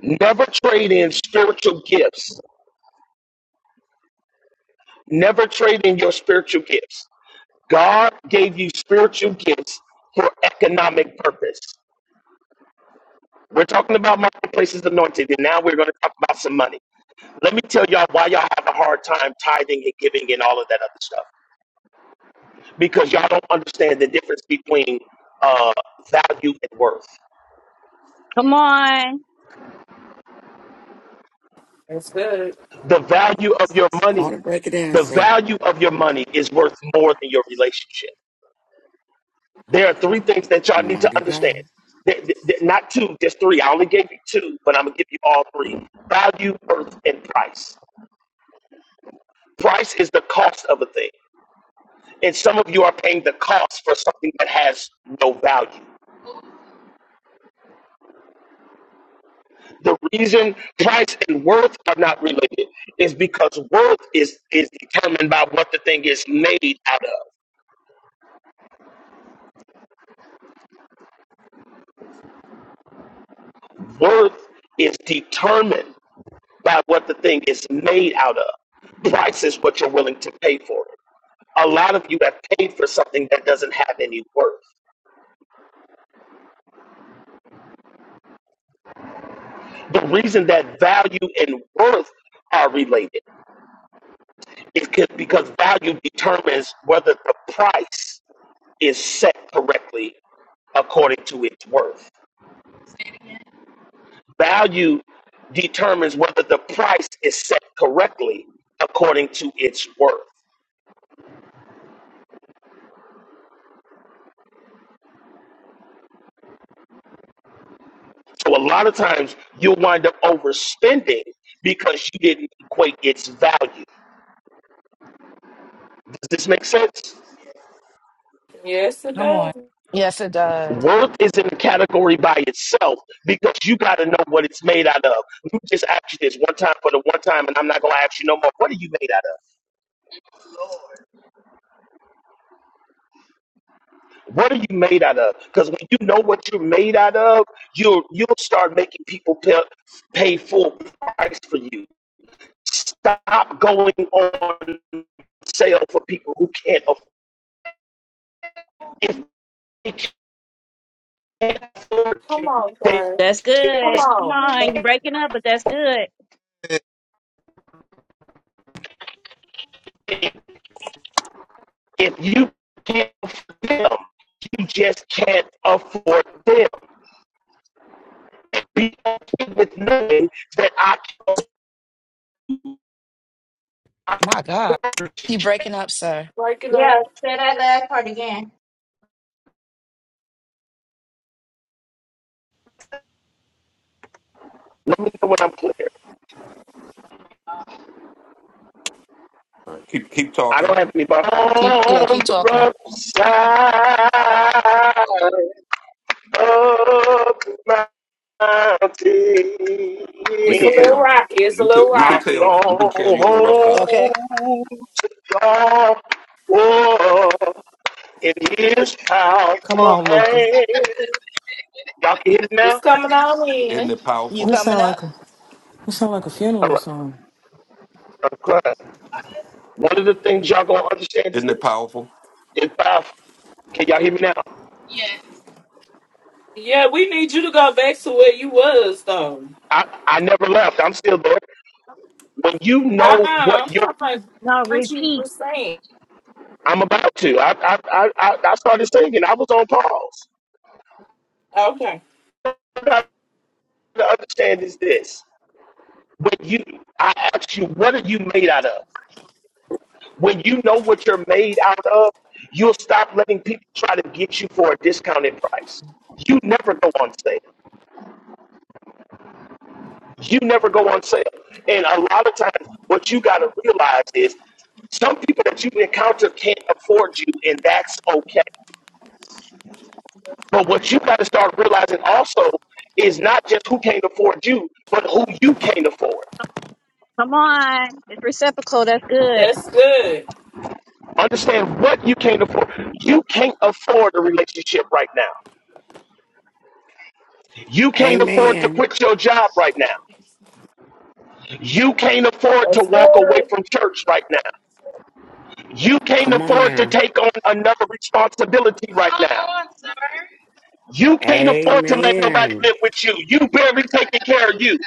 Speaker 7: Never trade in spiritual gifts. Never trade in your spiritual gifts. God gave you spiritual gifts for economic purpose. We're talking about marketplaces anointed, and now we're going to talk about some money. Let me tell y'all why y'all have a hard time tithing and giving and all of that other stuff. Because y'all don't understand the difference between uh, value and worth.
Speaker 13: Come on.
Speaker 5: That's good.
Speaker 7: The value of your
Speaker 17: Go
Speaker 7: money,
Speaker 17: to break it down,
Speaker 7: the
Speaker 17: sir.
Speaker 7: value of your money is worth more than your relationship. There are three things that y'all need to
Speaker 17: Mighty
Speaker 7: understand.
Speaker 17: God.
Speaker 7: Th- th- th- Not two, just three. I only gave you two, but I'm going to give you all three value, worth, and price. Price is the cost of a thing. And some of you are paying the cost for something that has no value. The reason price and worth are not related is because worth is, is determined by what the thing is made out of. Worth is determined by what the thing is made out of. Price is what you're willing to pay for it. A lot of you have paid for something that doesn't have any worth. The reason that value and worth are related It because value determines whether the price is set correctly according to its worth. Value determines whether the price is set correctly according to its worth. So a lot of times you'll wind up overspending because you didn't equate its value. Does this make sense?
Speaker 5: Yes, it
Speaker 3: Come on.
Speaker 5: does.
Speaker 3: Yes, it does.
Speaker 7: Worth is in a category by itself because you got to know what it's made out of. You just asked you this one time for the one time, and I'm not going to ask you no more. What are you made out of? What are you made out of? Because when you know what you're made out of, you'll you'll start making people pay, pay full price for you. Stop going on sale for people who can't afford. If they can't afford
Speaker 5: Come
Speaker 7: you,
Speaker 5: on,
Speaker 7: they
Speaker 5: sir.
Speaker 13: That's
Speaker 5: Come
Speaker 13: good.
Speaker 7: just
Speaker 13: Come
Speaker 5: on.
Speaker 13: on. You're
Speaker 7: can't.
Speaker 13: breaking up, but that's good.
Speaker 7: If you can't afford them, you just can't afford them. Be okay with knowing that I can't.
Speaker 3: My God. Keep breaking up, sir.
Speaker 5: Breaking up.
Speaker 13: Yeah. Say that last part again.
Speaker 7: Let me know when I'm clear.
Speaker 11: All right, keep keep
Speaker 7: I
Speaker 11: talking.
Speaker 7: don't have anybody
Speaker 3: Keep, yeah,
Speaker 7: On
Speaker 3: keep
Speaker 7: the
Speaker 3: talking.
Speaker 7: rough side of the
Speaker 11: We
Speaker 5: It's a
Speaker 11: can
Speaker 7: mountain,
Speaker 5: little
Speaker 11: tell.
Speaker 5: rocky. It's a
Speaker 11: We can
Speaker 5: little
Speaker 11: we can
Speaker 7: I'm
Speaker 5: rocky.
Speaker 11: tell. We can
Speaker 7: gonna
Speaker 11: tell you on the rough
Speaker 7: hold
Speaker 11: side.
Speaker 3: Okay.
Speaker 7: on for in His
Speaker 16: Come
Speaker 7: powerful
Speaker 16: on, Luther.
Speaker 7: hand. Y'all can hear it
Speaker 5: It's
Speaker 7: now.
Speaker 5: coming on
Speaker 11: Isn't
Speaker 5: in.
Speaker 11: it
Speaker 3: You
Speaker 11: powerful?
Speaker 3: coming
Speaker 14: sound
Speaker 3: up?
Speaker 14: like a it sound like a
Speaker 7: All
Speaker 14: funeral
Speaker 7: right,
Speaker 14: song.
Speaker 7: I'm crying. One of the things y'all gonna understand is
Speaker 11: Isn't it
Speaker 7: this:
Speaker 11: powerful?
Speaker 7: it's powerful. Can y'all hear me now?
Speaker 5: Yeah, we need you to go back to where you was, though.
Speaker 7: I I never left. I'm still there. When you
Speaker 5: Uh-uh.
Speaker 7: know what
Speaker 5: I'm
Speaker 7: your
Speaker 5: talking about
Speaker 13: No,
Speaker 5: what you were
Speaker 13: repeat.
Speaker 5: saying.
Speaker 7: I'm about to. I I I, I I started singing. I was on pause.
Speaker 5: Okay.
Speaker 7: What I need to understand is this: when you, I ask you, what are you made out of? When you know what you're made out of, you'll stop letting people try to get you for a discounted price. You never go on sale. You never go on sale. And a lot of times, what you got to realize is some people that you encounter can't afford you, and that's okay But what you got to start realizing also is not just who can't afford you, but who you can't afford.
Speaker 13: Come on. It's reciprocal. That's good.
Speaker 5: That's good.
Speaker 7: Understand what you can't afford. You can't afford a relationship right now. You can't afford to
Speaker 17: Amen.
Speaker 7: quit your job right now. You can't afford to
Speaker 5: That's
Speaker 7: walk away
Speaker 5: good.
Speaker 7: from church right now. You can't
Speaker 17: Come on
Speaker 7: afford to
Speaker 17: now.
Speaker 7: take on another responsibility right now. Come on, sir? You can't afford to let nobody
Speaker 17: Amen.
Speaker 7: live with you. You barely taking care of you.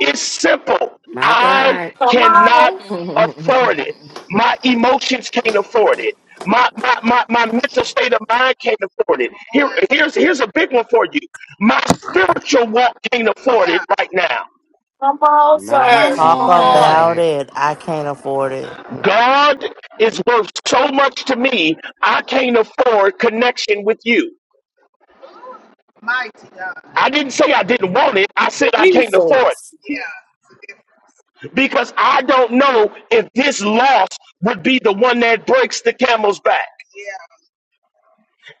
Speaker 7: It's simple.
Speaker 17: My
Speaker 7: I
Speaker 17: God.
Speaker 5: Come on.
Speaker 7: cannot afford it. My emotions can't afford it. My, my, my, my mental state of mind can't afford it. Here, here's, here's a big one for you. My spiritual walk can't afford it right now.
Speaker 5: Come on,
Speaker 3: Come
Speaker 5: sir.
Speaker 16: Talk
Speaker 17: Mighty
Speaker 5: Come
Speaker 3: on.
Speaker 5: on.
Speaker 16: about
Speaker 17: God.
Speaker 16: it. I can't afford it.
Speaker 7: God is worth so much to me, I can't afford connection with you. Mighty God. I didn't say I didn't want it, I said I can't afford
Speaker 5: Jesus.
Speaker 7: it. because I don't know if this loss would be the one that breaks the camel's back.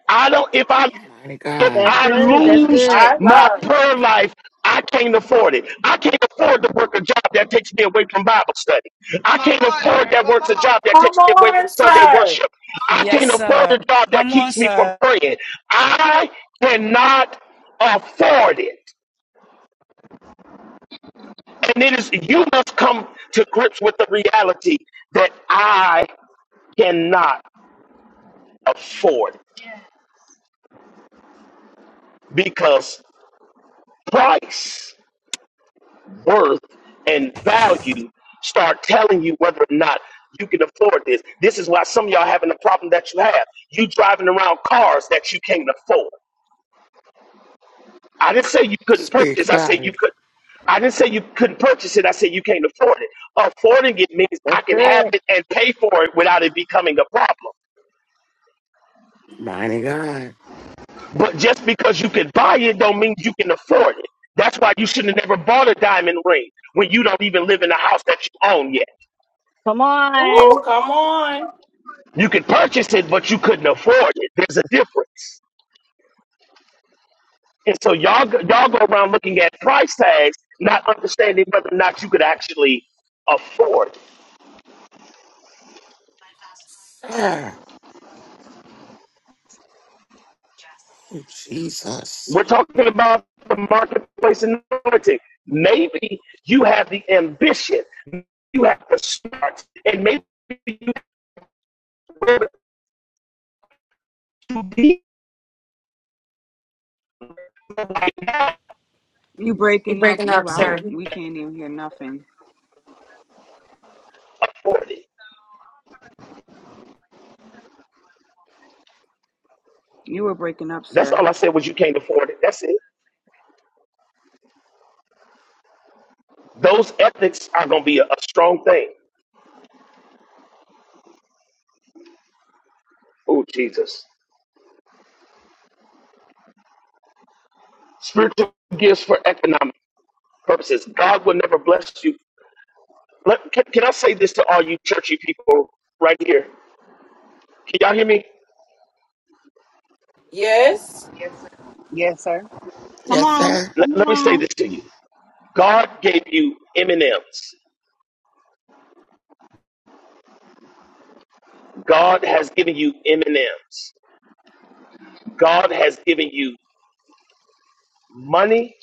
Speaker 7: I don't if I
Speaker 17: Mighty
Speaker 7: if
Speaker 17: God.
Speaker 13: That's
Speaker 7: I
Speaker 13: good. That's
Speaker 7: lose
Speaker 13: good.
Speaker 5: My
Speaker 7: my
Speaker 5: God.
Speaker 7: prayer life, I can't afford it. I can't afford to work a job that takes me away from Bible study. I can't afford that works a job that
Speaker 5: Come
Speaker 7: takes me away from
Speaker 5: on,
Speaker 7: Sunday
Speaker 5: sir.
Speaker 7: worship. I
Speaker 3: Yes,
Speaker 7: can't afford
Speaker 3: sir.
Speaker 7: a job that
Speaker 3: Come on,
Speaker 7: keeps me from
Speaker 3: sir.
Speaker 7: praying. I cannot afford it. And it is you must come to grips with the reality that I cannot afford because price, worth, and value start telling you whether or not you can afford this. This is why some of y'all having the problem that you have. You driving around cars that you can't afford. I didn't say you couldn't
Speaker 17: Speak
Speaker 7: purchase. I said
Speaker 17: about
Speaker 7: you
Speaker 17: it.
Speaker 7: could. I didn't say you couldn't purchase it. I said you can't afford it. Affording it means I
Speaker 13: That's
Speaker 7: can have
Speaker 13: good.
Speaker 7: it and pay for it without it becoming a problem.
Speaker 17: Mighty God.
Speaker 7: But just because you can buy it don't mean you can afford it. That's why you should not have never bought a diamond ring when you don't even live in a house that you own yet.
Speaker 13: Come on.
Speaker 5: Ooh, come on.
Speaker 7: You could purchase it, but you couldn't afford it. There's a difference. And so y'all go- y'all go around looking at price tags, not understanding whether or not you could actually afford. it.
Speaker 17: Sir. Oh, Jesus.
Speaker 7: We're talking about the marketplace anointing. Maybe you have the ambition, you have the smart, and maybe you have to be like that.
Speaker 15: You
Speaker 10: You're
Speaker 15: breaking up.
Speaker 10: breaking
Speaker 15: You
Speaker 10: up,
Speaker 15: out.
Speaker 10: sir.
Speaker 15: We can't even hear nothing.
Speaker 7: afford it.
Speaker 15: You were breaking up,
Speaker 7: That's
Speaker 15: sir.
Speaker 7: all I said was you can't afford it. That's it. Those ethics are going to be a, a strong thing. Spiritual gifts for economic purposes. God will never bless you. Let, can, can I say this to all you churchy people right here? Can y'all hear me?
Speaker 5: Yes.
Speaker 7: Yes, sir.
Speaker 9: Yes, sir.
Speaker 13: Come
Speaker 17: Yes,
Speaker 13: on,
Speaker 17: sir.
Speaker 13: come
Speaker 7: Let, let me say
Speaker 13: on,
Speaker 7: this to you. God gave you M&Ms. God has given you M&Ms. God has given you money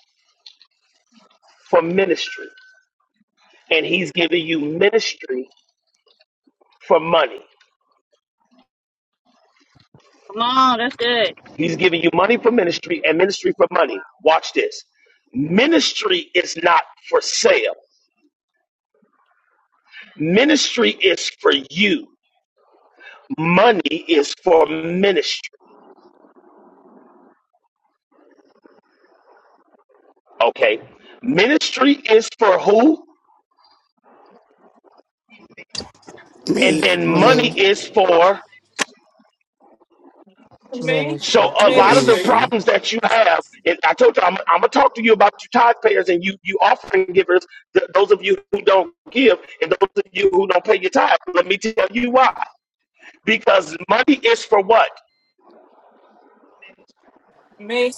Speaker 7: for ministry, and He's giving you ministry for money.
Speaker 13: come on. That's good.
Speaker 7: He's giving you money for ministry and ministry for money. Watch this. Ministry is not for sale. Ministry is for you. Money is for ministry. Okay. Ministry is for who? And
Speaker 17: Me,
Speaker 7: then
Speaker 16: For
Speaker 3: Me.
Speaker 7: money
Speaker 16: me,
Speaker 7: is for.
Speaker 5: Me.
Speaker 7: So
Speaker 16: ministry.
Speaker 7: a
Speaker 6: Right.
Speaker 7: lot
Speaker 6: Yeah.
Speaker 7: of the
Speaker 5: Ministry.
Speaker 17: ministry.
Speaker 7: problems that you have, and I told you, I'm, I'm gonna talk to you about your tithe payers and you, you offering givers. th- those of you who don't give, and those of you who don't pay your tithe. Let me tell you why. Because money is for what?
Speaker 5: Me.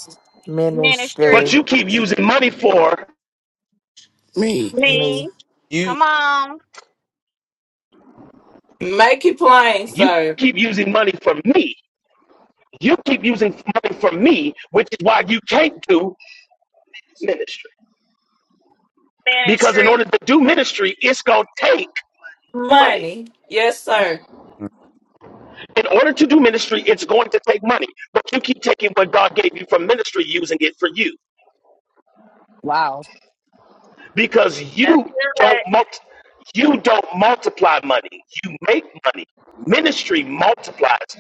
Speaker 13: Ministry,
Speaker 7: But
Speaker 16: Ministry,
Speaker 7: you keep using money for,
Speaker 17: Me.
Speaker 5: Me.
Speaker 16: me.
Speaker 13: me.
Speaker 4: You
Speaker 13: Come on,
Speaker 5: Make it plain,
Speaker 7: you
Speaker 5: sir.
Speaker 7: keep using money for me. You keep using money for me, which is why you can't do ministry. Because in
Speaker 13: ministry.
Speaker 7: order to do ministry, it's going to take money.
Speaker 5: Money. Yes, sir.
Speaker 7: In order to do ministry, it's going to take money. But you keep taking what God gave you for ministry, using it for you.
Speaker 3: Wow.
Speaker 7: Because
Speaker 13: That's
Speaker 7: you don't
Speaker 13: good.
Speaker 7: multi- you don't multiply money. You make money. Ministry multiplies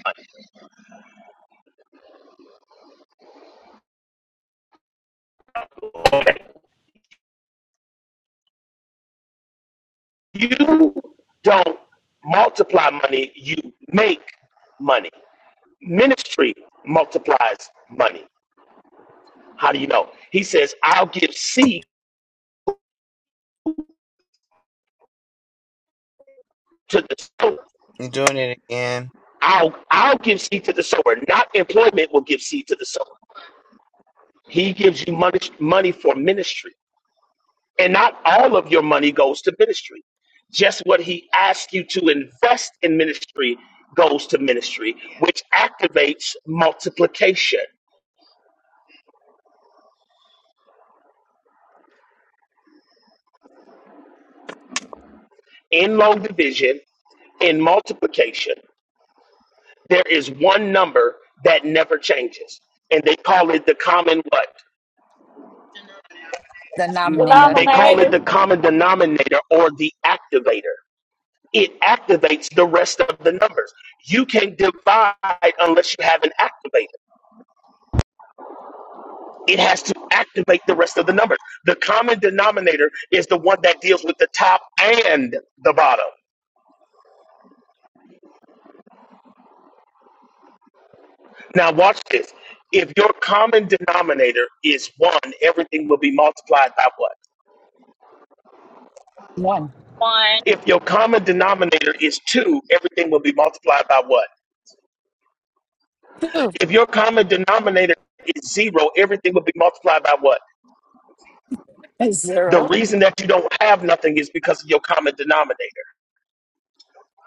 Speaker 7: money. You don't multiply money, you make money. Ministry multiplies money. How do you know? He says, I'll give seed to the sower.
Speaker 4: you doing it again?
Speaker 7: I'll, I'll give seed to the sower. Not employment will give seed to the sower. He gives you money, money for ministry. And not all of your money goes to ministry. Just what he asks you to invest in ministry goes to ministry, which activates multiplication in long division in multiplication, there is one number that never changes. And they call it the common what?
Speaker 3: The nominator.
Speaker 6: Nominate.
Speaker 7: They call it
Speaker 5: Denominator.
Speaker 7: the common denominator or the activator. It activates the rest of the numbers. You can divide unless you have an activator. It has to activate the rest of the numbers. The common denominator is the one that deals with the top and the bottom. Now, watch this. If your common denominator is one, everything will be multiplied by what?
Speaker 3: One,
Speaker 13: One.
Speaker 7: If your common denominator is two, everything will be multiplied by what?
Speaker 3: two,
Speaker 7: If your common denominator is zero, everything will be multiplied by what? The
Speaker 3: zero.
Speaker 7: reason that you don't have nothing is because of your common denominator.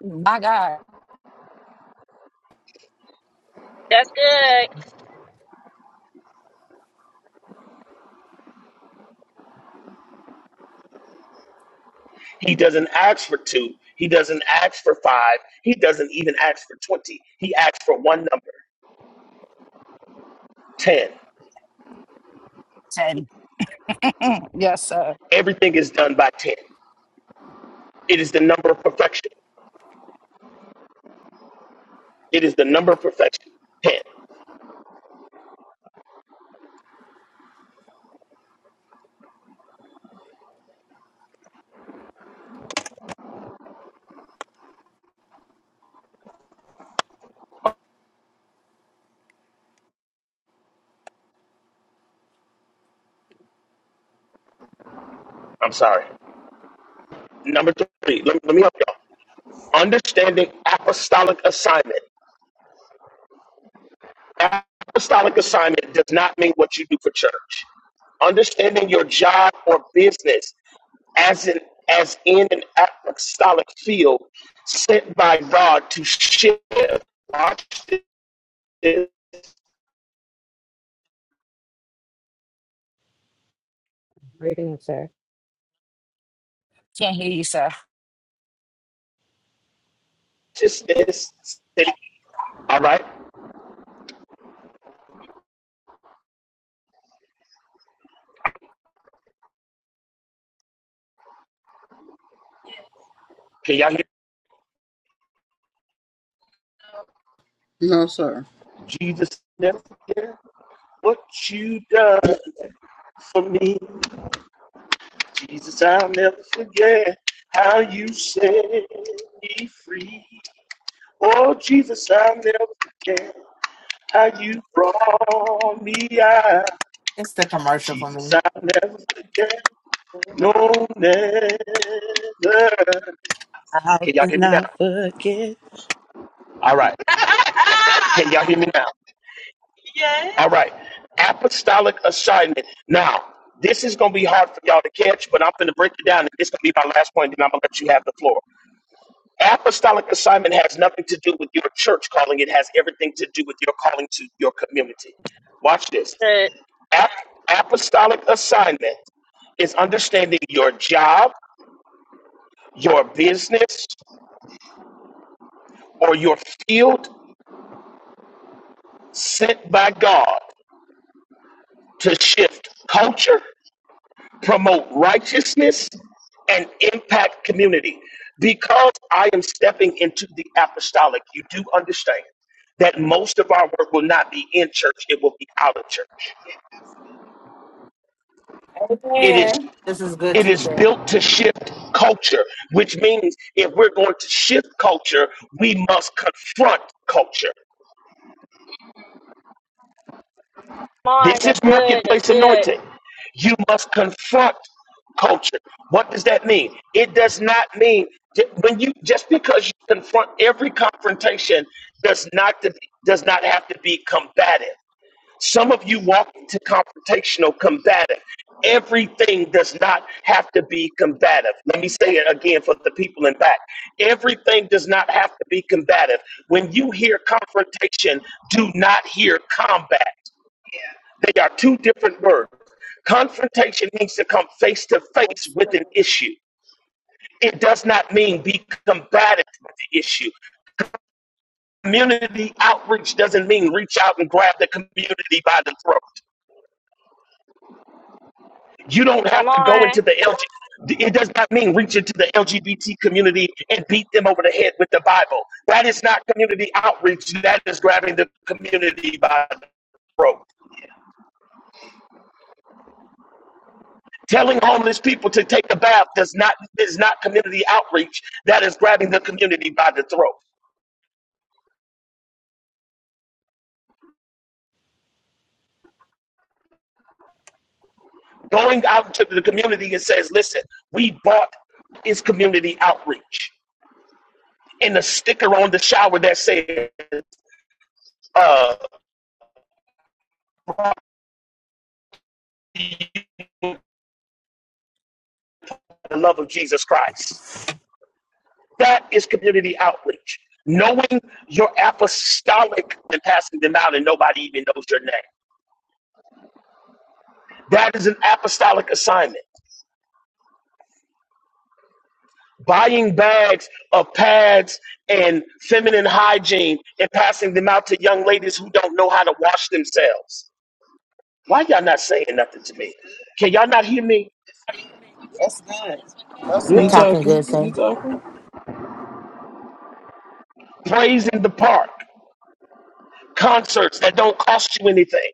Speaker 3: My God.
Speaker 13: That's good.
Speaker 7: He doesn't ask for two. He doesn't ask for five. He doesn't even ask for 20. He asks for one number, 10.
Speaker 3: Ten. yes, sir.
Speaker 7: Everything is done by 10. It is the number of perfection. It is the number of perfection. 10. I'm sorry. Number three. Let, let me help y'all. Understanding apostolic assignment apostolic assignment does not mean what you do for church. Understanding your job or business as an as in an apostolic field sent by God to shift. Watch this.
Speaker 10: Breaking up, sir.
Speaker 3: Can't hear you, sir.
Speaker 7: this, this, this. All right. Can y'all hear
Speaker 6: No, sir.
Speaker 7: Jesus? Never forget what you done for me, Jesus. I'll never forget how you set me free. Oh, Jesus, I'll never forget. How you brought me out,
Speaker 16: It's the commercial for
Speaker 7: Jesus,
Speaker 16: me.
Speaker 7: I'll never forget. No, never.
Speaker 8: How can I
Speaker 7: Can y'all
Speaker 8: will
Speaker 7: hear me now?
Speaker 8: not forget?
Speaker 7: All right. Can y'all hear me now? All right. Apostolic assignment. Now, this is going to be hard for y'all to catch, but I'm going to break it down, and this is going to be my last point, then I'm going to let you have the floor. Apostolic assignment has nothing to do with your church calling. It has everything to do with your calling to your community. Watch this.
Speaker 13: Good.
Speaker 7: Ap- apostolic assignment is understanding your job, your business, or your field sent by God to shift culture, promote righteousness, and impact community. Because I am stepping into the apostolic, you do understand that most of our work will not be in church it will be out of church it is
Speaker 5: Amen.
Speaker 16: This is good
Speaker 7: it is
Speaker 16: teaching.
Speaker 7: built to shift culture which means if we're going to shift culture we must confront culture
Speaker 13: Come on.
Speaker 7: This is
Speaker 13: That's good. That's
Speaker 7: marketplace
Speaker 13: good.
Speaker 7: anointing. You must confront culture. What does that mean? It does not mean when you just because you confront every confrontation does not to, does not have to be combative. Some of you walk into confrontational combative. Everything does not have to be combative. Let me say it again for the people in back. Everything does not have to be combative. When you hear confrontation, do not hear combat. They are two different words. Confrontation means to come face to face
Speaker 5: That's
Speaker 7: with
Speaker 5: good.
Speaker 7: an issue. It does not mean be combative with the issue. Community outreach doesn't mean reach out and grab the community by the throat. You don't
Speaker 13: Come
Speaker 7: have to go
Speaker 13: on.
Speaker 7: into the LGBT. It does not mean reach into the LGBT community and beat them over the head with the Bible. That is not community outreach. That is grabbing the community by the throat. Telling homeless people to take a bath does not is not community outreach. That is grabbing the community by the throat. Going out to the community and says, "Listen, we bought is community outreach." And the sticker on the shower that says, uh, "The love of Jesus Christ." That is community outreach. Knowing your apostolic and passing them out, and nobody even knows your name. That is an apostolic assignment. buying bags of pads and feminine hygiene and passing them out to young ladies who don't know how to wash themselves. Why y'all not saying nothing to me? Can y'all not hear me?
Speaker 9: That's good. That's
Speaker 16: You're
Speaker 14: You
Speaker 9: good.
Speaker 16: talking good,
Speaker 14: talking? You
Speaker 16: Saint.
Speaker 14: talking?
Speaker 7: Praise in the park, concerts that don't cost you anything.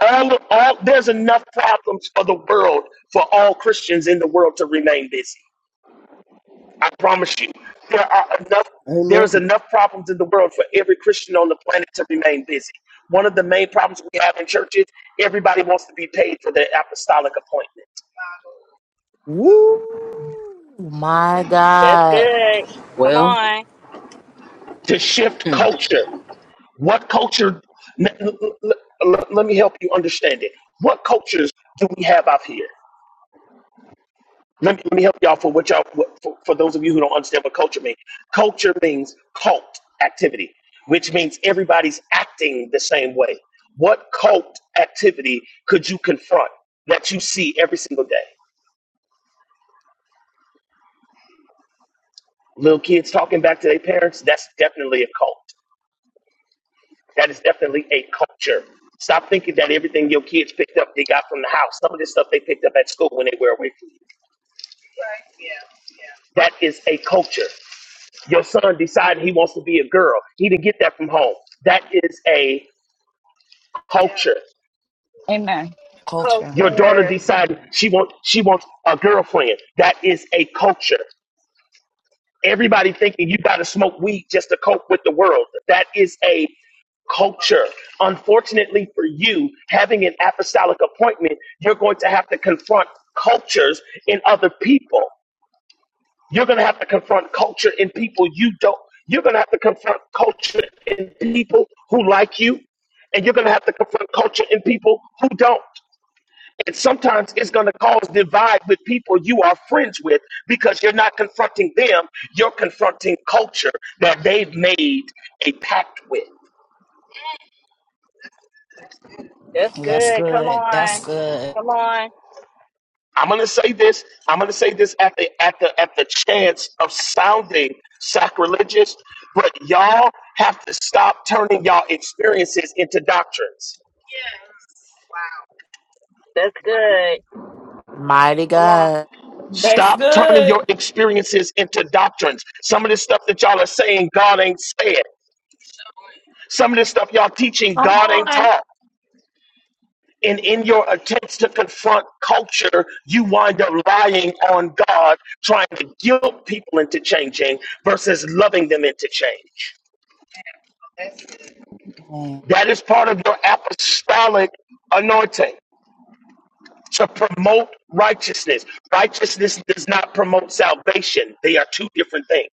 Speaker 7: All, all, there's enough problems for the world for all Christians in the world to remain busy. I promise you, there are enough. There
Speaker 6: Amen.
Speaker 7: is enough problems in the world for every Christian on the planet to remain busy. One of the main problems we have in churches, everybody wants to be paid for their apostolic appointment.
Speaker 16: Woo! My
Speaker 13: That's
Speaker 16: God.
Speaker 13: good. Come
Speaker 14: Well,
Speaker 13: on.
Speaker 7: To shift
Speaker 14: hmm.
Speaker 7: culture, what culture? n- l- l- l- Let me help you understand it. What cultures do we have out here? Let me, let me help y'all for what y'all what, for, for those of you who don't understand what culture means. Culture means cult activity, which means everybody's acting the same way. What cult activity could you confront that you see every single day? Little kids talking back to their parents, that's definitely a cult. That is definitely a culture. Stop thinking that everything your kids picked up they got from the house. Some of this stuff they picked up at school when they were away from you. That is a culture. Your son decided he wants to be a girl. He didn't get that from home. That is a culture.
Speaker 3: Amen. Culture.
Speaker 7: Your daughter
Speaker 13: Culture.
Speaker 7: decided she wants she wants a girlfriend. That is a culture. Everybody thinking you got to smoke weed just to cope with the world. That is a culture. Unfortunately for you, having an apostolic appointment, you're going to have to confront cultures in other people. You're going to have to confront culture in people you don't. You're going to have to confront culture in people who like you. And you're going to have to confront culture in people who don't. And sometimes it's going to cause divide with people you are friends with because you're not confronting them. You're confronting culture that they've made a pact with.
Speaker 13: That's
Speaker 3: Well, that's
Speaker 13: good. Come
Speaker 3: good.
Speaker 13: on.
Speaker 3: That's good.
Speaker 13: Come on.
Speaker 7: I'm going to say this. I'm going to say this at the at the at the chance of sounding sacrilegious, but y'all have to stop turning y'all experiences into doctrines.
Speaker 13: That's good.
Speaker 16: Mighty
Speaker 13: Come on.
Speaker 16: God.
Speaker 5: That's
Speaker 7: Stop turning
Speaker 5: good.
Speaker 7: your experiences into doctrines. Some of this stuff that y'all are saying, God ain't said. Some of this stuff y'all teaching,
Speaker 5: Come
Speaker 7: God ain't
Speaker 5: on.
Speaker 7: taught. And in your attempts to confront culture, you wind up lying on God, trying to guilt people into changing versus loving them into change.
Speaker 3: Mm.
Speaker 7: That is part of your apostolic anointing to promote righteousness. Righteousness does not promote salvation. They are two different things.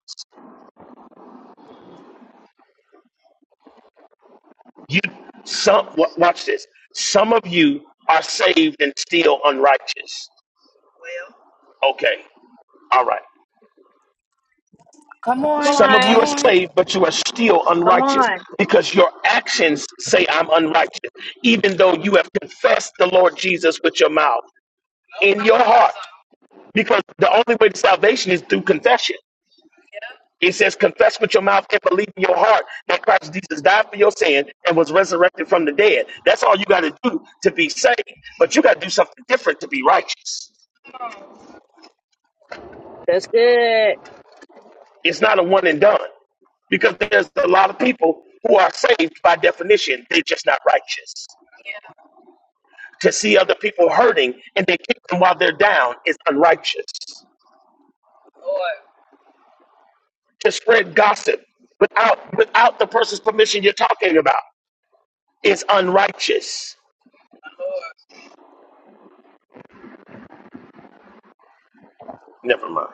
Speaker 7: You some watch this. Some of you are saved and still unrighteous. Okay. All right.
Speaker 3: Come
Speaker 13: Come
Speaker 3: on.
Speaker 7: Some of
Speaker 3: Come
Speaker 7: you
Speaker 13: on.
Speaker 7: are
Speaker 3: on.
Speaker 7: saved, but you are still
Speaker 13: Come
Speaker 7: unrighteous
Speaker 13: on.
Speaker 7: because your actions say I'm unrighteous, even though you have confessed the Lord Jesus with your mouth in your heart. Because the only way to salvation is through confession. It says, confess with your mouth and believe in your heart that Christ Jesus died for your sin and was resurrected from the dead. That's all you got to do to be saved. But you got to do something different to be righteous.
Speaker 13: That's good.
Speaker 7: It's not a one and done because there's a lot of people who are saved by definition. They're just not righteous. To see other people hurting and they kick them while they're down is unrighteous. To spread gossip without without the person's permission you're talking about is unrighteous. Never mind.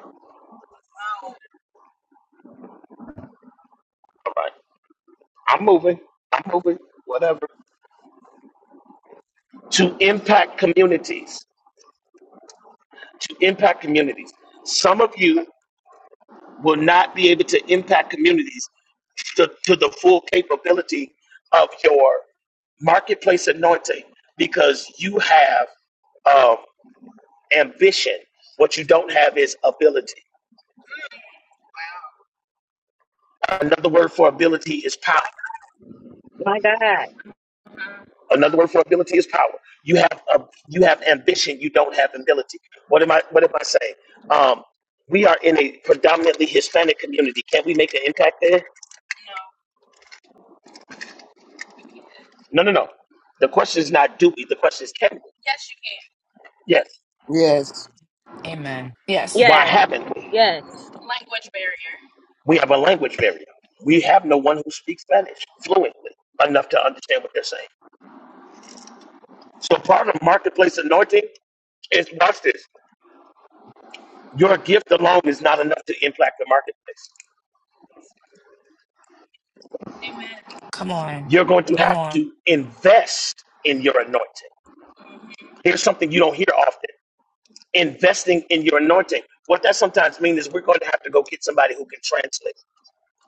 Speaker 7: All right. I'm moving. I'm moving. Whatever. To impact communities. To impact communities. Some of you will not be able to impact communities to, to the full capability of your marketplace anointing because you have um, ambition. What you don't have is ability. Another word for ability is power.
Speaker 13: My God.
Speaker 7: Another word for ability is power. You have a, you have ambition. You don't have ability. What am I? What am I saying? Um, we are in a predominantly Hispanic community. Can we make an impact there? No, no, no. The question is not do we. The question is can we? Yes.
Speaker 6: Yes.
Speaker 3: Amen. Yes.
Speaker 7: Why
Speaker 13: Yes.
Speaker 7: haven't we?
Speaker 13: Yes.
Speaker 7: We have a language barrier. We have no one who speaks Spanish fluently enough to understand what they're saying. So part of marketplace anointing is watch this. Your gift alone is not enough to impact the marketplace.
Speaker 3: Come on.
Speaker 7: You're going to
Speaker 3: Come
Speaker 7: have
Speaker 3: on.
Speaker 7: to invest in your anointing. Here's something you don't hear often investing in your anointing. What that sometimes means is we're going to have to go get somebody who can translate.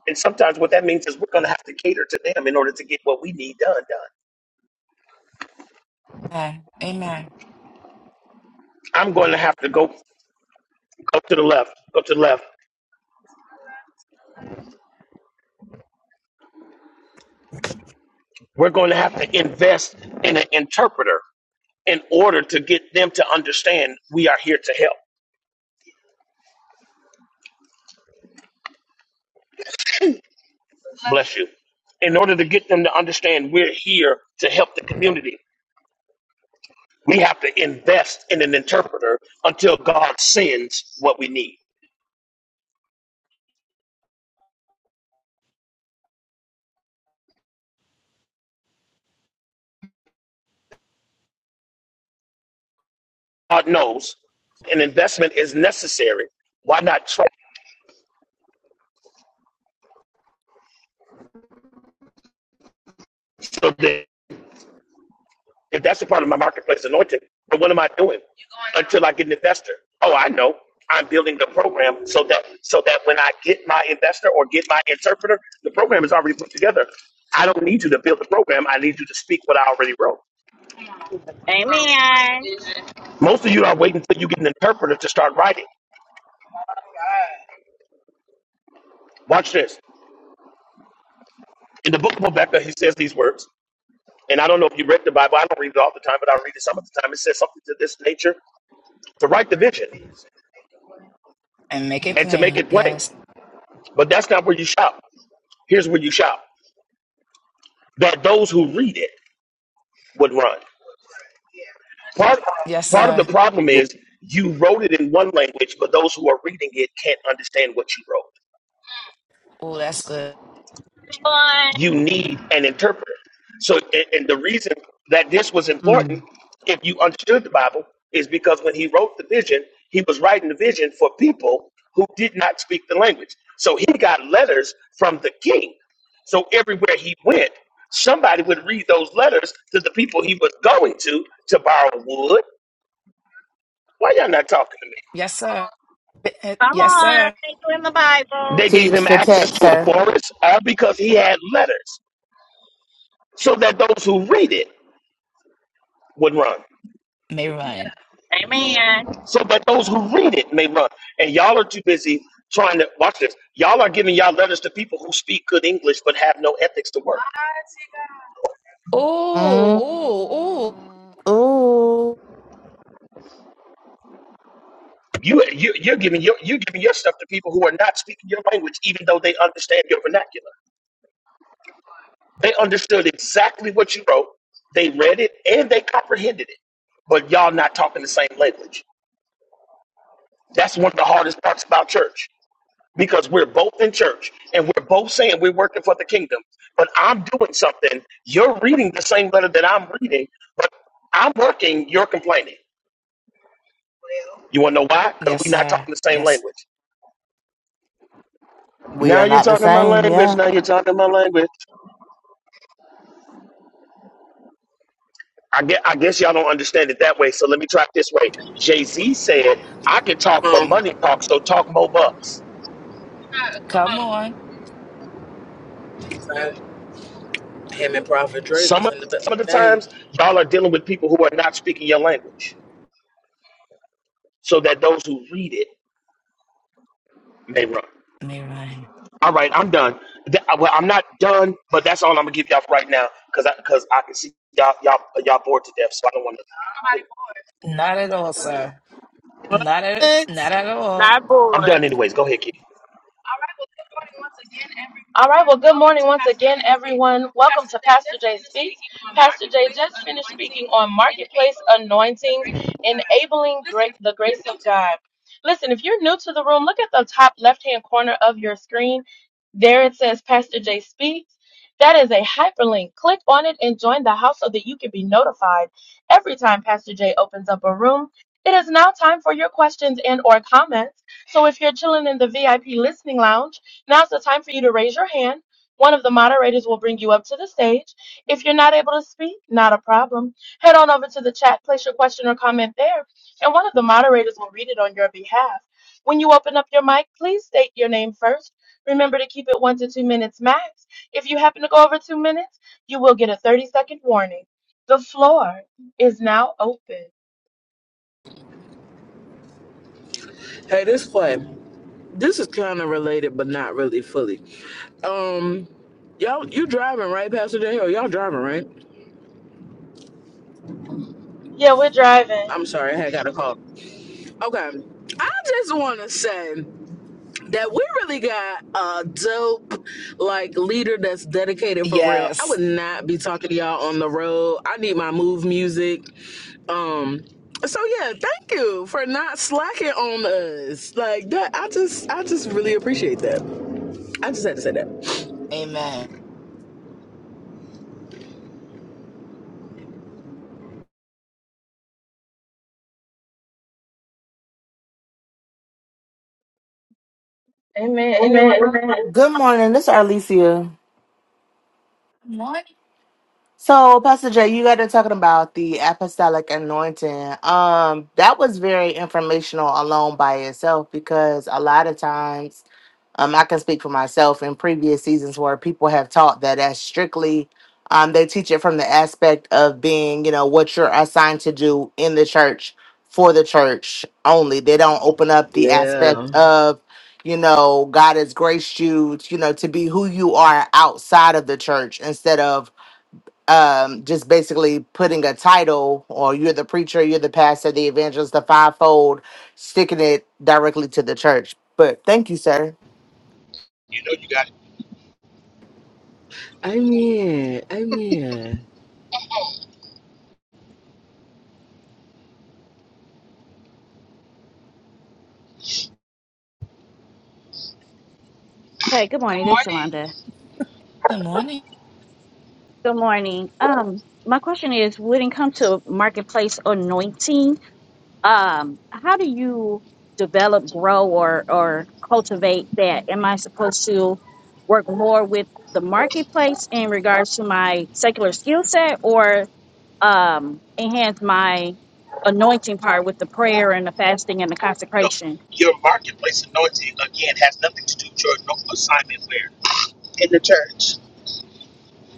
Speaker 7: And sometimes what that means is we're going to have to cater to them in order to get what we need done done.
Speaker 3: Amen. Amen.
Speaker 7: I'm going to have to go go to the left, go to the left. We're going to have to invest in an interpreter in order to get them to understand we are here to help. Bless you in order to get them to understand we're here to help the community. We have to invest in an interpreter until God sends what we need. God knows an investment is necessary. Why not try so that if that's a part of my marketplace anointing, But what am I doing until I get an investor? Oh, I know. I'm building the program so that so that when I get my investor or get my interpreter, the program is already put together. I don't need you to build the program. I need you to speak what I already wrote.
Speaker 13: Amen.
Speaker 7: Most of you are waiting until you get an interpreter to start writing. Watch this. In the book of Rebecca, he says these words. And I don't know if you read the Bible. I don't read it all the time, but I read it some of the time. It says something to this nature to write the vision
Speaker 3: And make it
Speaker 7: and to make
Speaker 3: plain.
Speaker 7: it plain.
Speaker 3: Yes.
Speaker 7: But that's not where you shop. Here's where you shop that those who read it would run. Part,
Speaker 3: Yes,
Speaker 7: part of
Speaker 3: sir.
Speaker 7: the
Speaker 6: Yeah.
Speaker 7: problem is you wrote it in one language, but those who are reading it can't understand what you wrote.
Speaker 3: Oh, that's good.
Speaker 13: Come on.
Speaker 7: you need an interpreter. So, and, and the reason that this was
Speaker 16: Mm.
Speaker 7: important, if you understood the Bible, is because when he wrote the vision, he was writing the vision for people who did not speak the language. So he got letters from the king. So everywhere he went, somebody would read those letters to the people he was going to to borrow wood. Why y'all not talking to me?
Speaker 3: Yes, sir.
Speaker 13: Come
Speaker 3: yes,
Speaker 13: on,
Speaker 3: sir.
Speaker 13: thank you in the Bible.
Speaker 7: They gave
Speaker 16: Teach
Speaker 7: him
Speaker 16: the
Speaker 7: access
Speaker 16: text,
Speaker 7: to a
Speaker 16: sir.
Speaker 7: forest all because he had letters so that those who read it would run.
Speaker 3: May run.
Speaker 13: Amen.
Speaker 7: So, but those who read it may run. And y'all are too busy trying to watch this. Y'all are giving y'all letters to people who speak good English but have no ethics to work.
Speaker 3: Oh,
Speaker 16: Mm.
Speaker 3: oh, oh.
Speaker 16: Ooh.
Speaker 7: You, you you're giving your you're giving your stuff to people who are not speaking your language, even though they understand your vernacular. They understood exactly what you wrote. They read it and they comprehended it. But y'all not talking the same language. That's one of the hardest parts about church. because we're both in church and we're both saying we're working for the kingdom, but I'm doing something. You're reading the same letter that I'm reading, but I'm working, you're complaining. You want to know why? Because
Speaker 3: Yes,
Speaker 7: we're not
Speaker 3: sir.
Speaker 7: talking the same
Speaker 3: Yes.
Speaker 7: language.
Speaker 16: We
Speaker 7: Now
Speaker 16: are
Speaker 7: you're
Speaker 16: not the
Speaker 7: talking my
Speaker 16: same,
Speaker 7: language.
Speaker 16: yeah.
Speaker 7: Now you're talking my language. I guess, I guess y'all don't understand it that way. So let me try it this way. Jay Z said, I can talk, but
Speaker 14: Um,
Speaker 7: money talks, so talk more bucks.
Speaker 3: Come on.
Speaker 14: him and Prophet Drake was
Speaker 7: Some of,
Speaker 14: in the back
Speaker 7: some of the
Speaker 14: thing.
Speaker 7: times, y'all are dealing with people who are not speaking your language so that those who read it may run.
Speaker 3: Let me run.
Speaker 7: All right, I'm done. Th- I- well, I'm not done, but that's all I'm gonna give y'all for right now, cause I, cause I can see y'all, y'all, y'all bored to death. So I don't want to.
Speaker 3: Not at all, sir. Not at
Speaker 4: What?
Speaker 3: not at all.
Speaker 5: Not
Speaker 7: I'm done,
Speaker 5: bored.
Speaker 7: anyways. Go ahead, kid.
Speaker 1: All right. Well, good morning once again, everyone. Welcome to Pastor Jay Speaks. Pastor Jay just finished speaking on marketplace anointings, enabling great, the grace of God. Listen, if you're new to the room, look at the top left hand corner of your screen. There it says Pastor Jay Speaks. That is a hyperlink. Click on it and join the house so that you can be notified every time Pastor Jay opens up a room. It is now time for your questions and or comments. So if you're chilling in the VIP listening lounge, Now's the time for you to raise your hand. One of the moderators will bring you up to the stage. If you're not able to speak, not a problem. Head on over to the chat, place your question or comment there, and one of the moderators will read it on your behalf. When you open up your mic, please state your name first. Remember to keep it one to two minutes max. If you happen to go over two minutes, you will get a 30 second warning. The floor is now open.
Speaker 14: Hey, this play. This is kind of related, but not really fully. Um, y'all, you driving right, Pastor J? Oh, y'all driving right?
Speaker 1: Yeah, we're driving.
Speaker 14: I'm sorry, I had got a call. Okay, I just want to say. that we really got a dope like leader that's dedicated for real. I would
Speaker 3: Yes.
Speaker 14: not be talking to y'all on the road. I need my move music. Um so yeah, thank you for not slacking on us. Like that I just I just really appreciate that. I just had to say that.
Speaker 3: Amen.
Speaker 1: Amen. You Amen.
Speaker 16: Good morning. This is Arlesia. So, Pastor Jay, you got to talking about the apostolic anointing. Um, that was very informational alone by itself because a lot of times, um, I can speak for myself in previous seasons where people have taught that as strictly, um, they teach it from the aspect of being, you know, what you're assigned to do in the church for the church only. They don't open up the aspect
Speaker 14: Yeah.
Speaker 16: of, you know, God has graced you, you know, to be who you are outside of the church instead of um, just basically putting a title or you're the preacher, you're the pastor, the evangelist, the fivefold, sticking it directly to the church. But thank you, sir.
Speaker 7: You know, you got,
Speaker 14: I mean, I mean.
Speaker 13: Hey, good morning. This is Shalonda.
Speaker 3: Good morning.
Speaker 13: Good morning. Um, my question is, when it comes to marketplace anointing, um, how do you develop, grow, or or cultivate that? Am I supposed to work more with the marketplace in regards to my secular skill set, or um, enhance my anointing part with the prayer and the fasting and the
Speaker 7: you know,
Speaker 13: consecration?
Speaker 7: your marketplace anointing again has nothing to do with your no- assignment where In the church.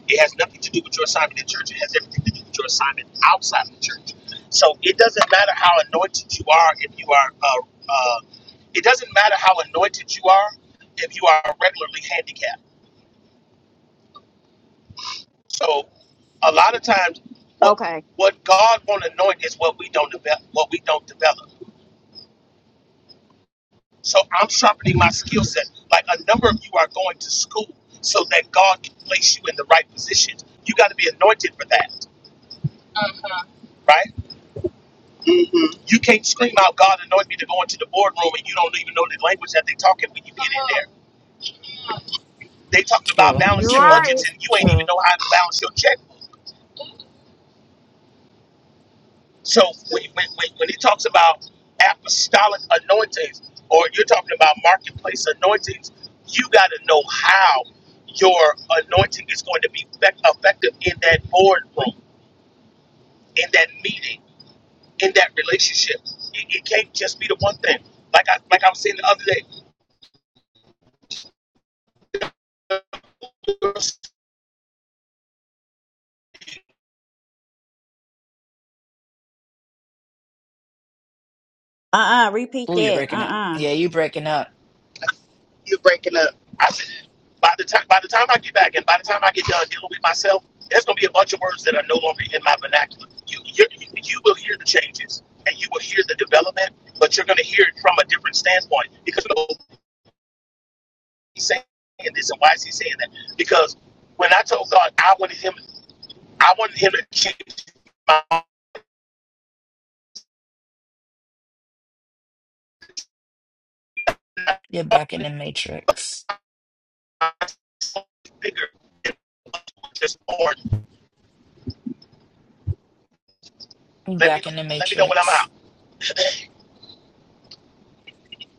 Speaker 7: it has nothing to do with your assignment in church. It has everything to do with your assignment outside of the church. So it doesn't matter how anointed you are if you are. Uh, uh, it doesn't matter how anointed you are if you are regularly handicapped. So a lot of times what
Speaker 13: Okay.
Speaker 7: what God won't anoint is what we don't develop what we don't develop. So I'm sharpening my skill set. Like a number of you are going to school so that God can place you in the right positions. You got to be anointed for that, right? hmm You can't scream out, God anoint me to go into the boardroom and you don't even know the language that they talking when you get in there. They talking about
Speaker 3: True.
Speaker 5: You're
Speaker 7: balancing
Speaker 3: True.
Speaker 5: right.
Speaker 7: budgets and you ain't even
Speaker 3: True.
Speaker 7: know how to balance your check. So when, when, when when he talks about apostolic anointings, or you're talking about marketplace anointings, you got to know how your anointing is going to be effect- effective in that boardroom, in that meeting, in that relationship. It, it can't just be the one thing. Like I like I was saying the other day,
Speaker 13: Uh uh repeat
Speaker 3: Ooh, you
Speaker 13: that. Uh
Speaker 3: breaking up.
Speaker 13: uh
Speaker 3: Yeah, you breaking up.
Speaker 7: You're breaking up. By the time by the time I get back and by the time I get done dealing with myself, there's gonna be a bunch of words that are no longer in my vernacular. You you you will hear the changes and you will hear the development, but you're gonna hear it from a different standpoint because you know, he's saying this and why is he saying that? Because when I told God I wanted him I wanted him to change my
Speaker 3: You're back in the matrix.
Speaker 7: figure, it was just born.
Speaker 3: You
Speaker 7: Let me
Speaker 3: back in the
Speaker 7: let me know when I'm
Speaker 3: matrix.
Speaker 7: out.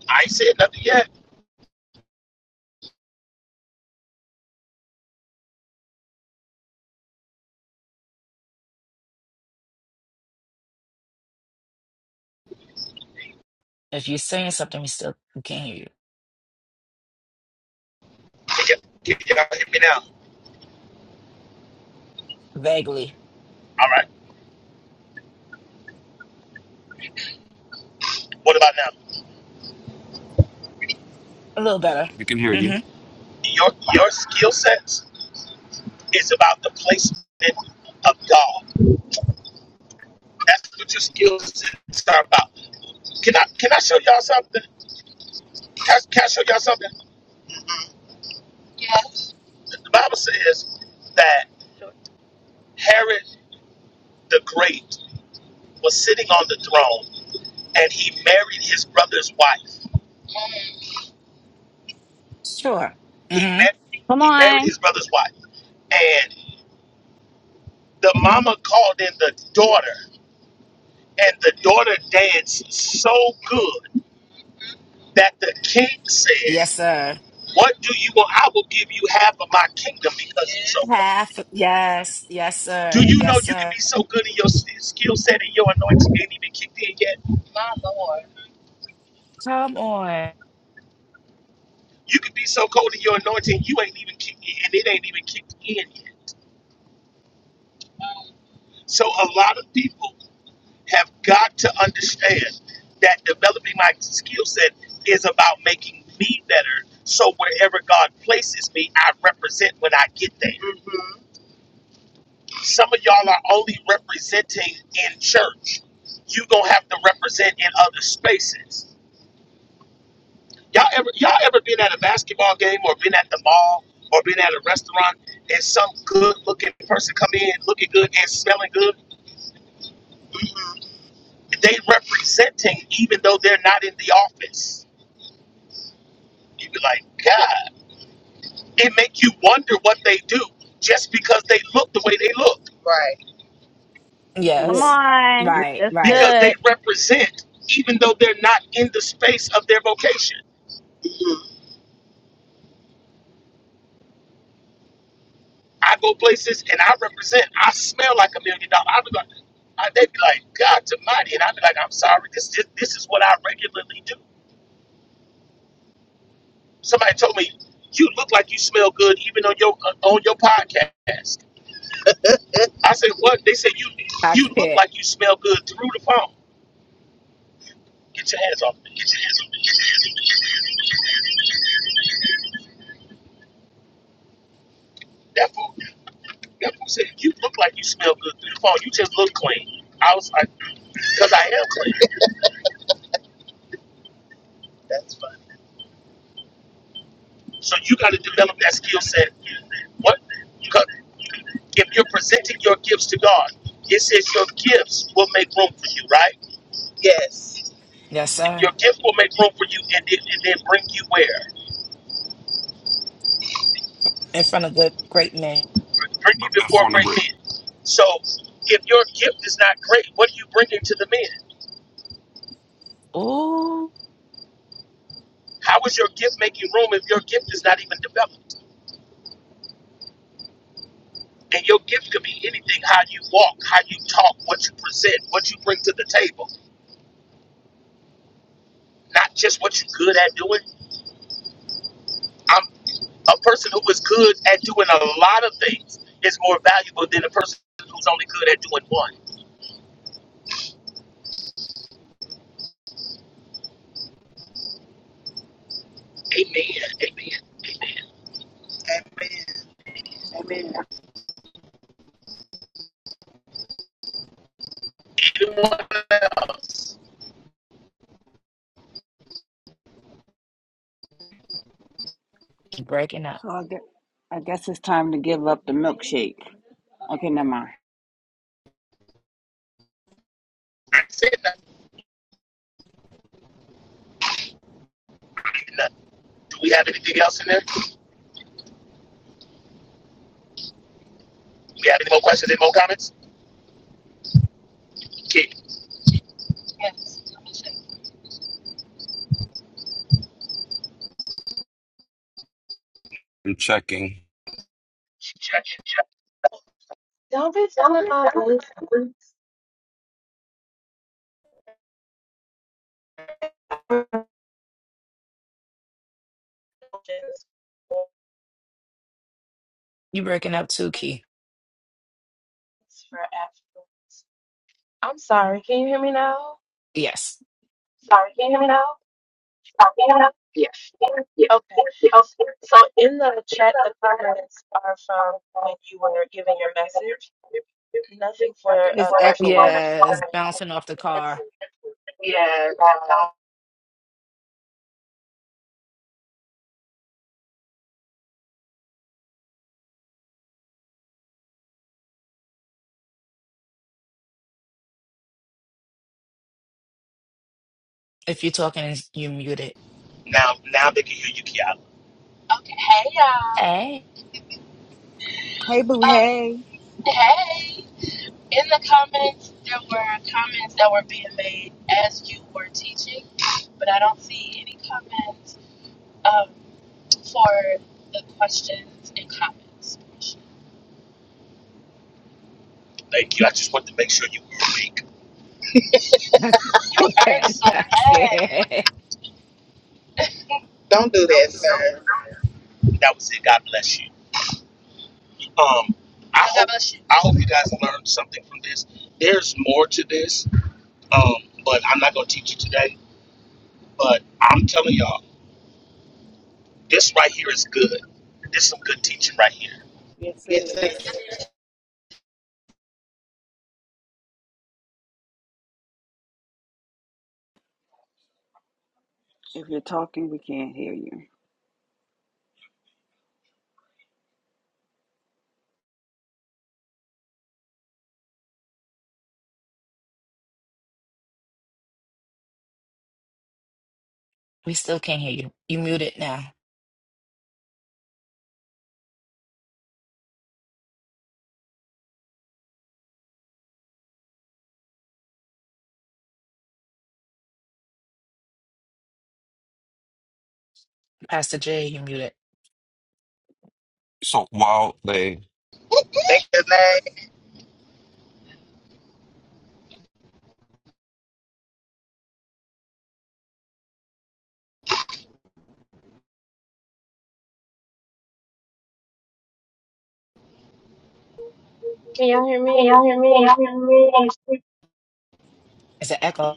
Speaker 7: I ain't said nothing yet.
Speaker 3: If you're saying something, we still we can't hear you.
Speaker 7: Can y'all can me now?
Speaker 3: Vaguely.
Speaker 7: All right. What about now?
Speaker 3: A little better.
Speaker 11: We can hear you.
Speaker 3: Mm-hmm.
Speaker 7: Your your skill sets It's about the placement of God. That's what your skill sets are about. Can I can I show y'all something? Can, I- can I show y'all something? The Bible says that Herod the Great was sitting on the throne and he married his brother's wife.
Speaker 3: Sure.
Speaker 7: He
Speaker 3: Mm-hmm.
Speaker 7: met
Speaker 13: Come
Speaker 7: he married
Speaker 13: on.
Speaker 7: his brother's wife. And the mama called in the daughter, and the daughter danced so good that the king said,
Speaker 3: Yes, sir.
Speaker 7: What do you want? I will give you half of my kingdom because you're so
Speaker 3: Half. Yes. Yes,
Speaker 7: Do
Speaker 3: sir.
Speaker 7: you know
Speaker 3: Yes,
Speaker 7: you can
Speaker 3: sir.
Speaker 7: be so good in your s- skill set and your anointing ain't even kicked in yet?
Speaker 3: Come on.
Speaker 7: You can be so cold in your anointing, you ain't even kicked in, and it ain't even kicked in yet. So a lot of people have got to understand that developing my skill set is about making me better. So wherever God places me, I represent when I get there. Mhm. Some are only represented in earth. You gonna have to represent in other spaces Y'all ever y'all ever been at a basketball game or been at the mall or been at a restaurant and some good looking person come in looking good and smelling good? They representing even though they're not in the office. You be like, God, it make you wonder what they do just because they look the way they look. Right.
Speaker 13: Come
Speaker 3: Yes.
Speaker 13: on.
Speaker 3: Right,
Speaker 13: That's
Speaker 7: Because
Speaker 3: right.
Speaker 7: they
Speaker 13: good.
Speaker 7: represent even though they're not in the space of their vocation. Mhm. I go places and I represent. I smell like a million dollars. I, I, they'd be like, God Almighty, and I'd be like, I'm sorry, this, this this is what I regularly do. Somebody told me, you look like you smell good even on your uh, on your podcast. I said, what? They said you
Speaker 3: I
Speaker 7: you look
Speaker 3: can't.
Speaker 7: like you smell good through the phone. Get your hands off me. That fool, that fool said, you look like you smell good through the phone. You just look clean. I was like, because I am clean. That's fine. So you got to develop that skill set. What? 'Cause If you're presenting your gifts to God, it says your gifts will make room for you, right? Yes
Speaker 3: Yes, sir.
Speaker 7: Your gift will make room for you and then, and then bring you where?
Speaker 3: In front of good, great men.
Speaker 7: Bring you
Speaker 11: But that's
Speaker 7: before
Speaker 11: on the
Speaker 7: great.
Speaker 11: great,
Speaker 7: So if your gift is not great, what are you bringing to the men?
Speaker 3: Ooh,
Speaker 7: How is your gift making room if your gift is not even developed? And your gift could be anything how you walk, how you talk, what you present, what you bring to the table, not just what you're good at doing. I'm a person who is good at doing a lot of things is more valuable than a person who's only good at doing one.
Speaker 9: Amen.
Speaker 7: Anyone else?
Speaker 3: breaking up.
Speaker 15: So I guess, I guess it's time to give up the milkshake. Okay, never mind.
Speaker 7: No. Do we have anything else in there? Do we have any more questions, any more comments? Can,
Speaker 11: I'm checking.
Speaker 1: don't be telling my voice.
Speaker 3: You breaking up too, Key.
Speaker 1: It's for affluence. I'm sorry. Can you hear me now?
Speaker 3: Yes.
Speaker 1: Sorry. Can you hear me now? Sorry, can you hear me now? Yes. yes. Okay. Okay. So in the chat, the comments are from when you were giving your message. Nothing for uh,
Speaker 15: It's echoing.
Speaker 1: questions.
Speaker 3: Yes, bouncing off the
Speaker 1: a question
Speaker 3: car. If you're talking, you muted.
Speaker 7: Now, now they can hear you, Kiara.
Speaker 3: Hey,
Speaker 15: Hey, boo, hey.
Speaker 7: Thank you. I just wanted to make sure you were awake.
Speaker 3: I can't. I can't.
Speaker 7: Don't
Speaker 9: Don't
Speaker 7: do
Speaker 9: do
Speaker 7: that,
Speaker 9: that,
Speaker 7: sir.
Speaker 9: sir.
Speaker 7: That was it. God bless you. Um, I God hope bless you. I hope you guys learned something from this. There's more to this, um, but I'm not gonna teach you today. But I'm telling y'all, this right here is good. There's some good teaching right here.
Speaker 9: Yes, it
Speaker 7: Yes, sir. Thank
Speaker 9: is.
Speaker 15: If you're talking, we can't hear you.
Speaker 3: We still can't hear you. You muted now. Pastor J, you muted.
Speaker 11: So while they
Speaker 7: you. man.
Speaker 1: or hear me? Can y'all hear me? Can y'all hear me?
Speaker 3: It's an echo.